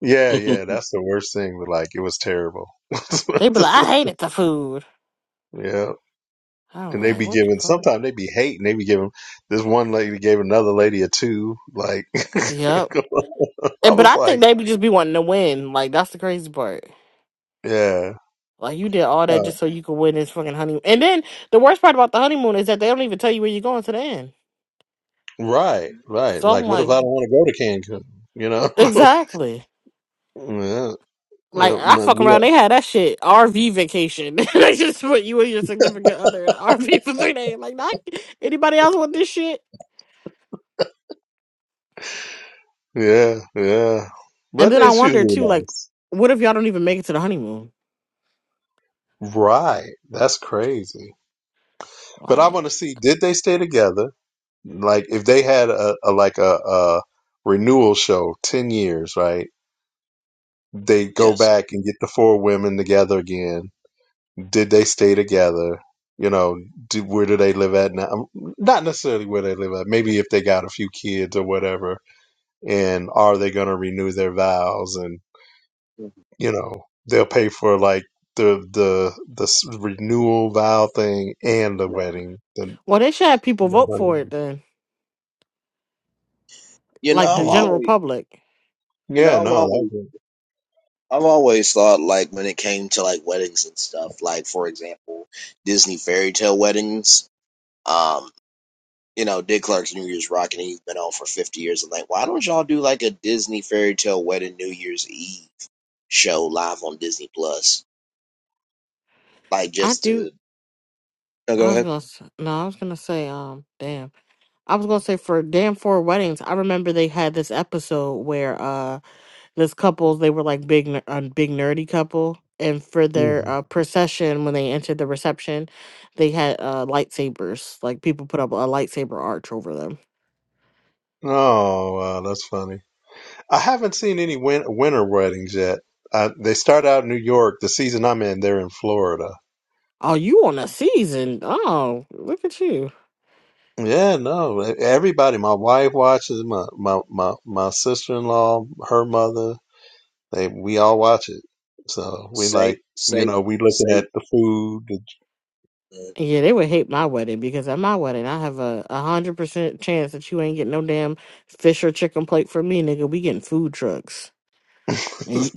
[SPEAKER 3] Yeah, yeah, that's the worst thing. But like, it was terrible.
[SPEAKER 4] They be like, "I hated the food."
[SPEAKER 3] yeah.
[SPEAKER 4] I
[SPEAKER 3] And
[SPEAKER 4] was
[SPEAKER 3] they
[SPEAKER 4] like,
[SPEAKER 3] be
[SPEAKER 4] "What the
[SPEAKER 3] giving,
[SPEAKER 4] fuck?"
[SPEAKER 3] sometimes they be hating. They be giving, this one lady gave another lady a two. Like,
[SPEAKER 4] Yep.
[SPEAKER 3] I
[SPEAKER 4] And, but
[SPEAKER 3] was
[SPEAKER 4] I
[SPEAKER 3] like,
[SPEAKER 4] think they be just be wanting to win. Like that's the crazy part.
[SPEAKER 3] yeah,
[SPEAKER 4] Like you did all that
[SPEAKER 3] uh,
[SPEAKER 4] just so you could win this fucking honeymoon. And then the worst part about the honeymoon is that they don't even tell you where you're going to the end.
[SPEAKER 3] right, right.
[SPEAKER 4] So I'm
[SPEAKER 3] Like, what if
[SPEAKER 4] like,
[SPEAKER 3] I don't want to go to Cancun? You know?
[SPEAKER 4] exactly.
[SPEAKER 3] yeah,
[SPEAKER 4] Like
[SPEAKER 3] yeah,
[SPEAKER 4] I
[SPEAKER 3] my-
[SPEAKER 4] fuck around,
[SPEAKER 3] we-
[SPEAKER 4] they had that shit RV vacation. they just put you and your significant other in an RV for three days. Like, not anybody else want this shit.
[SPEAKER 3] yeah, yeah.
[SPEAKER 4] And
[SPEAKER 3] But
[SPEAKER 4] then I
[SPEAKER 3] it's
[SPEAKER 4] wonder
[SPEAKER 3] usually
[SPEAKER 4] too, like,
[SPEAKER 3] nice.
[SPEAKER 4] what if y'all don't even make it to the honeymoon?
[SPEAKER 3] Right. That's crazy. But I
[SPEAKER 4] Like,
[SPEAKER 3] want to see, did they stay together? Like, if they had a, a like a, a renewal show, 10 years, right? they go
[SPEAKER 1] yes.
[SPEAKER 3] back and get the four women together again. Did they stay together? You know, do, where do they live at now? Um, Not necessarily where they live at. Maybe if they got a few kids or whatever. And are they going to renew their vows? And you know, they'll pay for like the the the s- renewal vow thing and the
[SPEAKER 1] Right.
[SPEAKER 3] wedding. The,
[SPEAKER 4] Well, they should have people vote
[SPEAKER 3] the
[SPEAKER 4] for it then,
[SPEAKER 1] You know,
[SPEAKER 4] like the
[SPEAKER 1] I've
[SPEAKER 3] honeymoon.
[SPEAKER 4] general
[SPEAKER 1] always,
[SPEAKER 4] public.
[SPEAKER 1] you
[SPEAKER 3] yeah,
[SPEAKER 1] know, I've
[SPEAKER 3] no, that.
[SPEAKER 1] always,
[SPEAKER 3] Was, it.
[SPEAKER 1] I've always thought like when it came to like weddings and stuff, like for example, Disney fairy tale weddings. Um. you know, Dick Clark's New Year's Rockin', he's been on for 50 years. I'm like, why don't y'all do like a Disney fairy tale wedding New Year's Eve show live on Disney Plus? Like,
[SPEAKER 4] I
[SPEAKER 1] just
[SPEAKER 4] do.
[SPEAKER 1] to No,
[SPEAKER 4] I
[SPEAKER 1] go
[SPEAKER 4] was
[SPEAKER 1] ahead.
[SPEAKER 4] gonna. s- No, I was gonna say. Um, damn. I was gonna say for damn four weddings. I remember they had this episode where uh this couples they were like big ner- a big nerdy couple and for their
[SPEAKER 3] Mhm.
[SPEAKER 4] uh, procession when they entered the reception they had uh, lightsabers like people put up a lightsaber arch over them
[SPEAKER 3] Oh, wow, that's funny. I haven't seen any win- winter weddings yet. Uh, they start out in New York. The season I'm in, they're in Florida.
[SPEAKER 4] oh you on a season oh look at you
[SPEAKER 3] Yeah, no, e- everybody. My wife watches. My my my, my sister in law, her mother. They we all watch it. So we
[SPEAKER 1] say,
[SPEAKER 3] like, you
[SPEAKER 1] say,
[SPEAKER 3] know, we
[SPEAKER 1] say,
[SPEAKER 3] looking at the food.
[SPEAKER 1] mm,
[SPEAKER 4] yeah they would hate my wedding because at my wedding i have a a hundred percent chance that you ain't getting no damn fish or chicken plate from me nigga we getting food trucks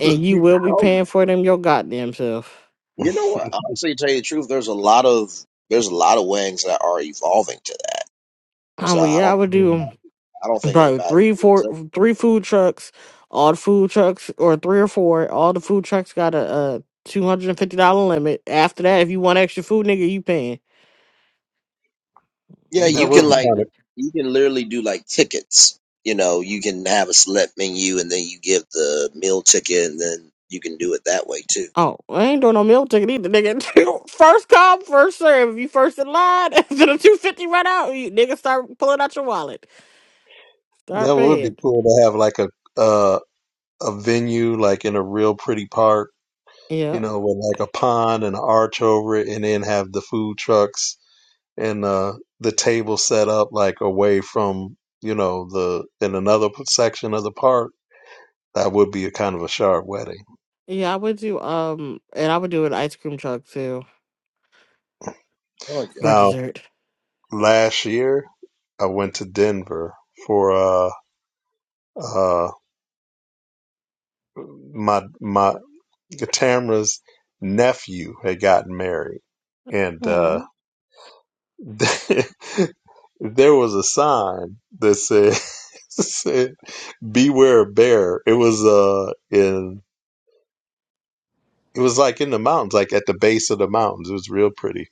[SPEAKER 4] and you will
[SPEAKER 1] I
[SPEAKER 4] be
[SPEAKER 1] don't,
[SPEAKER 4] paying for them your goddamn self
[SPEAKER 1] you know what? Honestly, to tell you the truth, there's a lot of, there's a lot of weddings that are evolving to that.
[SPEAKER 4] oh
[SPEAKER 1] So
[SPEAKER 4] well,
[SPEAKER 1] I
[SPEAKER 4] yeah i
[SPEAKER 1] don't,
[SPEAKER 4] would do
[SPEAKER 1] I don't think
[SPEAKER 4] Probably
[SPEAKER 1] anybody
[SPEAKER 4] three,
[SPEAKER 1] would be
[SPEAKER 4] four,
[SPEAKER 1] upset
[SPEAKER 4] three food trucks. All the food trucks, or three or four. All the food trucks got a, a two hundred and fifty dollar limit. After that, if you want extra food, nigga, you paying. What
[SPEAKER 1] Yeah,
[SPEAKER 4] you gonna
[SPEAKER 3] that
[SPEAKER 1] you
[SPEAKER 3] would
[SPEAKER 1] can
[SPEAKER 3] be
[SPEAKER 4] call it?
[SPEAKER 1] like
[SPEAKER 3] kind of
[SPEAKER 4] then?
[SPEAKER 1] you can literally do like tickets. You know, you can have a select menu and then you give the meal ticket and then you can do it that way too.
[SPEAKER 4] Oh, I ain't doing no meal ticket either, nigga. first come, first serve. If you first in line, after the two fifty run out, you nigga start pulling out your wallet, start
[SPEAKER 3] that would be
[SPEAKER 4] paying.
[SPEAKER 3] cool to have like a uh, a venue like in a real pretty park, you
[SPEAKER 4] Yeah,
[SPEAKER 3] know, with like a pond and an arch over it, and then have the food trucks and uh, the table set up like away from you know the in another section of the park that would be a kind of a sharp wedding
[SPEAKER 4] yeah, I would do um, and I would do an ice cream truck too
[SPEAKER 1] Oh
[SPEAKER 4] for
[SPEAKER 1] yeah.
[SPEAKER 3] now
[SPEAKER 4] dessert.
[SPEAKER 3] last year i went to denver for uh uh my my tamra's nephew had gotten married and uh
[SPEAKER 4] Mm.
[SPEAKER 3] there was a sign that said, said beware bear it was uh in It was like in the mountains, like at the base of the mountains. It was real pretty.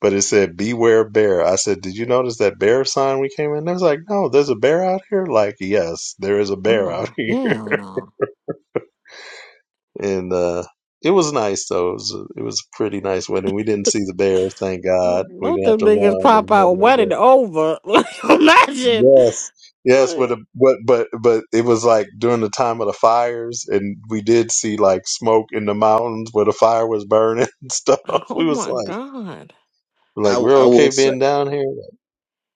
[SPEAKER 3] But it said, Beware bear. I said, Did you notice that bear sign we came in? They was like, No, there's a bear out here? Like, yes, there is a bear
[SPEAKER 4] Oh
[SPEAKER 3] out here.
[SPEAKER 4] hell no.
[SPEAKER 3] And uh it was nice though. It was a, it was a pretty nice wedding. We didn't see the bear, thank God. We
[SPEAKER 4] Both
[SPEAKER 3] didn't have
[SPEAKER 4] them
[SPEAKER 3] to
[SPEAKER 4] niggas
[SPEAKER 3] run or
[SPEAKER 4] pop out
[SPEAKER 3] nothing like
[SPEAKER 4] wet
[SPEAKER 3] that.
[SPEAKER 4] over. Like, imagine.
[SPEAKER 3] Yes, yes.
[SPEAKER 4] Like,
[SPEAKER 3] With a, but but but it was like during the time of the fires, and we did see like smoke in the mountains where the fire was burning and stuff.
[SPEAKER 4] oh
[SPEAKER 3] We was
[SPEAKER 4] my
[SPEAKER 3] like.
[SPEAKER 4] god.
[SPEAKER 3] Like
[SPEAKER 1] I
[SPEAKER 3] we're
[SPEAKER 1] I will
[SPEAKER 3] okay
[SPEAKER 1] say
[SPEAKER 3] being down here.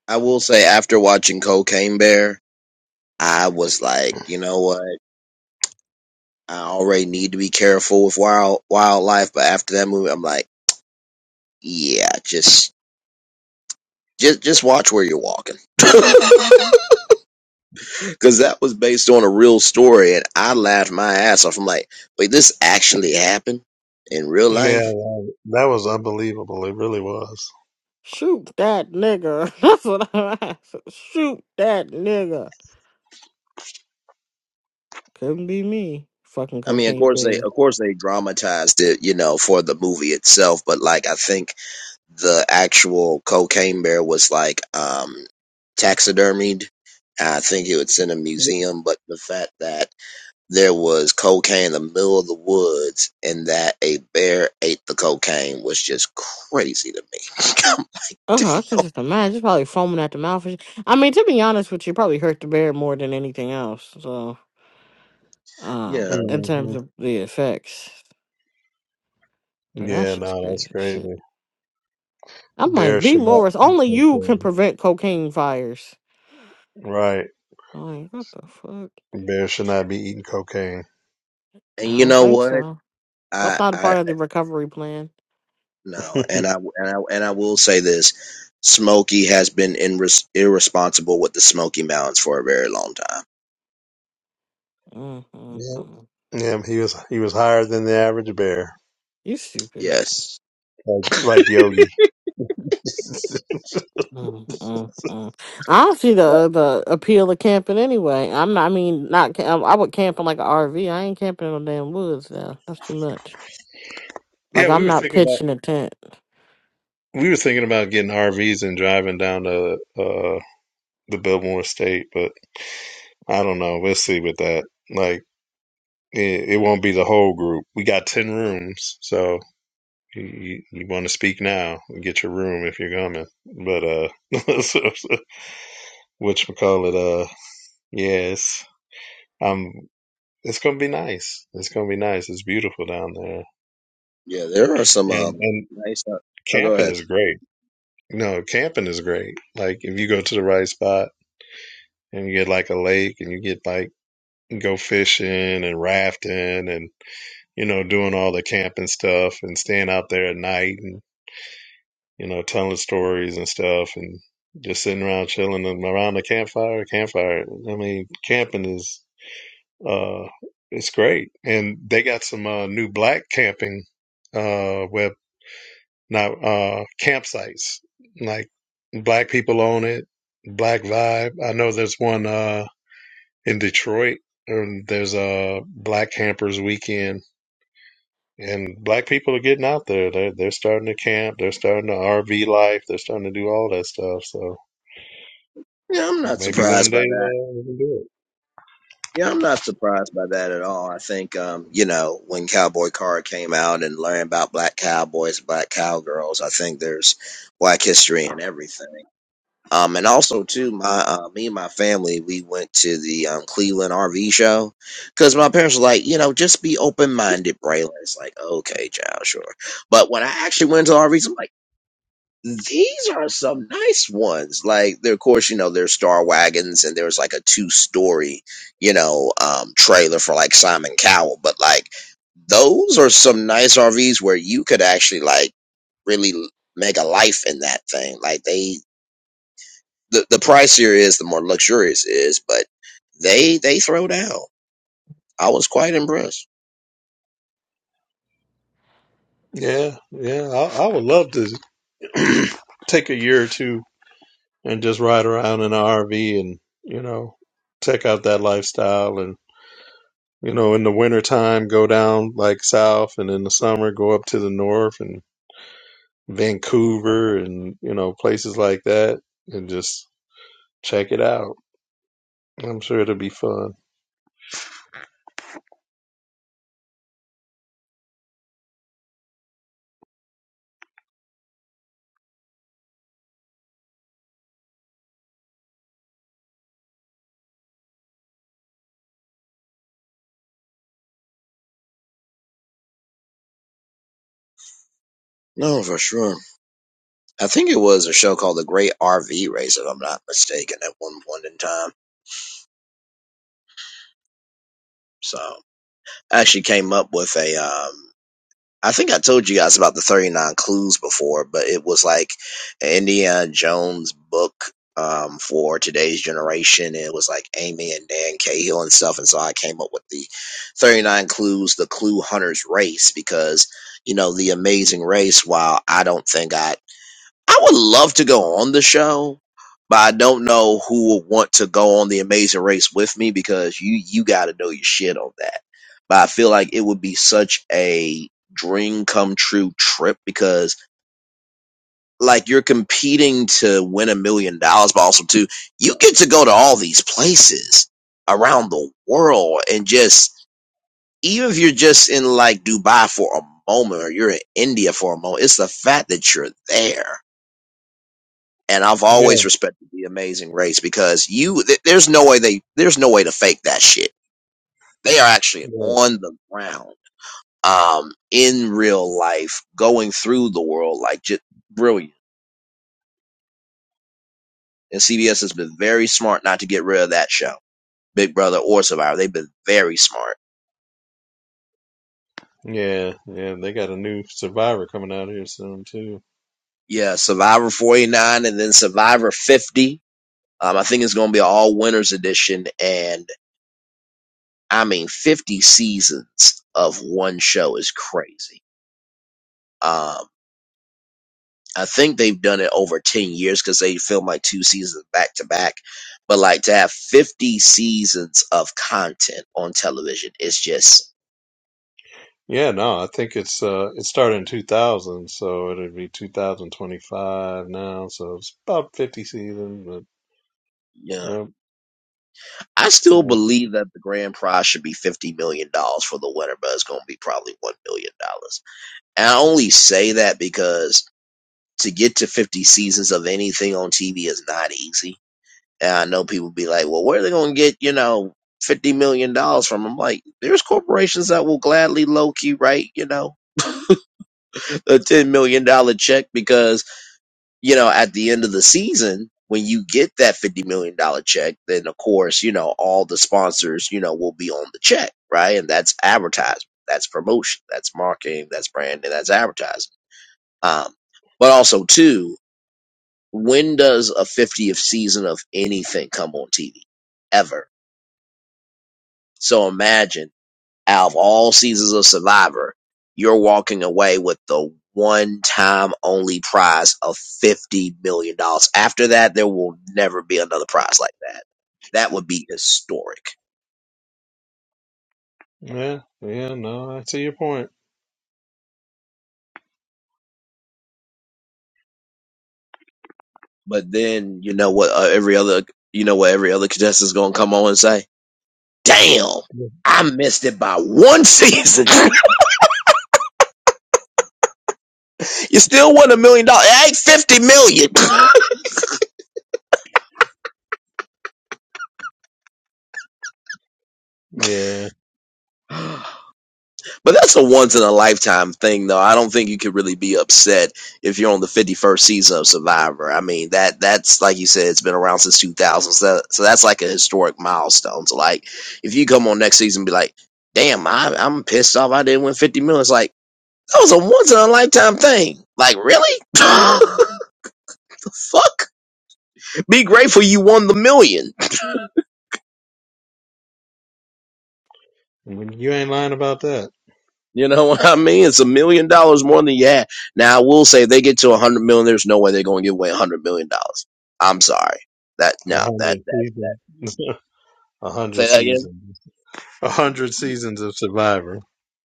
[SPEAKER 1] I will say after watching Cocaine Bear, I was like, you know what? I already need to be careful with wild wildlife, but after that movie, I'm like, yeah, just just just watch where you're walking. because that was based on a real story, and I laughed my ass off. I'm like, wait, this actually happened in real
[SPEAKER 3] Yeah,
[SPEAKER 1] life?
[SPEAKER 3] that was unbelievable. It really was.
[SPEAKER 4] Shoot that nigga. That's what I'm asking. Shoot that nigga. Couldn't be me. Fucking
[SPEAKER 1] I mean, of
[SPEAKER 4] cocaine
[SPEAKER 1] course they,
[SPEAKER 4] bear.
[SPEAKER 1] of course they dramatized it, you know, for the movie itself. But like, I think the actual cocaine bear was like um taxidermied. I think it's in a museum. But the fact that there was cocaine in the middle of the woods and that a bear ate the cocaine was just crazy to me.
[SPEAKER 4] Oh, I can just imagine. Probably foaming at the mouth. and sh- I mean, to be honest with you, probably hurt the bear more than anything else. So, um,
[SPEAKER 1] yeah.
[SPEAKER 4] in terms
[SPEAKER 3] hmm
[SPEAKER 4] of the effects, but that
[SPEAKER 3] Yeah,
[SPEAKER 4] shit's
[SPEAKER 3] no,
[SPEAKER 4] crazy
[SPEAKER 3] that's
[SPEAKER 4] as shit.
[SPEAKER 3] crazy.
[SPEAKER 4] I'm like,
[SPEAKER 3] Bears
[SPEAKER 4] B.
[SPEAKER 3] should not
[SPEAKER 4] Morris,
[SPEAKER 3] eat
[SPEAKER 4] only you can
[SPEAKER 3] cocaine.
[SPEAKER 4] prevent cocaine fires.
[SPEAKER 3] Right.
[SPEAKER 4] Like, what the fuck?
[SPEAKER 3] Bears should not be eating cocaine.
[SPEAKER 4] I
[SPEAKER 1] And you
[SPEAKER 4] don't
[SPEAKER 1] know
[SPEAKER 4] think
[SPEAKER 1] what?
[SPEAKER 4] so. That's
[SPEAKER 1] I,
[SPEAKER 4] not a
[SPEAKER 1] I
[SPEAKER 4] part of the recovery plan.
[SPEAKER 1] no,
[SPEAKER 3] yeah.
[SPEAKER 1] and I and I and I will say this: Smokey has been in, irresponsible with the Smoky Mountains for a very long time.
[SPEAKER 4] mm mm mm.
[SPEAKER 3] Yeah, he was he was higher than the average bear.
[SPEAKER 4] You stupid.
[SPEAKER 1] Yes,
[SPEAKER 3] Like like Yogi.
[SPEAKER 4] mm mm mm. I don't see the the appeal of camping anyway. I'm not. I mean, not. ca- I would camp in like an RV. I ain't camping in no damn woods now. That's too much. Like
[SPEAKER 3] yeah, we
[SPEAKER 4] I'm
[SPEAKER 3] were
[SPEAKER 4] not
[SPEAKER 3] thinking about
[SPEAKER 4] pitching a tent.
[SPEAKER 3] we were thinking about getting RVs and driving down to uh the Biltmore State, but I don't know. We'll see with that. Like It, it won't be the whole group. We got 10 rooms, so you, you, you want to speak now and get your room if you're coming. But, uh, whatchamacallit, uh, yes, um, it's going to be nice. It's going to be nice. It's beautiful down there.
[SPEAKER 1] yeah, there are some
[SPEAKER 3] And,
[SPEAKER 1] um
[SPEAKER 3] and
[SPEAKER 1] nice. Uh, oh, go
[SPEAKER 3] camping
[SPEAKER 1] ahead.
[SPEAKER 3] is great. No, camping is great. Like, if you go to the right spot and you get like a lake and you get like, go fishing and rafting and you know, doing all the camping stuff and staying out there at night. and. you know, telling stories and stuff and just sitting around chilling and around the campfire. Campfire. I mean, camping is uh it's great. And they got some uh new black camping uh web not uh campsites. Like black people own it, black vibe. I know there's one uh in Detroit and there's a black campers weekend and black people are getting out there. They're they're starting to camp, they're starting to RV life, they're starting to do all that stuff. So
[SPEAKER 1] Yeah, I'm not
[SPEAKER 3] Maybe one
[SPEAKER 1] surprised
[SPEAKER 3] day
[SPEAKER 1] by that.
[SPEAKER 3] uh, we can do it.
[SPEAKER 1] Yeah, I'm not surprised by that at all. I think um you know when Cowboy Card came out and learning about black cowboys, black cowgirls. I think there's black history and everything. Um, and also too, my uh, me and my family, we went to the um, Cleveland RV show because my parents were like, you know, just be open minded, Braylon. It's like, okay, child, sure. But when I actually went to RVs, I'm like, these are some nice ones. Like, they're, of course, you know, there's Star Wagons, and there was like a two story, you know, um, trailer for like Simon Cowell. But like, those are some nice RVs where you could actually like really make a life in that thing. Like they the the pricier it is, the more luxurious it is. But they they throw down. I was quite impressed.
[SPEAKER 3] Yeah, yeah. I, I would love to take a year or two and just ride around in an RV and you know check out that lifestyle and you know in the wintertime go down like south and in the summer go up to the north and Vancouver and you know places like that and just check it out. I'm sure it'll be fun.
[SPEAKER 1] No, for sure. I think it was a show called The Great RV Race, if I'm not mistaken, at one point in time. So I actually came up with a um I think I told you guys about the 39 clues before, but it was like an Indiana Jones book um, for today's generation. And It was like Amy and Dan Cahill and stuff. And so I came up with the 39 clues, the clue hunter's race, because, you know, the amazing race, while I don't think I I would love to go on the show, but I don't know who would want to go on the Amazing Race with me because you you got to know your shit on that. But I feel like it would be such a dream come true trip because like you're competing to win a million dollars, but also too you get to go to all these places around the world and just even if you're just in like Dubai for a moment or you're in India for a moment, it's the fact that you're there and I've
[SPEAKER 3] Yeah,
[SPEAKER 1] always respected the Amazing Race because you th- there's no way they there's no way to fake that shit. They are actually
[SPEAKER 3] yeah,
[SPEAKER 1] on the ground, um, in real life, going through the world like just brilliant. And CBS has been very smart not to get rid of that show, Big Brother or Survivor. They've been very smart.
[SPEAKER 3] yeah, yeah. They got a new Survivor coming out here soon too.
[SPEAKER 1] Yeah, Survivor 49 and then Survivor 50. Um, I think it's going to be an all winners edition, and I mean 50 seasons of one show is crazy. Um, I think they've done it over 10 years because they filmed like two seasons back to back. But like to have 50 seasons of content on television is just,
[SPEAKER 3] Yeah, no, I think it's uh it started in 2000, so it'll be 2025 now, so it's about 50 seasons, but
[SPEAKER 1] yeah.
[SPEAKER 3] yeah,
[SPEAKER 1] I still
[SPEAKER 3] so
[SPEAKER 1] believe that the grand prize should be $50 million dollars for the winner, but it's going to be probably $1 million. dollars. And I only say that because to get to 50 seasons of anything on TV is not easy. And I know people be like, well, where are they going to get, you know, $50 million dollars from? I'm like, there's corporations that will gladly low key, write You know, a ten million dollar check because you know at the end of the season when you get that fifty million dollar check, then of course you know all the sponsors you know will be on the check, right? And that's advertisement, that's promotion, that's marketing, that's branding, that's advertising. Um, but also too, when does a fiftieth season of anything come on TV ever? So imagine. out of all seasons of Survivor, you're walking away with the one time only prize of $50 million. dollars. After that, there will never be another prize like that. That would be historic.
[SPEAKER 3] yeah, yeah, no, I see your point.
[SPEAKER 1] But then, you know what, uh, every other, you know what, every other contestant is going to come on and say, damn. I missed it by one season. you still won a million dollars. It ain't fifty
[SPEAKER 3] Yeah,
[SPEAKER 1] million. But that's a once in a lifetime thing, though. I don't think you could really be upset if you're on the 51st season of Survivor. I mean, that that's like you said, it's been around since 2000, so, so that's like a historic milestone. So, like, if you come on next season, and be like, "Damn, I, I'm pissed off. I didn't win 50 million." It's like that was a once in a lifetime thing. Like, really? the fuck? Be grateful you won the million.
[SPEAKER 3] I mean, you ain't lying about that.
[SPEAKER 1] You know what I mean? It's a million dollars more than you had. Now I will say they get to a hundred million. There's no way they're going to give away a hundred million dollars. I'm sorry. That
[SPEAKER 3] A
[SPEAKER 1] no, that
[SPEAKER 3] hundred
[SPEAKER 1] that
[SPEAKER 3] seasons, a hundred
[SPEAKER 1] say that again.
[SPEAKER 3] seasons, a hundred seasons of Survivor.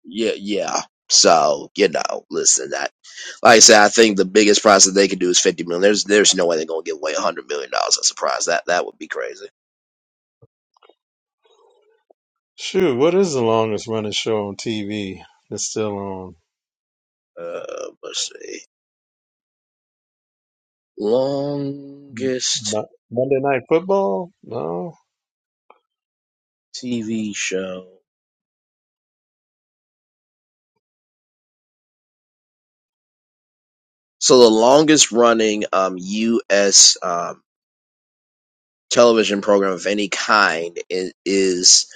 [SPEAKER 1] Yeah, yeah. So you know, listen, that like I said, I think the biggest prize that they could do is fifty million. There's there's no way they're going to give away a hundred million dollars as a prize. That that would be crazy.
[SPEAKER 3] Shoot, what is the longest running show on TV that's still on?
[SPEAKER 1] Uh, let's see. Longest
[SPEAKER 3] Mo- Monday Night Football? No.
[SPEAKER 1] TV show. So the longest running um U.S. um. television program of any kind i- is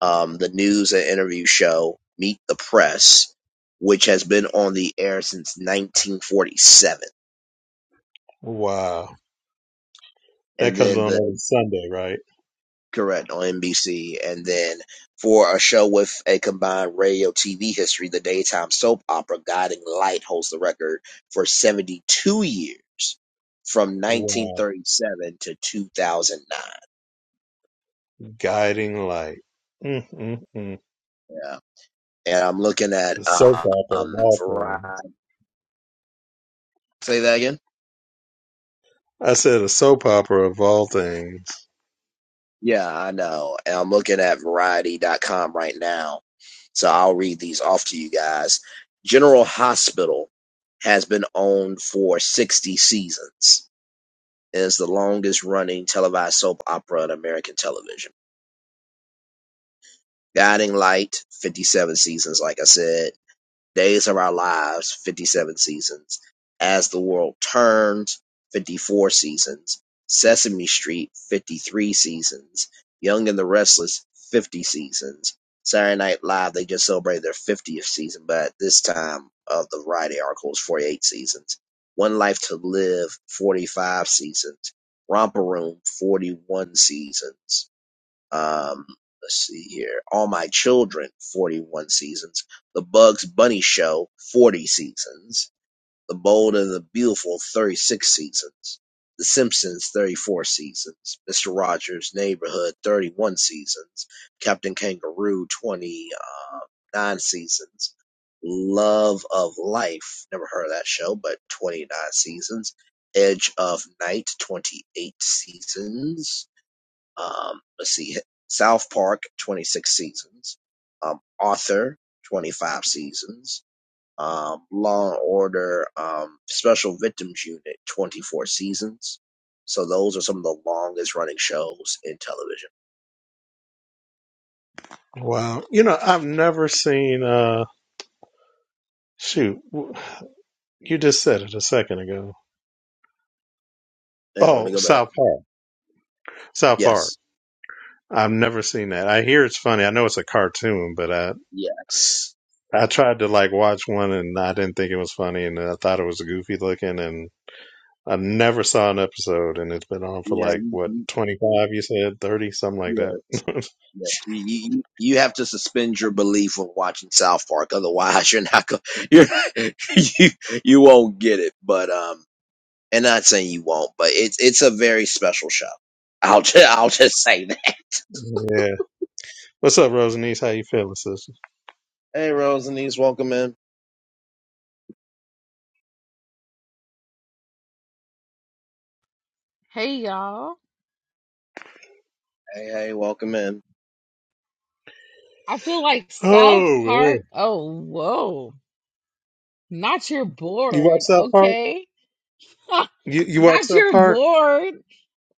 [SPEAKER 1] um, the news and interview show Meet the Press, which has been on the air since 1947.
[SPEAKER 3] Wow. That
[SPEAKER 1] And
[SPEAKER 3] comes
[SPEAKER 1] then
[SPEAKER 3] on
[SPEAKER 1] the
[SPEAKER 3] every Sunday, right?
[SPEAKER 1] correct on NBC. And then for a show with a combined radio TV history, the daytime soap opera Guiding Light holds the record for 72 years from
[SPEAKER 3] Wow.
[SPEAKER 1] 1937 to 2009.
[SPEAKER 3] Guiding Light. Mm-mm-mm.
[SPEAKER 1] Yeah. And I'm looking at
[SPEAKER 3] The soap
[SPEAKER 1] uh,
[SPEAKER 3] opera of
[SPEAKER 1] um,
[SPEAKER 3] all things.
[SPEAKER 1] Variety. Say that again.
[SPEAKER 3] I said a soap opera of all things.
[SPEAKER 1] Yeah, I know. And I'm looking at variety.com right now. So I'll read these off to you guys. General Hospital has been owned for 60 seasons. It is the longest running televised soap opera on American television. Guiding Light, 57 seasons, like I said. Days of Our Lives, 57 seasons. As the World Turns, 54 seasons. Sesame Street, 53 seasons. Young and the Restless, 50 seasons. Saturday Night Live, they just celebrated their 50th season, but at this time of the variety article is 48 seasons. One Life to Live, 45 seasons. Romper Room, 41 seasons. Um, let's see here. All My Children, 41 seasons. The Bugs Bunny Show, 40 seasons. The Bold and the Beautiful, 36 seasons. The Simpsons, 34 seasons. Mr. Rogers' Neighborhood, 31 seasons. Captain Kangaroo, 29 seasons. Love of Life, never heard of that show, but 29 seasons. Edge of Night, 28 seasons. Um, let's see, South Park, 26 seasons. Um, Arthur, 25 seasons. Um, Law and Order, um, Special Victims Unit, 24 seasons. So those are some of the longest running shows in television.
[SPEAKER 3] Wow. You know, I've never seen, uh, shoot, w- you just said it a second ago.
[SPEAKER 1] Hang on, let me
[SPEAKER 3] Oh,
[SPEAKER 1] go back.
[SPEAKER 3] South Park. South Park.
[SPEAKER 1] Yes,
[SPEAKER 3] I've never seen that. I hear it's funny. I know it's a cartoon, but I,
[SPEAKER 1] yes,
[SPEAKER 3] I tried to like watch one and I didn't think it was funny and I thought it was goofy looking and I never saw an episode, and it's been on for
[SPEAKER 1] yeah,
[SPEAKER 3] like
[SPEAKER 1] you,
[SPEAKER 3] what
[SPEAKER 1] you,
[SPEAKER 3] twenty five? You said thirty, something like that.
[SPEAKER 1] yeah, yeah. You, you you have to suspend your belief when watching South Park, otherwise you're not going. You're, you you won't get it. But um. and not saying you won't, but it's it's a very special show. I'll just I'll just say that.
[SPEAKER 3] yeah. What's up, Rosanice? How you feeling, sister?
[SPEAKER 1] Hey, Rose and East, welcome in.
[SPEAKER 5] Hey y'all.
[SPEAKER 1] Hey, hey, welcome in.
[SPEAKER 5] I feel like South
[SPEAKER 3] Oh man,
[SPEAKER 5] Park. Oh, whoa. Not your
[SPEAKER 3] you watch
[SPEAKER 5] board.
[SPEAKER 3] South Park?
[SPEAKER 5] Okay.
[SPEAKER 3] You you watch
[SPEAKER 5] Not
[SPEAKER 3] South
[SPEAKER 5] your
[SPEAKER 3] Park?
[SPEAKER 5] board.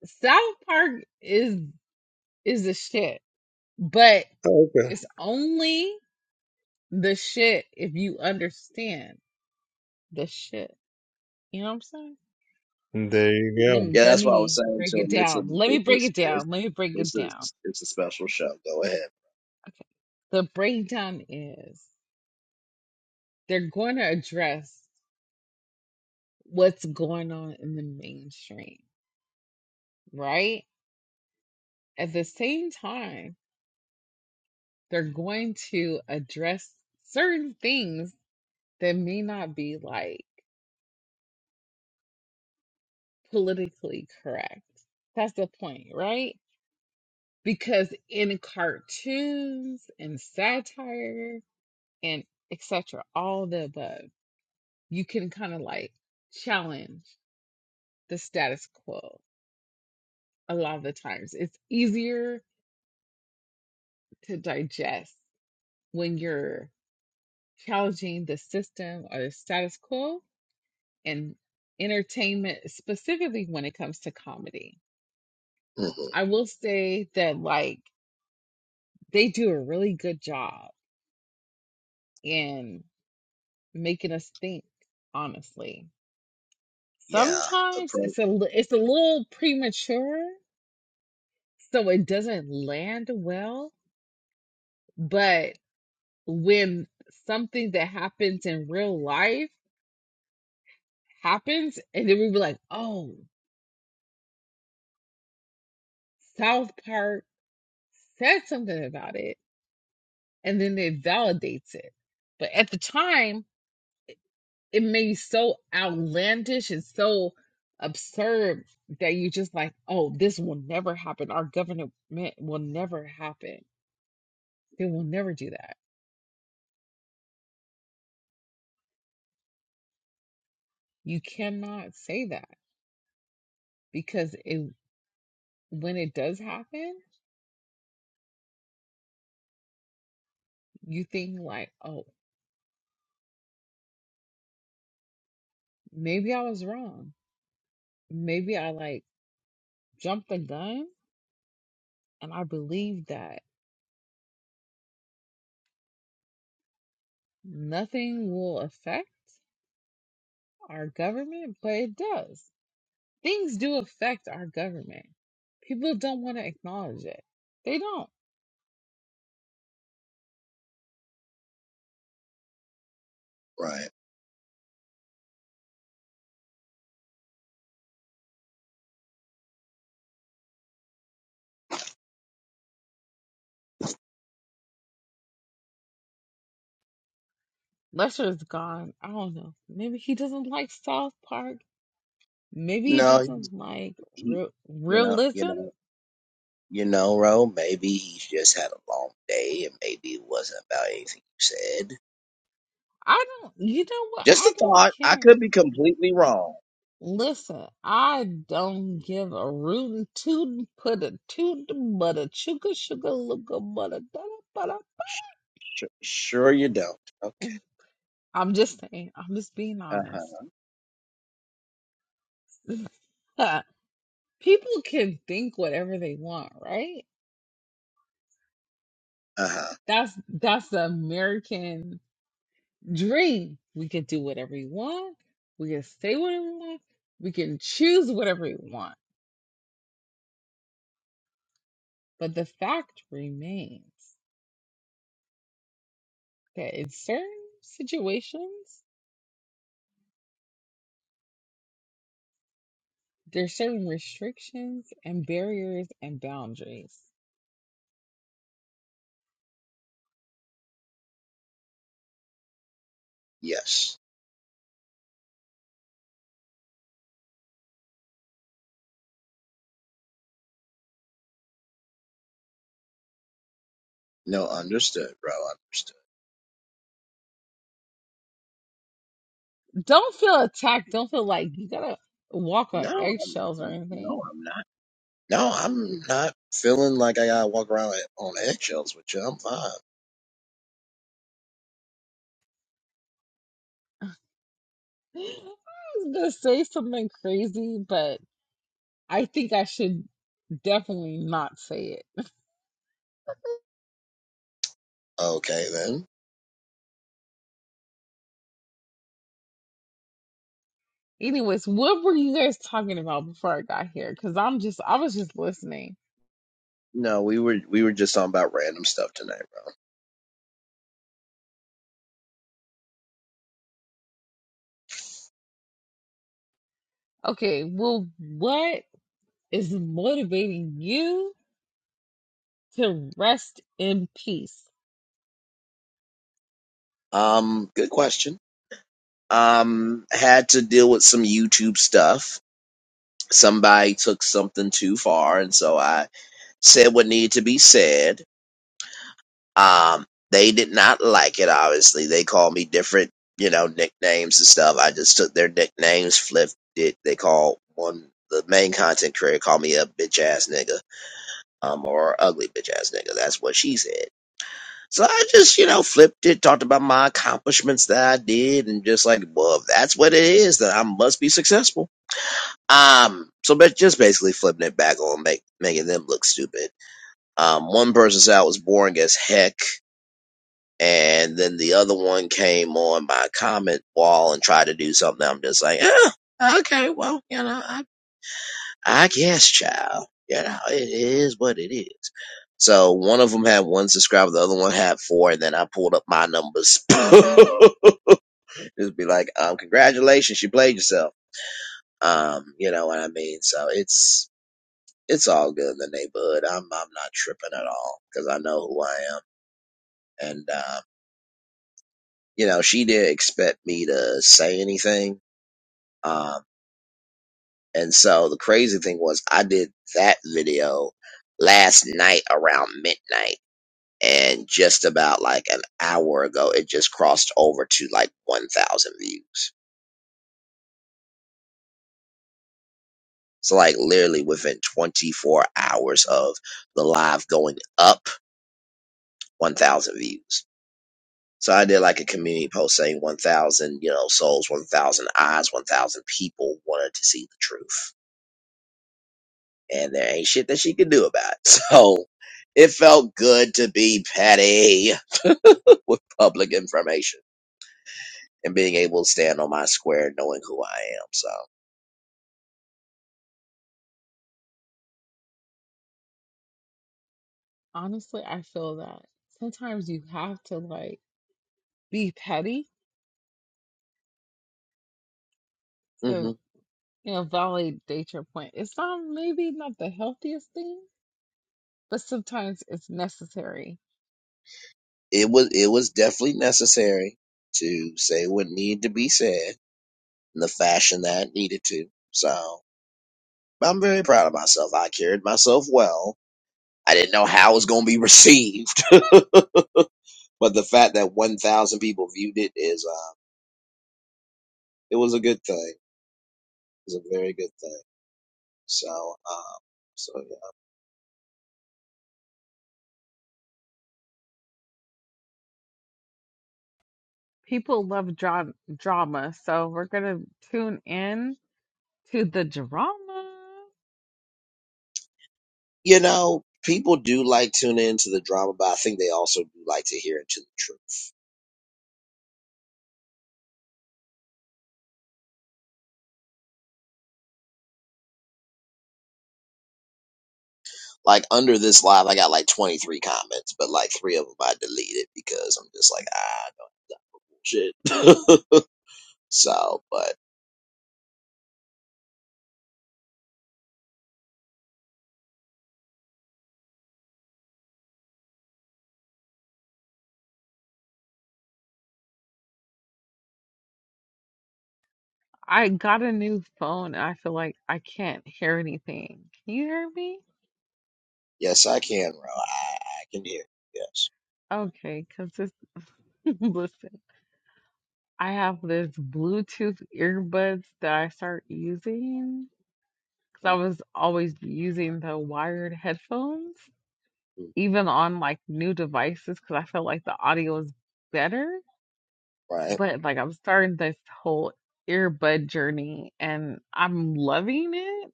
[SPEAKER 5] South Park is is the shit. But
[SPEAKER 3] Okay.
[SPEAKER 5] it's only the shit if you understand the shit. You know what I'm saying?
[SPEAKER 3] There you
[SPEAKER 5] Let me
[SPEAKER 1] Yeah,
[SPEAKER 5] let
[SPEAKER 1] that's what I was
[SPEAKER 5] me
[SPEAKER 1] saying
[SPEAKER 5] break
[SPEAKER 1] to
[SPEAKER 5] it
[SPEAKER 1] him. It's a
[SPEAKER 5] down. Let me
[SPEAKER 1] it's a,
[SPEAKER 5] break it
[SPEAKER 1] it's
[SPEAKER 5] down. Let me break it
[SPEAKER 1] it's
[SPEAKER 5] down.
[SPEAKER 1] a it's a special show. Go ahead.
[SPEAKER 5] Okay. The breakdown is they're going to address what's going on in the mainstream right? At the same time, they're going to address certain things that may not be like politically correct. That's the point, right? Because in cartoons and satire and etc., all the above, you can kind of like challenge the status quo a lot of the times. It's easier to digest when you're challenging the system or the status quo and entertainment, specifically when it comes to comedy.
[SPEAKER 1] hmm
[SPEAKER 5] I will say that, like, they do a really good job in making us think, honestly.
[SPEAKER 1] Yeah, the
[SPEAKER 5] Sometimes
[SPEAKER 1] pro
[SPEAKER 5] it's a li- it's a little premature, so it doesn't land well, but when something that happens in real life happens, and then we were like, oh, South Park said something about it and then it validates it. But at the time, it may be so outlandish and so absurd that you're just like, oh, this will never happen. Our government will never happen. They will never do that. You cannot say that because it when it does happen, you think like, oh, maybe I was wrong. Maybe I like jumped the gun and I believe that nothing will affect our government, but it does things do affect our government. People don't want to acknowledge it. They don't.
[SPEAKER 1] right.
[SPEAKER 5] Lester is gone. I don't know. Maybe he doesn't like South Park. Maybe he
[SPEAKER 1] No,
[SPEAKER 5] doesn't like
[SPEAKER 1] he,
[SPEAKER 5] re-
[SPEAKER 1] you know, you
[SPEAKER 5] realism.
[SPEAKER 1] know, you know, Ro. Maybe he's just had a long day, and maybe it wasn't about anything you said.
[SPEAKER 5] I don't. You know what?
[SPEAKER 1] Just
[SPEAKER 5] I
[SPEAKER 1] a
[SPEAKER 5] don't
[SPEAKER 1] thought. I
[SPEAKER 5] care.
[SPEAKER 1] could be completely wrong.
[SPEAKER 5] Listen, I don't give a rootin' tootin' put a tootin' but a chuka sugar looka but a da da da
[SPEAKER 1] Sure, sure you don't. Okay.
[SPEAKER 5] I'm just saying. I'm just being
[SPEAKER 1] Uh huh.
[SPEAKER 5] honest. People can think whatever they want, right?
[SPEAKER 1] Uh huh.
[SPEAKER 5] That's that's the American dream. We can do whatever we want. We can say whatever we want. We can choose whatever we want. But the fact remains that in certain situations, there's certain restrictions and barriers and boundaries.
[SPEAKER 1] Yes. No, understood, bro. Understood.
[SPEAKER 5] Don't feel attacked. Don't feel like you gotta walk on
[SPEAKER 1] No,
[SPEAKER 5] eggshells or
[SPEAKER 1] I'm,
[SPEAKER 5] anything.
[SPEAKER 1] no, I'm not. No, I'm not feeling like I gotta walk around like on eggshells with you. I'm fine.
[SPEAKER 5] I was gonna say something crazy, but I think I should definitely not say it.
[SPEAKER 1] Okay, then.
[SPEAKER 5] Anyways, what were you guys talking about before I got here? Because I'm just, I was just listening.
[SPEAKER 1] No, we were we were just talking about random stuff tonight, bro.
[SPEAKER 5] Okay, well, what is motivating you to rest in peace?
[SPEAKER 1] Um, good question. Um, had to deal with some YouTube stuff. Somebody took something too far, and so I said what needed to be said. Um, they did not like it, obviously. They called me different, you know, nicknames and stuff. I just took their nicknames, flipped it. They called one, the main content creator called me a bitch ass nigga, um, or ugly bitch ass nigga. That's what she said. So I just, you know, flipped it, talked about my accomplishments that I did, and just like, well, if that's what it is, then I must be successful. Um, so but just basically flipping it back on, make, making them look stupid. Um, one person said I was boring as heck and then the other one came on my comment wall and tried to do something. I'm just like, oh, okay, well, you know, I, I guess, child, you know, it is what it is. So one of them had one subscriber, the other one had four, and then I pulled up my numbers. Just be like, um, congratulations, you played yourself. Um, you know what I mean? So it's it's all good in the neighborhood. I'm I'm not tripping at all because I know who I am, and. uh, you know, she didn't expect me to say anything. Um, and so the crazy thing was, I did that video last night around midnight, and just about like an hour ago, it just crossed over to like 1,000 views. So, like, literally within 24 hours of the live going up, 1,000 views. So, I did like a community post saying 1,000, you know, souls, 1,000 eyes, 1,000 people wanted to see the truth and there ain't shit that she could do about it. So it felt good to be petty with public information and being able to stand on my square knowing who I am. So
[SPEAKER 5] Honestly, I feel that sometimes you have to like be petty
[SPEAKER 1] hmm
[SPEAKER 5] to, you know, validate your point. It's not maybe not the healthiest thing, but sometimes it's necessary.
[SPEAKER 1] it was it was definitely necessary to say what needed to be said in the fashion that it needed to. So I'm very proud of myself. I carried myself well. I didn't know how it was going to be received, but the fact that 1,000 people viewed it is, uh, it was a good thing. It was a very good thing. So, um, so yeah.
[SPEAKER 5] People love dra drama, so we're gonna tune in to the drama.
[SPEAKER 1] You know, people do like tune into the drama, but I think they also do like to hear into the truth. Like under this live, I got like 23 comments, but like three of them I deleted because I'm just like, ah, no shit. so, but
[SPEAKER 5] I got a new phone and I feel like I can't hear anything. Can you hear me?
[SPEAKER 1] yes, I can, bro. I, I can hear. Yes.
[SPEAKER 5] Okay, because this, listen, I have this Bluetooth earbuds that I start using because I was always using the wired headphones,
[SPEAKER 1] Mhm.
[SPEAKER 5] even on like new devices, because I felt like the audio is better.
[SPEAKER 1] Right.
[SPEAKER 5] But like I'm starting this whole earbud journey and I'm loving it.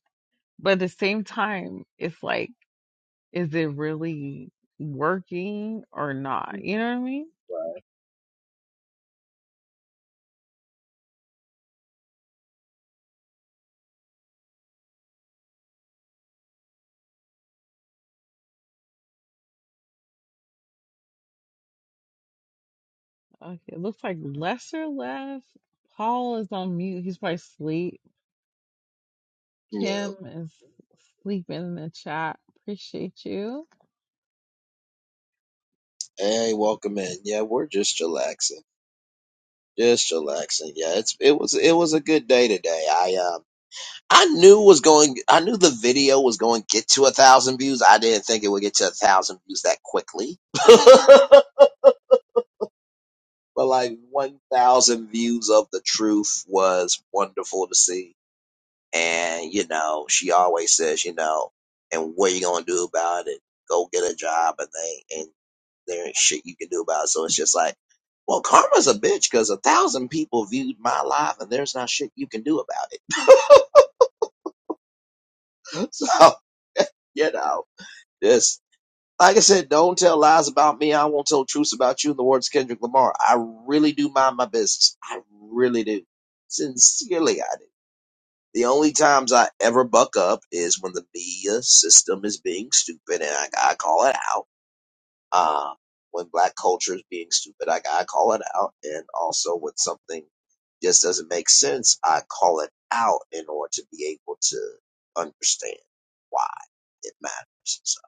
[SPEAKER 5] But at the same time, it's like, is it really working or not? You
[SPEAKER 1] Mhm.
[SPEAKER 5] know what I mean?
[SPEAKER 1] Right.
[SPEAKER 5] Okay, it looks like Lester left. Paul is on mute. He's probably asleep.
[SPEAKER 1] Yeah.
[SPEAKER 5] Kim is sleeping in the chat. Appreciate you.
[SPEAKER 1] Hey, welcome in. Yeah, we're just relaxing. Just relaxing. Yeah, it's it was it was a good day today. I uh, I knew was going. I knew the video was going to get to a thousand views. I didn't think it would get to a thousand views that quickly. but like one thousand views of the truth was wonderful to see. And you know, she always says, you know, and what you gonna do about it? Go get a job, and they and there ain't shit you can do about it. So it's just like, well, karma's a bitch because a thousand people viewed my live, and there's not shit you can do about it. So you know. this. Like I said, don't tell lies about me. I won't tell truths about you. In the words of Kendrick Lamar, I really do mind my business. I really do. Sincerely, I do. The only times I ever buck up is when the media system is being stupid, and I gotta call it out. Um, when black culture is being stupid, I gotta call it out, and also when something just doesn't make sense, I call it out in order to be able to understand why it matters. So,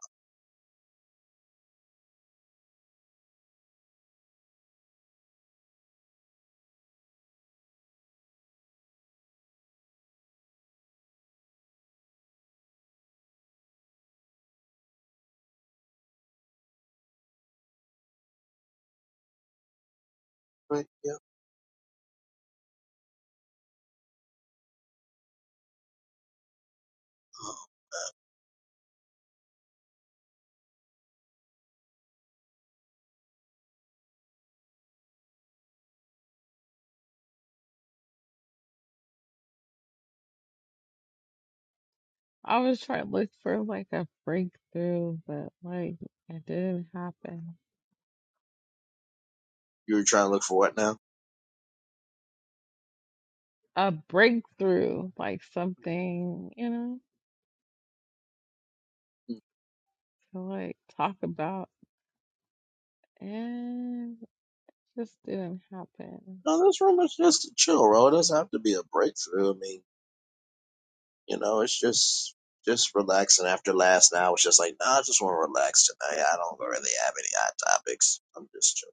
[SPEAKER 1] right, yeah.
[SPEAKER 5] I was trying to look for like a breakthrough, but like it didn't happen.
[SPEAKER 1] You were trying to look for what now?
[SPEAKER 5] A breakthrough, like something, you know, to like talk about and just didn't happen.
[SPEAKER 1] No, this room is just a chill, bro. It doesn't have to be a breakthrough. I mean, you know, it's just just relaxing after last night. I was just like, nah, I just want to relax tonight. I don't really have any hot topics. I'm just chilling.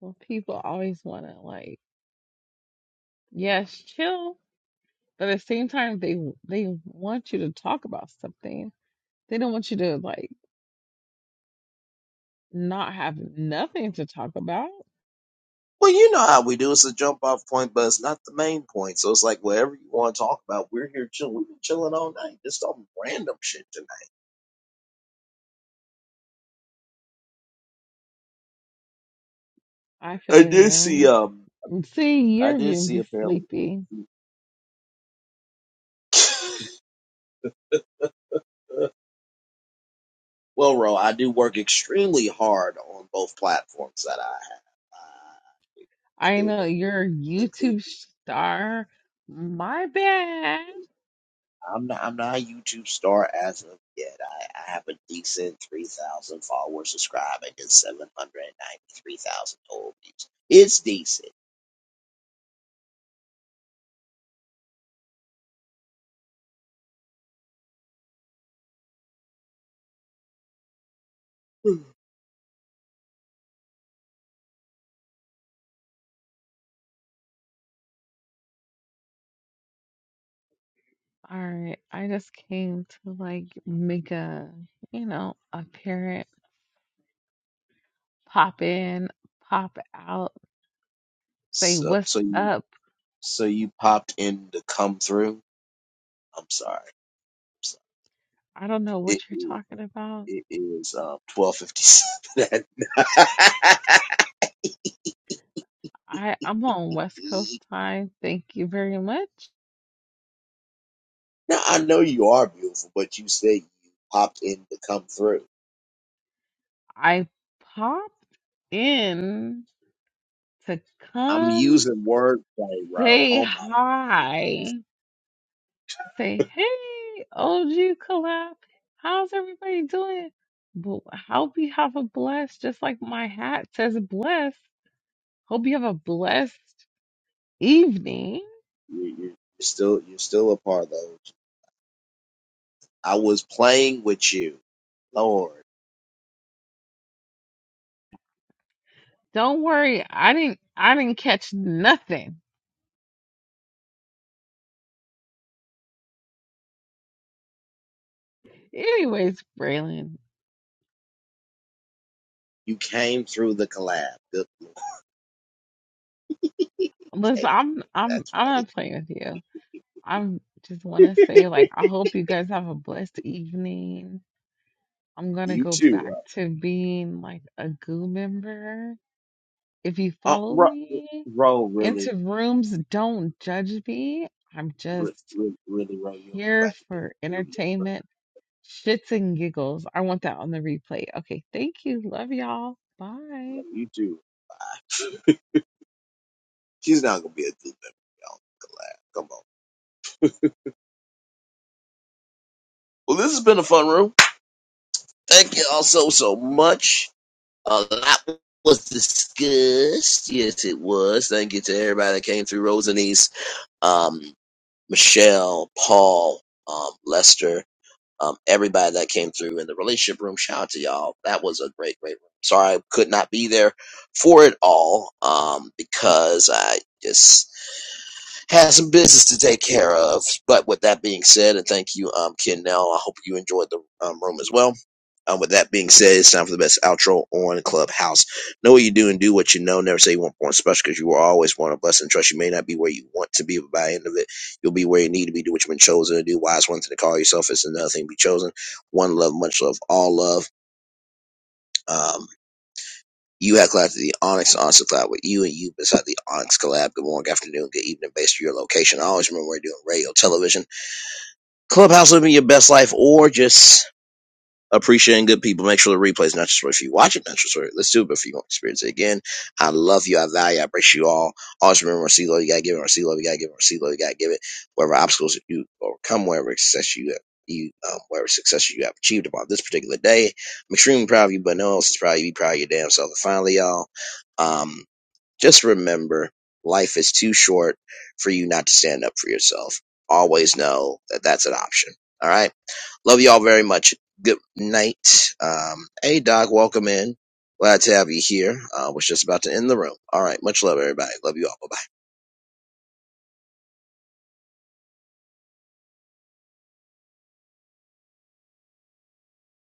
[SPEAKER 5] Well, people always want to like Yes, chill. But at the same time, they they want you to talk about something. They don't want you to like not have nothing to talk about.
[SPEAKER 1] Well, you know how we do. It's a jump off point, but it's not the main point. So it's like whatever you want to talk about, we're here chilling. We've been chilling all night. Just talking random shit tonight.
[SPEAKER 5] I
[SPEAKER 1] I
[SPEAKER 5] feel
[SPEAKER 1] did see um
[SPEAKER 5] you. See,
[SPEAKER 1] I
[SPEAKER 5] you're
[SPEAKER 1] did
[SPEAKER 5] gonna
[SPEAKER 1] see
[SPEAKER 5] be
[SPEAKER 1] apparently
[SPEAKER 5] sleepy.
[SPEAKER 1] Well, Ro, I do work extremely hard on both platforms that I have, uh,
[SPEAKER 5] I know
[SPEAKER 1] including
[SPEAKER 5] you're a
[SPEAKER 1] including.
[SPEAKER 5] YouTube star. My bad.
[SPEAKER 1] I'm not I'm not a YouTube star as of yet. I, I have a decent three thousand followers subscribing and seven hundred and ninety three thousand total views. It's decent.
[SPEAKER 5] All right, I just came to like make a you know a parent pop in, pop out, say
[SPEAKER 1] So
[SPEAKER 5] what's
[SPEAKER 1] so you
[SPEAKER 5] up.
[SPEAKER 1] so you popped in to come through. I'm sorry. I'm sorry.
[SPEAKER 5] I don't know what
[SPEAKER 1] It,
[SPEAKER 5] you're talking about.
[SPEAKER 1] it it is um twelve fifty seven. at night.
[SPEAKER 5] I I'm on West Coast time. Thank you very much.
[SPEAKER 1] Now I know you are beautiful, but you said you popped in to come through.
[SPEAKER 5] I popped in to
[SPEAKER 1] I'm
[SPEAKER 5] come
[SPEAKER 1] using wordplay, bro.
[SPEAKER 5] say
[SPEAKER 1] Oh my lord,
[SPEAKER 5] hi. Say hey, OG collab. How's everybody doing? But hope you have a blessed, just like my hat says blessed. Hope you have a blessed evening.
[SPEAKER 1] you're, you're, you're still you're still a part of those. I was playing with you, Lord.
[SPEAKER 5] Don't worry, I didn't I didn't catch nothing. Anyways, Braylon,
[SPEAKER 1] You came through the collab. Good
[SPEAKER 5] listen,
[SPEAKER 1] case.
[SPEAKER 5] I'm I'm
[SPEAKER 1] That's
[SPEAKER 5] I'm
[SPEAKER 1] funny.
[SPEAKER 5] not playing with you. I just want to say, like, I hope you guys have a blessed evening. I'm gonna
[SPEAKER 1] You
[SPEAKER 5] go
[SPEAKER 1] too,
[SPEAKER 5] back
[SPEAKER 1] bro.
[SPEAKER 5] to being like a goo member. If you
[SPEAKER 1] Oh,
[SPEAKER 5] follow
[SPEAKER 1] bro,
[SPEAKER 5] me
[SPEAKER 1] bro, really,
[SPEAKER 5] into rooms, don't judge me. I'm
[SPEAKER 1] Re-
[SPEAKER 5] just
[SPEAKER 1] re- really, bro. You don't go
[SPEAKER 5] here
[SPEAKER 1] back to being
[SPEAKER 5] for
[SPEAKER 1] a crew member.
[SPEAKER 5] entertainment, shits and giggles. I want that on the replay. Okay, thank you. Love y'all. Bye.
[SPEAKER 1] Bro, You too. She's not gonna be a crew member, y'all. Collab. Come on. Well, this has been a fun room. Thank you all so so much. Uh, that was discussed. Yes, it was. Thank you to everybody that came through. Rosalie's, um, Michelle, Paul, um, Lester, um, everybody that came through in the relationship room. Shout out to y'all. That was a great, great room. Sorry I could not be there for it all um, because I just has some business to take care of. But with that being said, and thank you, um, Ken. Now I hope you enjoyed the um, room as well. Um, with that being said, it's time for the best outro on Clubhouse. Know what you do and do what you know. Never say you want born special because you are always one of us. And trust you may not be where you want to be, but by the end of it, you'll be where you need to be. Do what you've been chosen to do. Why is one thing to call yourself? It's another thing to be chosen. One love, much love, all love. Um, you have collabed to the Onyx, Onyx have with you, and you beside the Onyx collab. Good morning, afternoon, good evening, based on your location. I always remember we're doing radio, television, clubhouse, living your best life, or just appreciating good people. Make sure the replay is not just for if you watch it, not just for let's do it, but if you want to experience it again, I love you, I value, I appreciate you all. Always remember our C love, you gotta give it, our C love, you gotta give it, our C love, you gotta give it. Whatever obstacles you overcome, wherever success you have. You, um, whatever success you have achieved upon this particular day, I'm extremely proud of you, but no one else is proud of you. Be proud of your damn self. And finally, y'all, um, just remember life is too short for you not to stand up for yourself. Always know that that's an option. All right. Love y'all very much. Good night. Um, hey, Doc, welcome in. Glad to have you here. Uh, was just about to end the room. All right. Much love, everybody. Love you all. Bye.